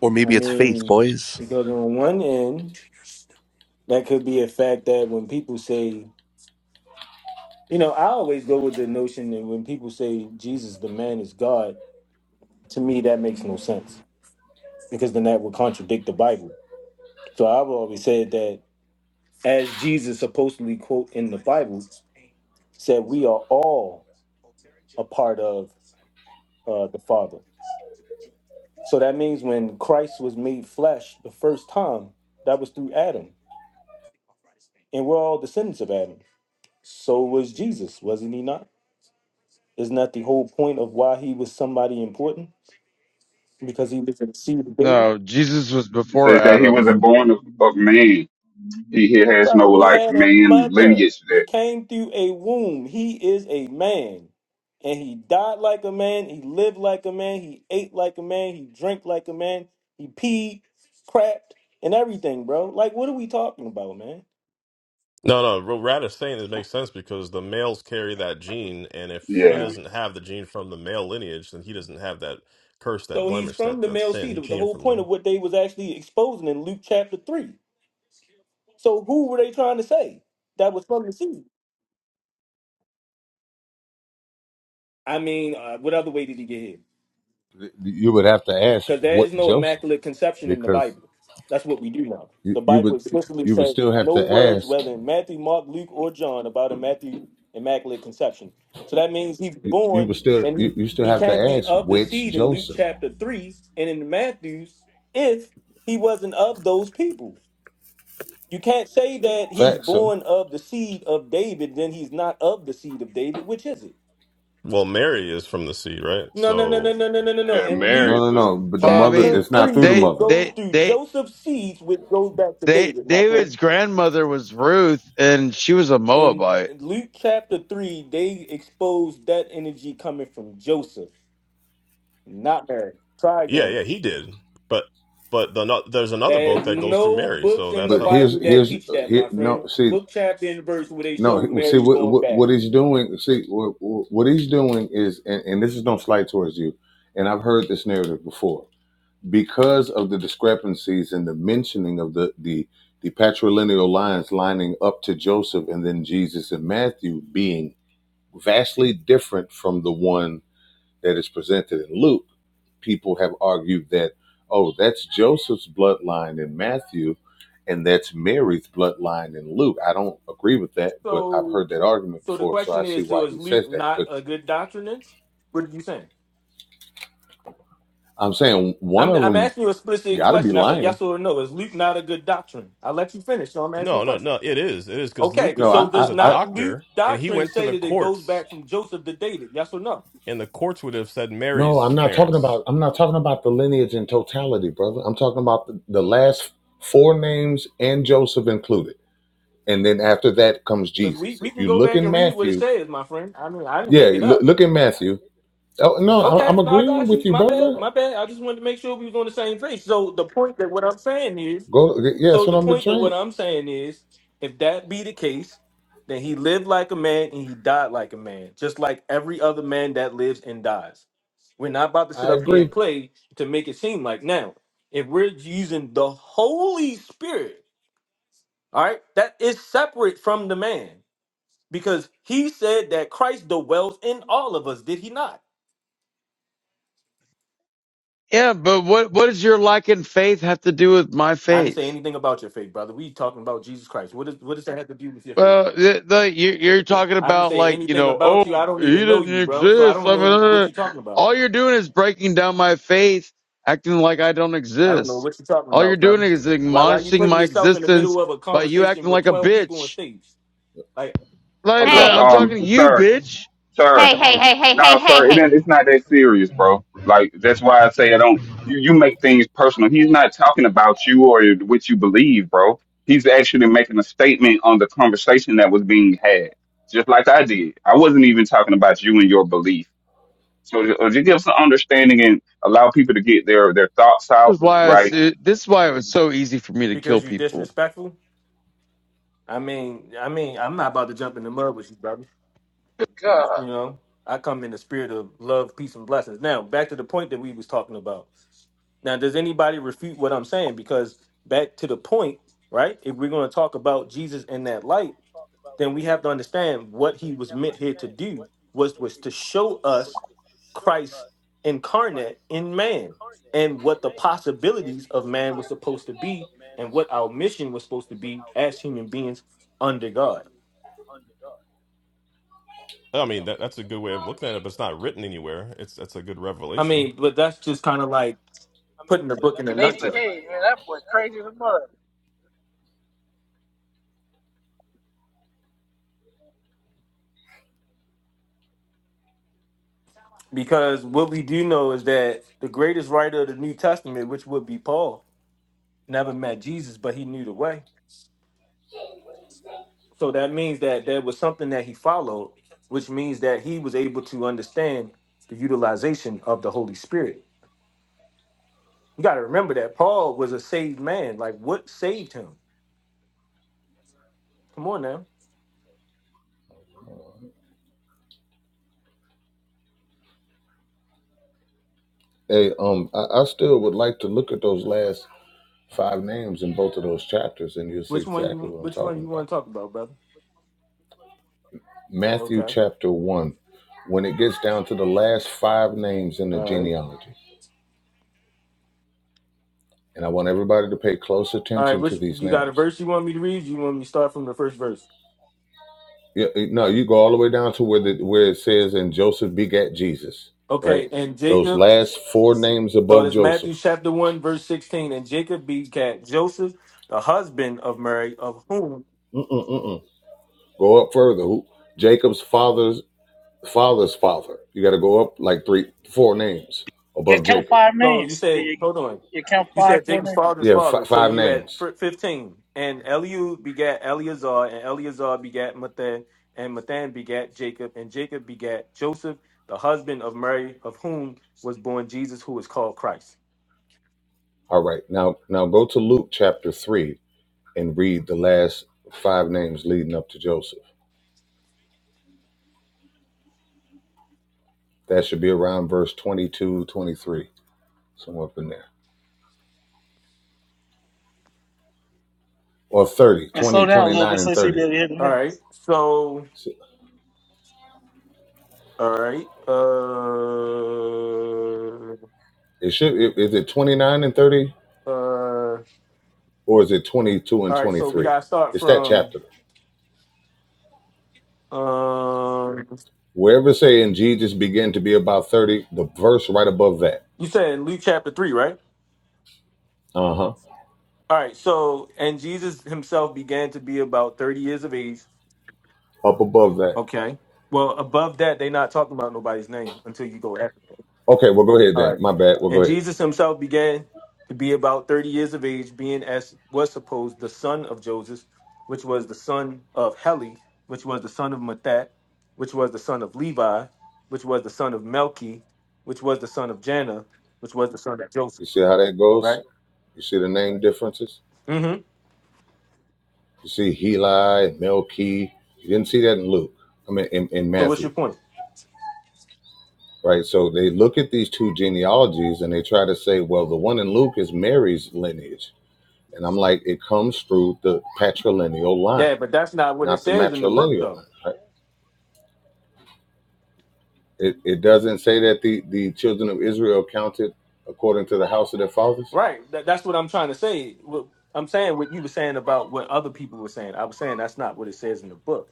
Or I maybe it's faith, mean, boys. because on one end, that could be a fact that when people say, you know, I always go with the notion that when people say Jesus, the man, is God, to me, that makes no sense because then that would contradict the Bible. So I've always said that as Jesus supposedly quote in the Bible said, we are all a part of uh, the Father. So that means when Christ was made flesh the first time, that was through Adam. And we're all descendants of Adam. So was Jesus, wasn't he not? Isn't that the whole point of why he was somebody important? Because he was in the seed of David? No, Jesus was It before says that he wasn't Adam. born of, of man. He, he has no Brother, he like had a man mother. lineage He that. came through a womb. He is a man. And he died like a man. He lived like a man. He ate like a man. He drank like a man. He peed, crapped, and everything, bro. Like, what are we talking about, man? No, no, what Rad is saying it makes sense because the males carry that gene, and if he Yeah. doesn't have the gene from the male lineage, then he doesn't have that curse, that So he's blemish, from that the that male sin. seed. He The came whole from point the of what they was actually exposing in Luke chapter three. So who were they trying to say that was from the seed? I mean, uh, what other way did he get here? you would have to ask Because there is what no Joseph, immaculate conception in the because Bible. That's what we do now. you, The you Bible would explicitly you would says still have no to words, ask whether in Matthew, Mark, Luke, or John, about a Matthew immaculate conception. So that means he's you, you would born still and you, he you still he have to can't be ask of the which seed in Luke Joseph. chapter three and in Matthew's if he wasn't of those people. you can't say that he's Fact, so born of the seed of David, then he's not of the seed of David. Which is it? well, Mary is from the seed, right? No, no, no, So no, no, no, no, no, no. Yeah, In Luke no, no, Mary's a no. But the Well, I mother, mean, chapter it's not three, through the they, it mother. goes they, through they, Joseph's seeds, which goes back to They, David, my friend. David's grandmother was Ruth and she was a In Moabite. Luke chapter three, they expose that energy coming from Joseph, not Mary. Try Yeah, again. yeah, he did. But but the no, there's another There book is that goes through no Mary, books so in that's the But how. here's Bible that here's teach that, here, my friend. no. See, Book chapter and verse where they No, show he- well, see Mary what going what back. what he's doing. See what what what he's doing is, and, and this is no slight towards you. And I've heard this narrative before because of the discrepancies in the mentioning of the the the patrilineal lines lining up to Joseph and then Jesus and Matthew being vastly different from the one that is presented in Luke, people have argued that, oh, that's Joseph's bloodline in Matthew, and that's Mary's bloodline in Luke. I don't agree with that, but I've So, heard that argument so the before, so I question see is: why So is he says Luke that. not But a good doctrinist? What are you saying? I'm saying one I'm of I'm them asking you a explicit got to be question. I said lying. yes or no. Is Luke not a good doctrine? I let you finish. So I'm asking you a No, no, question. no. It is, it is because Okay. Luke No, I, So Luke I, is does a I, not Luke doctor, and he doctrine went to say the that it goes courts, back from Joseph to David? Yes or no? and the courts would have said no, I'm Mary's not talking parents. about. I'm not talking about the lineage in totality, brother. I'm talking about the, the last four names and Joseph included, and then after that comes Because we Jesus. we If can you go look back in and read what it Matthew, says, my friend. I mean, I didn't yeah, make it look, up. look in Matthew Oh, no, I- Okay, I'm no, I agreeing got with you. you, My bad, brother. my bad. I just wanted to make sure we was on the same page. So the point that what I'm saying is Go, yeah, that's So what the I've been point of saying. what I'm saying is, if that be the case, then he lived like a man and he died like a man, just like every other man that lives and dies. We're not about to sit I up here and agree. play to make it seem like now. If we're using the Holy Spirit, all right, that is separate from the man because he said that Christ dwells in all of us. Did he not? Yeah, but what, what does your lack in faith have to do with my I didn't say faith? anything about your faith, brother. We talking about Jesus Christ. What does what does that have to do with your faith? Well, the, the, you, you're talking I didn't about say like, you anything know, about you. oh, I don't he even know doesn't you, bro. So I exist. don't I mean, know what uh, you're talking about. all you're doing is breaking down my faith, acting like I don't I don't know exist. what you're talking All you're about, doing brother. is Why why you admonishing putting my yourself in the existence middle of a by you conversation acting with like a 12 people on bitch. stage? Like Like, Hold but up, Hey, I'm um, talking to you, sir, bitch. sir. hey, hey, hey, hey, hey, No, hey, sir. It hey. ain't, it's not that serious, bro. Like that's why I say I don't. You you make things personal. He's not talking about you or what you believe, bro. He's actually making a statement on the conversation that was being had, just like I did. I wasn't even talking about you and your belief. So ju- uh, just give some understanding and allow people to get their their thoughts This out. is why I, s- Right? this is why it was so easy for me to kill because you people. disrespectful? I mean, I mean, I'm not about to jump in the mud with you, brother. You God, know, I come in the spirit of love, peace, and blessings. Now, back to the point that we was talking about. Now, does anybody refute what I'm saying? Because back to the point, right? If we're going to talk about Jesus in that light, then we have to understand what he was meant here to do was was to show us Christ incarnate in man and what the possibilities of man was supposed to be and what our mission was supposed to be as human beings under God. I mean, that that's a good way of looking at it, but it's not written anywhere. It's that's a good I revelation. mean, but that's just kind of like putting the book in a Kanafa nutshell. King, man, that boy crazy as a mother. Because what we do know is that the greatest writer of the New Testament, which would be Paul, never met Jesus, but he knew the way. So that means that there was something that he followed, which means that he was able to understand the utilization of the Holy Spirit. You got to remember that Paul was a saved man. Like, what saved him? Come on now. Hey, um, I, I still would like to look at those last five names in both of those chapters, and you'll see Which one exactly you? what I'm Which one talking you about. want to talk about, brother? Matthew Okay. chapter one, when it gets down to the last five names in the All right. genealogy, and I want everybody to pay close All right. attention to Which these you got a names. verse you want me to read? You want me to start from the first verse? Yeah, it- no, you go all the way down to where the where it says, "And Joseph begat Jesus." Right, Okay. And those Jacob. last four names So above that's Joseph. Matthew chapter one, verse sixteen. And Jacob begat Joseph, the husband of Mary, of whom Mm-mm-mm-mm. Go up further. Who? Jacob's father's father's father. You got to go up like three, four names Yeah, above count Jacob. five So you names. said, Yeah, hold on. yeah, count You five, said four Jacob's names, father's Yeah, f- father. So five you at names. fir- 15. And Eliud begat Eleazar, and Eleazar begat Mathan, and Mathan begat Jacob, and Jacob begat Joseph, the husband of Mary, of whom was born Jesus, who is called Christ. All right. Now, now go to Luke chapter three and read the last five names leading up to Joseph. That should be around verse 22, 23, somewhere up in there, or 30, and slow 20, down a little 29, bit so and so you be 30. able to hear the All right. names. So, So all right. Uh, It should. Is it 29 and 30, uh, or is it 22 and all right. So we 23? got to start It's that from, chapter. um, Wherever say in Jesus begin to be about 30, the verse right above that. you said in Luke chapter 3, right? Uh-huh. All right, so and Jesus himself began to be about 30 years of age. Up above that. Okay. Well, above that, they're not talking about nobody's name until you go after them. Okay, well go ahead All right. then. My bad. Well go And ahead. Jesus himself began to be about 30 years of age, being as was supposed the son of Joseph, which was the son of Heli, which was the son of Mathat, which was the son of Levi, which was the son of Melchi, which was the son of Janna, which was the son of You Joseph. see how that goes? Right? You see the name differences? Mm-hmm. You see Heli, Melchi. You didn't see that in Luke. I mean in, in So what's your Matthew. point? Right. So they look at these two genealogies and they try to say, well, the one in Luke is Mary's lineage. And I'm like, it comes through the patrilineal line, Yeah, but that's not what it not the says in the book matrilineal line. though. right? It, it doesn't say that the, the children of Israel counted according to the house of their fathers. Right. That, that's what I'm trying to say. What, I'm saying what you were saying about what other people were saying. I was saying that's not what it says in the book.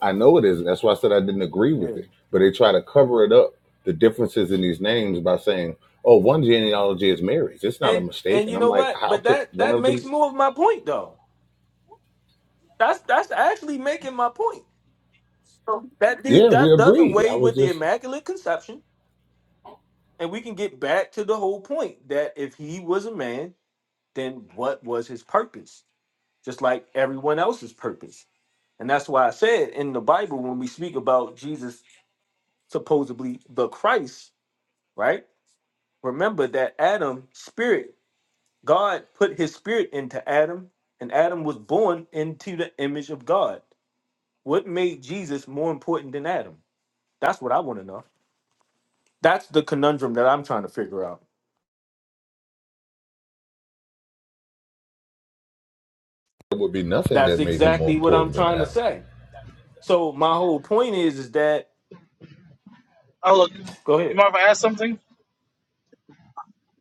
I know it isn't. That's why I said I didn't agree Yeah. with it. But they try to cover it up, the differences in these names, by saying, oh, one genealogy is Mary's. It's not a And mistake. and And you I'm know like, what? how But could that one that of makes them? more of my point though. That's that's actually making my point. So that do- Yeah, we that does agree. I away was with the just, immaculate conception, and we can get back to the whole point that if he was a man, then what was his purpose? Just like everyone else's purpose. And that's why I said in the Bible when we speak about Jesus supposedly the Christ, right? remember that Adam spirit, God put his spirit into Adam, and Adam was born into the image of God. What made Jesus more important than Adam? That's what I want to know. That's the conundrum that I'm trying to figure out. there would be nothing That's that made him more exactly what I'm important than trying to Adam. say. So my whole point is is that Oh, look, go you ahead. mind if I ask something?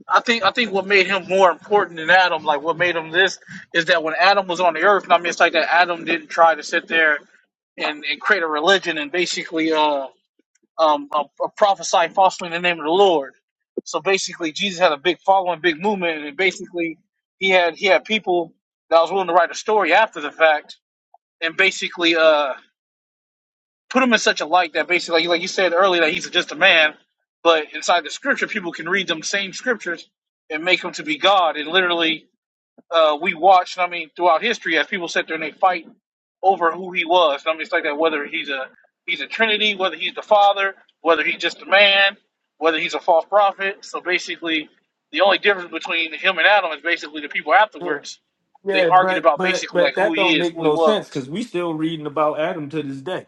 I think I think what made him more important than Adam, like what made him this, is that when Adam was on the earth, and I mean, it's like that Adam didn't try to sit there and, and create a religion and basically uh um, uh, uh, prophesy falsely in the name of the Lord. So basically, Jesus had a big following, big movement, and basically he had he had people that was willing to write a story after the fact and basically uh, put him in such a light that basically, like like you said earlier, that he's just a man, but inside the scripture, people can read them same scriptures and make him to be God, and literally uh, we watched, I mean, throughout history as people sit there and they fight over who he was. I mean, it's like that whether he's a he's a Trinity, whether he's the Father, whether he's just a man, whether he's a false prophet. So basically, the only difference between him and Adam is basically the people Yeah, afterwards. They yeah, argued but about but basically like but who that don't he is, make who he no sense was. because we still reading about Adam to this day.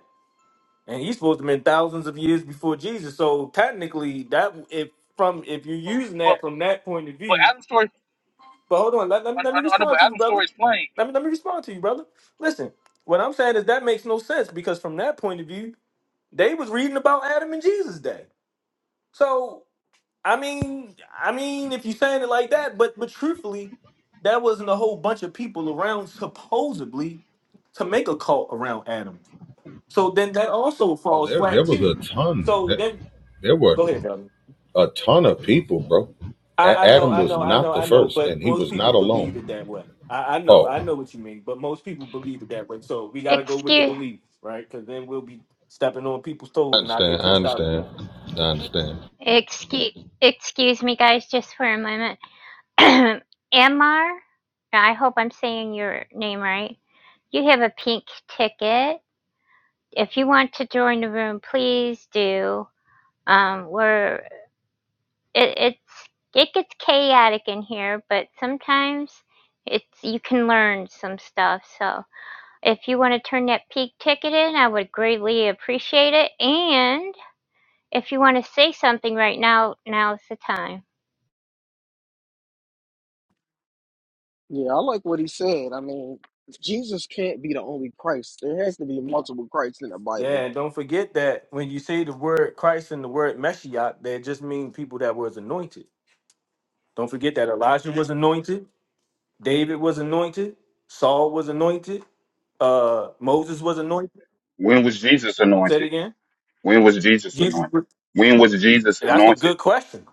and he's supposed to have been thousands of years before Jesus. So technically, that if from if you're But using but, that from that point of but view, Adam's story, but hold on, let, let, I, me, let I me know, I know, but respond to you, Adam's brother. story is plain. Let me let me respond to you, brother. Listen, what I'm saying is that makes no sense because from that point of view, they was reading about Adam and Jesus' day. So I mean, I mean, if you're saying it like that, but but truthfully, that wasn't a whole bunch of people around supposedly to make a cult around Adam. So then that also Oh, falls there, there flat was a too. ton. So There, then there were Go ahead, brother. a ton of people, bro. A- I, I know, Adam I was know, I not know, the I know, first, and but he most was people not believe alone. it that way. I, I know, Oh. I know what you mean, but most people believe it that way. So we got to go with the Excuse, belief, right? Because then we'll be stepping on people's I toes and I'll get understand. I cursed out understand. again. I understand. excuse, excuse me, guys, just for a moment. Ammar, I hope I'm saying your name right. You have a pink ticket. If you want to join the room, please do. Um, we're it, it's it gets chaotic in here, but sometimes it's you can learn some stuff. So if you want to turn that pink ticket in, I would greatly appreciate it. And if you want to say something right now, now's the time. Yeah, I like what he said. I mean, Jesus can't be the only Christ. There has to be multiple Christs in the Yeah, Bible. and don't forget that when you say the word Christ and the word Meshiach, that just means people that was anointed. Don't forget that Elijah was anointed, David was anointed, Saul was anointed, uh, Moses was anointed. When was Jesus Say it anointed? again. When was Jesus Jesus. anointed? was- When was Jesus That's a anointed? good question.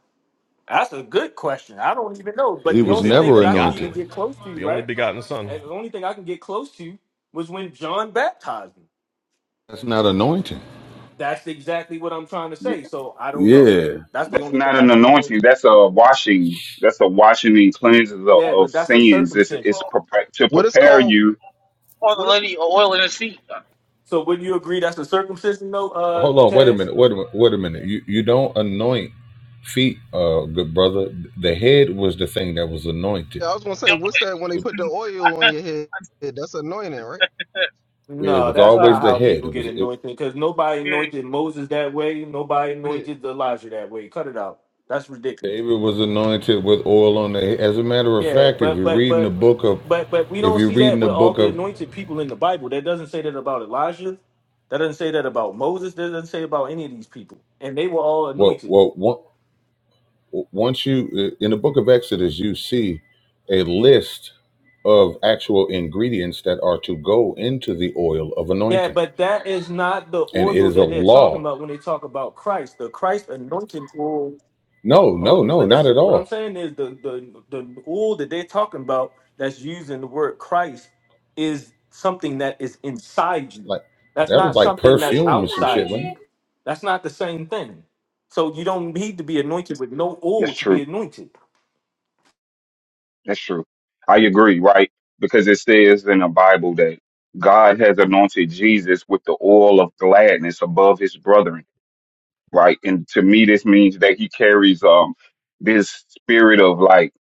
That's a good question. I don't even know. But He the But he's was the only only thing never that I can even anointed. begotten, get close to, the only right? begotten And son The only thing I can get close to was when John baptized me. That's not anointing. That's exactly what I'm trying to Y- say. So I don't know. Yeah. That's the That's only not thing I an can get close to. anointing. That's a washing. That's a washing and cleanses of, Yeah, of but that's a sins. It's circumcision. it's Or, prepa- to What is prepare or, called? you. or What the is? lady, or oil in his feet. So would you agree that's a circumcision though, uh, Hold on. Wait a Taz? minute. Wait a minute. Wait a minute. You you don't anoint feet, uh, good brother. The head was the thing that was anointed. I was gonna say, what's that when they It, put the oil on your head? That's anointing, right? it No, was that's Uh, always not the how head. people It get was it, anointed because nobody yeah, anointed Moses that way. Nobody Right. anointed Elijah that way. Cut it out. That's ridiculous. David was anointed with oil on the head. As a matter of Yeah, fact, if but you're but reading the but book of, but but we if don't you're see reading that the with all book the of anointed people in the Bible. That doesn't say that about Elijah. That doesn't say that about Moses. That doesn't say about any of these people. And they were all what anointed. what one once you in the book of exodus you see a list of actual ingredients that are to go into the oil of Yeah, anointing but that is not the and it oil is a that they're talking law about when they talk about Christ. The Christ anointing oil. no no Hold- no But not at listen, what I'm all saying is the the the oil that they're talking about that's used in the word Christ is something that is inside you. like That's that was not like something that's perfume or some shit outside wasn't you it? That's not the same thing. So you don't need to be anointed with no oil That's to be true. anointed. That's true. I agree. Right? Because it says in the Bible that God has anointed Jesus with the oil of gladness above his brethren right? And to me, this means that he carries um this spirit of like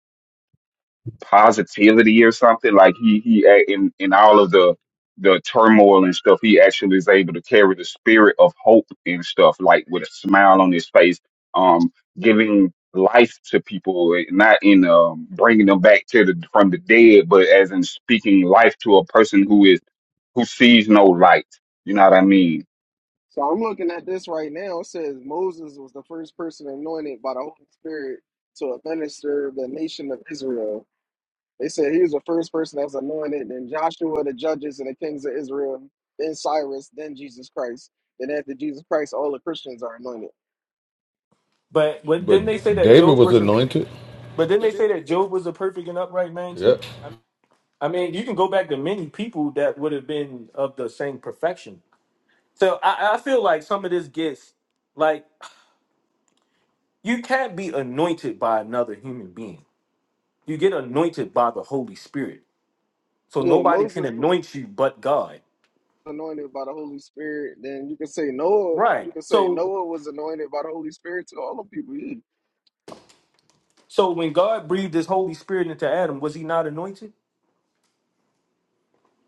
positivity or something. Like he he a- in in all of the the turmoil and stuff, he actually is able to carry the spirit of hope and stuff, like with a smile on his face, um, giving life to people, eh, not in um bringing them back to the from the dead, but as in speaking life to a person who is who sees no light. You know what I mean? So I'm looking at this right now. It says Moses was the first person anointed by the Holy Spirit to administer the nation of Israel. They said he was the first person that was anointed, then Joshua, the judges, and the kings of Israel, then Cyrus, then Jesus Christ. Then after Jesus Christ, all the Christians are anointed. But but then they say but that david Job was was a anointed but then they say that Job was a perfect and upright man too. yep I mean, you can go back to many people that would have been of the same perfection. So I, I feel like some of this gets like you can't be anointed by another human being. You get anointed by the Holy Spirit. So Yeah, nobody can Moses. anoint you but God. anointed by the Holy Spirit, then you can say Noah. You Right. can say So Noah was anointed by the Holy Spirit to all the people. Yeah. so when God breathed his Holy Spirit into Adam, was he not anointed?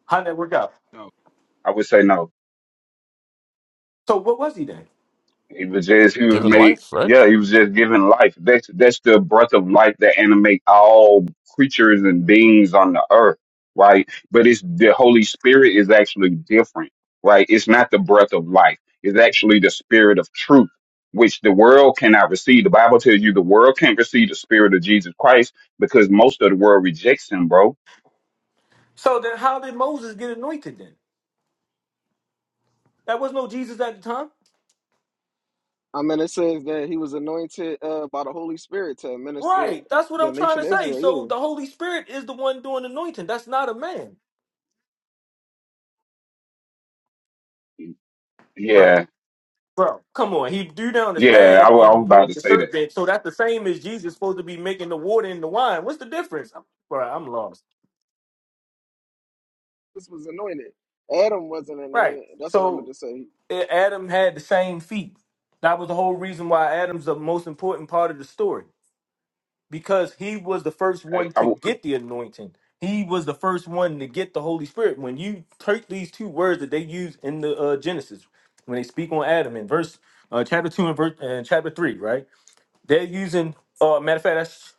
How did that work out? No. I would say no. So what was he then? He was just he was given made life, right? yeah, he was just given life. That's that's the breath of life that animate all creatures and beings on the earth, right? But it's the Holy Spirit is actually different, right? It's not the breath of life. It's actually the spirit of truth, which the world cannot receive. The Bible tells you the world can't receive the spirit of Jesus Christ because most of the world rejects him, bro. So then how did Moses get anointed then? That was no Jesus at the time. I mean, it says that he was anointed uh, by the Holy Spirit to administer Right. That's what the I'm trying to nation of say. Israel. So Yeah, the Holy Spirit is the one doing anointing. That's not a man. Bro. Yeah, Bro. Come on. He drew down the yeah, staff I, wa- I was and about made to the say that. serpent. So that's the same as Jesus supposed to be making the water and the wine. What's the difference? I'm- Bro, I'm lost. this was anointed. Adam wasn't Right. anointed. That's what I meant So to say. eh, Adam had the same feet. That was the whole reason why Adam's the most important part of the story. because he was the first I, one I, to wa- get the anointing. He was the first one to get the Holy Spirit. When you take these two words that they use in the uh, Genesis, when they speak on Adam in verse uh, chapter two and verse and chapter three, right? They're using. Uh, matter of fact, that's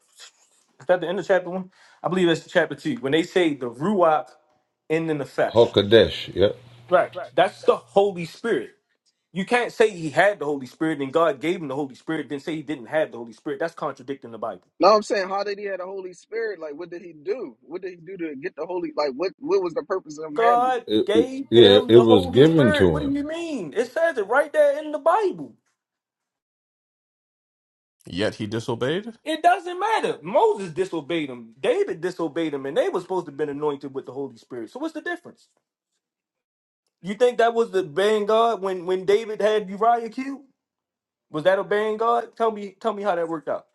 is that the end of chapter one. I believe that's chapter two. When they say the ruach and the nefesh, hokadesh yep right? That's the Holy Spirit. You can't say he had the Holy Spirit and God gave him the Holy Spirit, then say he didn't have the Holy Spirit. That's contradicting the Bible. No, I'm saying, how did he have the Holy Spirit? Like, what did he do? What did he do to get the Holy? Like, what what was the purpose of him having it? God it, it- gave yeah him it the was Holy given Spirit. What to do you him mean? It says it right there in the Bible. Yet he disobeyed. It doesn't matter. Moses disobeyed him. David disobeyed him, and they were supposed to have been anointed with the Holy Spirit. So what's the difference? You think that was the obeying God when when David had Uriah killed? Was that obeying God? Tell me, tell me how that worked out.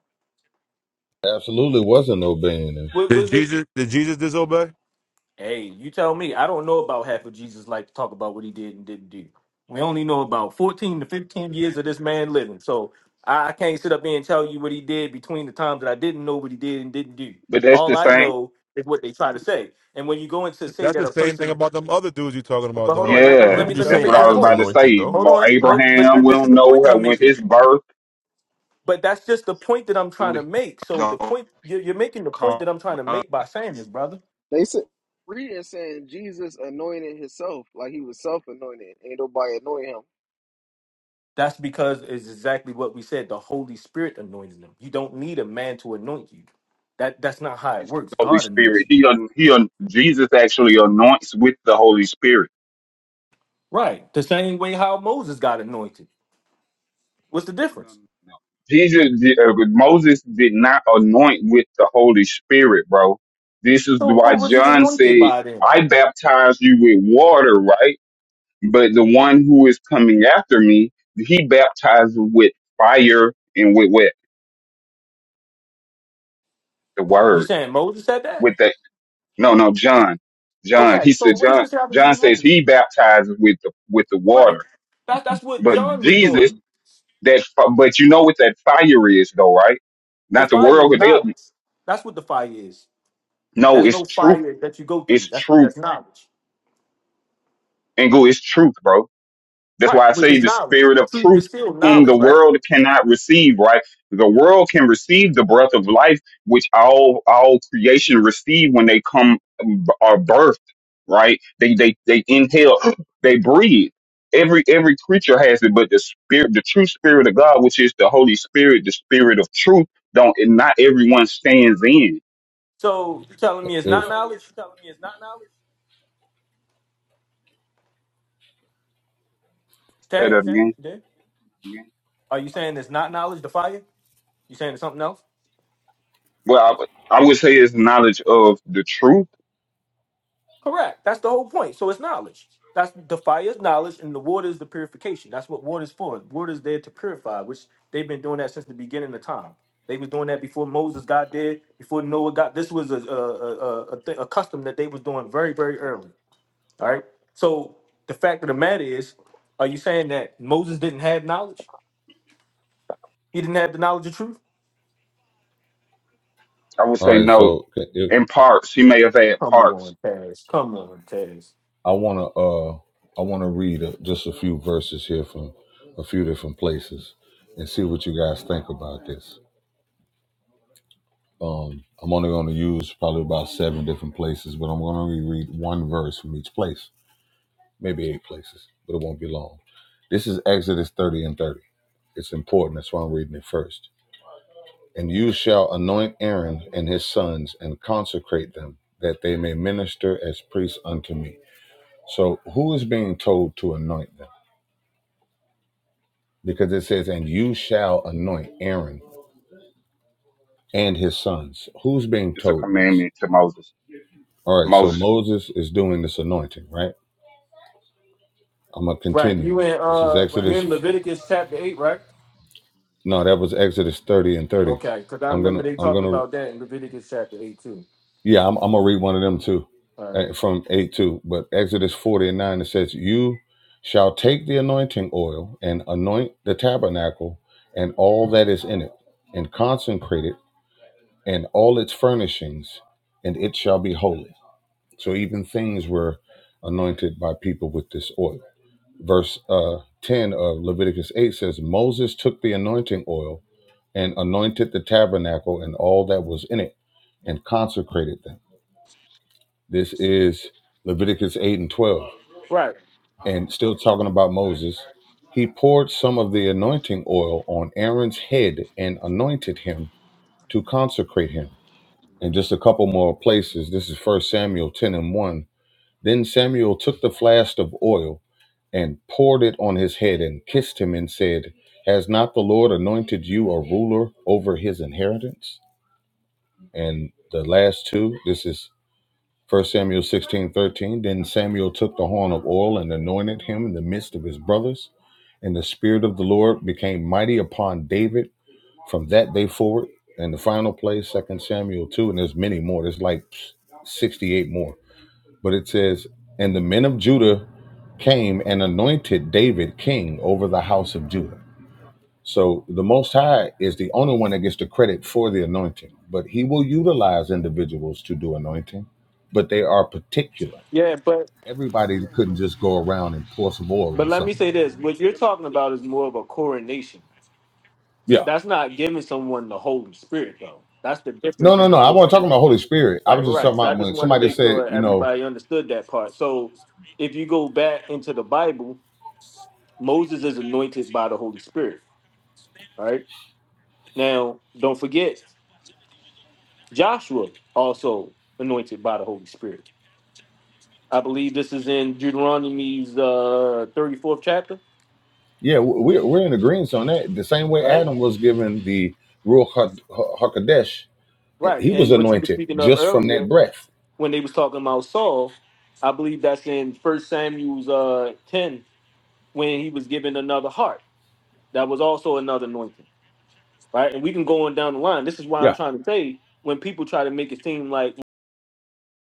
absolutely wasn't obeying him Wa- Did Was, it? Jesus did Jesus disobey? Hey, you tell me. I don't know about half of Jesus life. to talk about what he did and didn't do. We only know about 14 to 15 years of this man living. So I I can't sit up here and tell you what he did between the times that I didn't know what he did and didn't do. but that's the All I same. know is what they try to say. And when you go into say That's that the a same thing person, about them other dudes you talking about but hold though. on, You let, let, know me- Yeah, let What Yeah, but me you you're let say? me that's saying make what I this was Adam's point. about to anointed say. Hold Mo- on, hold, but Abraham, th- we this is don't the point know that how I'm when making. his birth But that's just the point that I'm trying to only make. So the the point you're, you're making the point come that I'm trying to by make by saying this, brother. They said reading saying Jesus anointed himself, like he was self anointed. Ain't nobody anointed him. That's because it's exactly what we said. The Holy Spirit anoints them. You don't need a man to anoint you. That that's not how it his works. Holy God anoints Spirit. you. He un- he un- Jesus actually anoints with the Holy Spirit. Right. The same way how Moses got anointed. What's the No, no, difference? no. Jesus di- uh, Moses did not anoint with the Holy Spirit, bro. This is So why what was he John anointed said, by then? "I baptize you with water, right? But the one who is coming after me, he baptizes with fire and with what the You word." saying Moses said that? with the no no John John Okay, he so said what does John this have to do John with says Moses? he baptizes with the with the Right. water That, that's what but John was Jesus doing. that fi- but you know what that fire is though right The not the fire is world but they knowledge. That's what the fire is. no There's it's no truth fire that you go through. it's That's that's truth knowledge. and go it's truth bro That's why Right, I which say is the knowledge. spirit of Truth truth, is still whom knowledge, the right? world cannot receive, right? The world can receive the breath of life, which all all creation receive when they come um, are birthed, right? They they they inhale, they breathe. Every every creature has it, but the spirit, the true spirit of God, which is the Holy Spirit, the spirit of truth, don't and not everyone stands in. So you telling me it's if not knowledge? Say that Taz, again. then are you saying it's not knowledge? The fire? You saying it's something else? Well, I, would- I would say it's knowledge of the truth. Correct. That's the whole point. So it's knowledge. That's the fire is knowledge, and the water is the purification. That's what water is for. Water is there to purify, which they've been doing that since the beginning of time. They was doing that before Moses got there, before Noah got. This was a a a, a, thi- a custom that they was doing very very early. All right. So the fact of the matter is, are you saying that Moses didn't have knowledge? He didn't have the knowledge of truth. I all would say right no so in parts. He may have had Come parts on, Taz. Come on, Taz. I want to uh I want to read a, just a few verses here from a few different places and see what you guys think about this. Um, I'm only going to use probably about seven different places, but I'm going to read one verse from each place, maybe eight places, but it won't be long. This is Exodus 30 and 30. It's important. That's why I'm reading it first. And you shall anoint Aaron and his sons and consecrate them, that they may minister as priests unto me. So, who is being told to anoint them? because it says, "And you shall anoint Aaron and his sons." Who's being It's a told this? commandment to Moses. All right, so Moses Moses is doing this anointing, right? I'm gonna Right, you continue. in This is uh you Exodus. in Leviticus chapter eight, right? No, that was Exodus 30 and 30. Okay, because I I'm remember gonna, they I'm talked gonna, about that in Leviticus chapter eight too. yeah, I'm, I'm gonna read one of them too, All right. uh, from eight two. But Exodus 40 and nine it says, "You shall take the anointing oil and anoint the tabernacle and all that is in it, and consecrate it and all its furnishings, and it shall be holy." So even things were anointed by people with this oil. Verse uh, 10 of Leviticus 8 says, Moses took the anointing oil and anointed the tabernacle and all that was in it and consecrated them. This is Leviticus 8 and 12. Right. And still talking about Moses, he poured some of the anointing oil on Aaron's head and anointed him to consecrate him. And just a couple more places. This is First Samuel 10 and 1 Then Samuel took the flask of oil and poured it on his head and kissed him and said, Has not the Lord anointed you a ruler over his inheritance? And the last two, this is 1 Samuel 16:13. Then Samuel took the horn of oil and anointed him in the midst of his brothers. And the Spirit of the Lord became mighty upon David from that day forward. And the final place, 2 Samuel 2, and there's many more. There's like 68 more. But it says, And the men of Judah came and anointed David king over the house of Judah. So the Most High is the only one that gets the credit for the anointing, but he will utilize individuals to do anointing, but they are particular. Yeah, but Everybody couldn't just go around and pour some oil but on let me something. say this. What you're talking about is more of a coronation. Yeah. That's not giving someone the Holy Spirit though. That's the No, difference in no, no. what I we're wasn't saying. talking about Holy Spirit. I Right, was just talking right. So I about just when wanted to somebody make said, sure you know, everybody understood that part. So if you go back into the Bible, Moses is anointed by the Holy Spirit. All right. Now, don't forget. Joshua also anointed by the Holy Spirit. I believe this is in Deuteronomy's uh, 34th chapter, yeah, we're, we're in agreement on that. The same way right? Adam was given the Ruach Ha- Ha- HaKodesh, and Right. he was And what you were anointed speaking of just from that earlier breath. when they was talking about Saul, I believe that's in First Samuel's uh, 10 when he was given another heart. That was also another anointing, right? And we can go on down the line. This is why Yeah. I'm trying to say when people try to make it seem like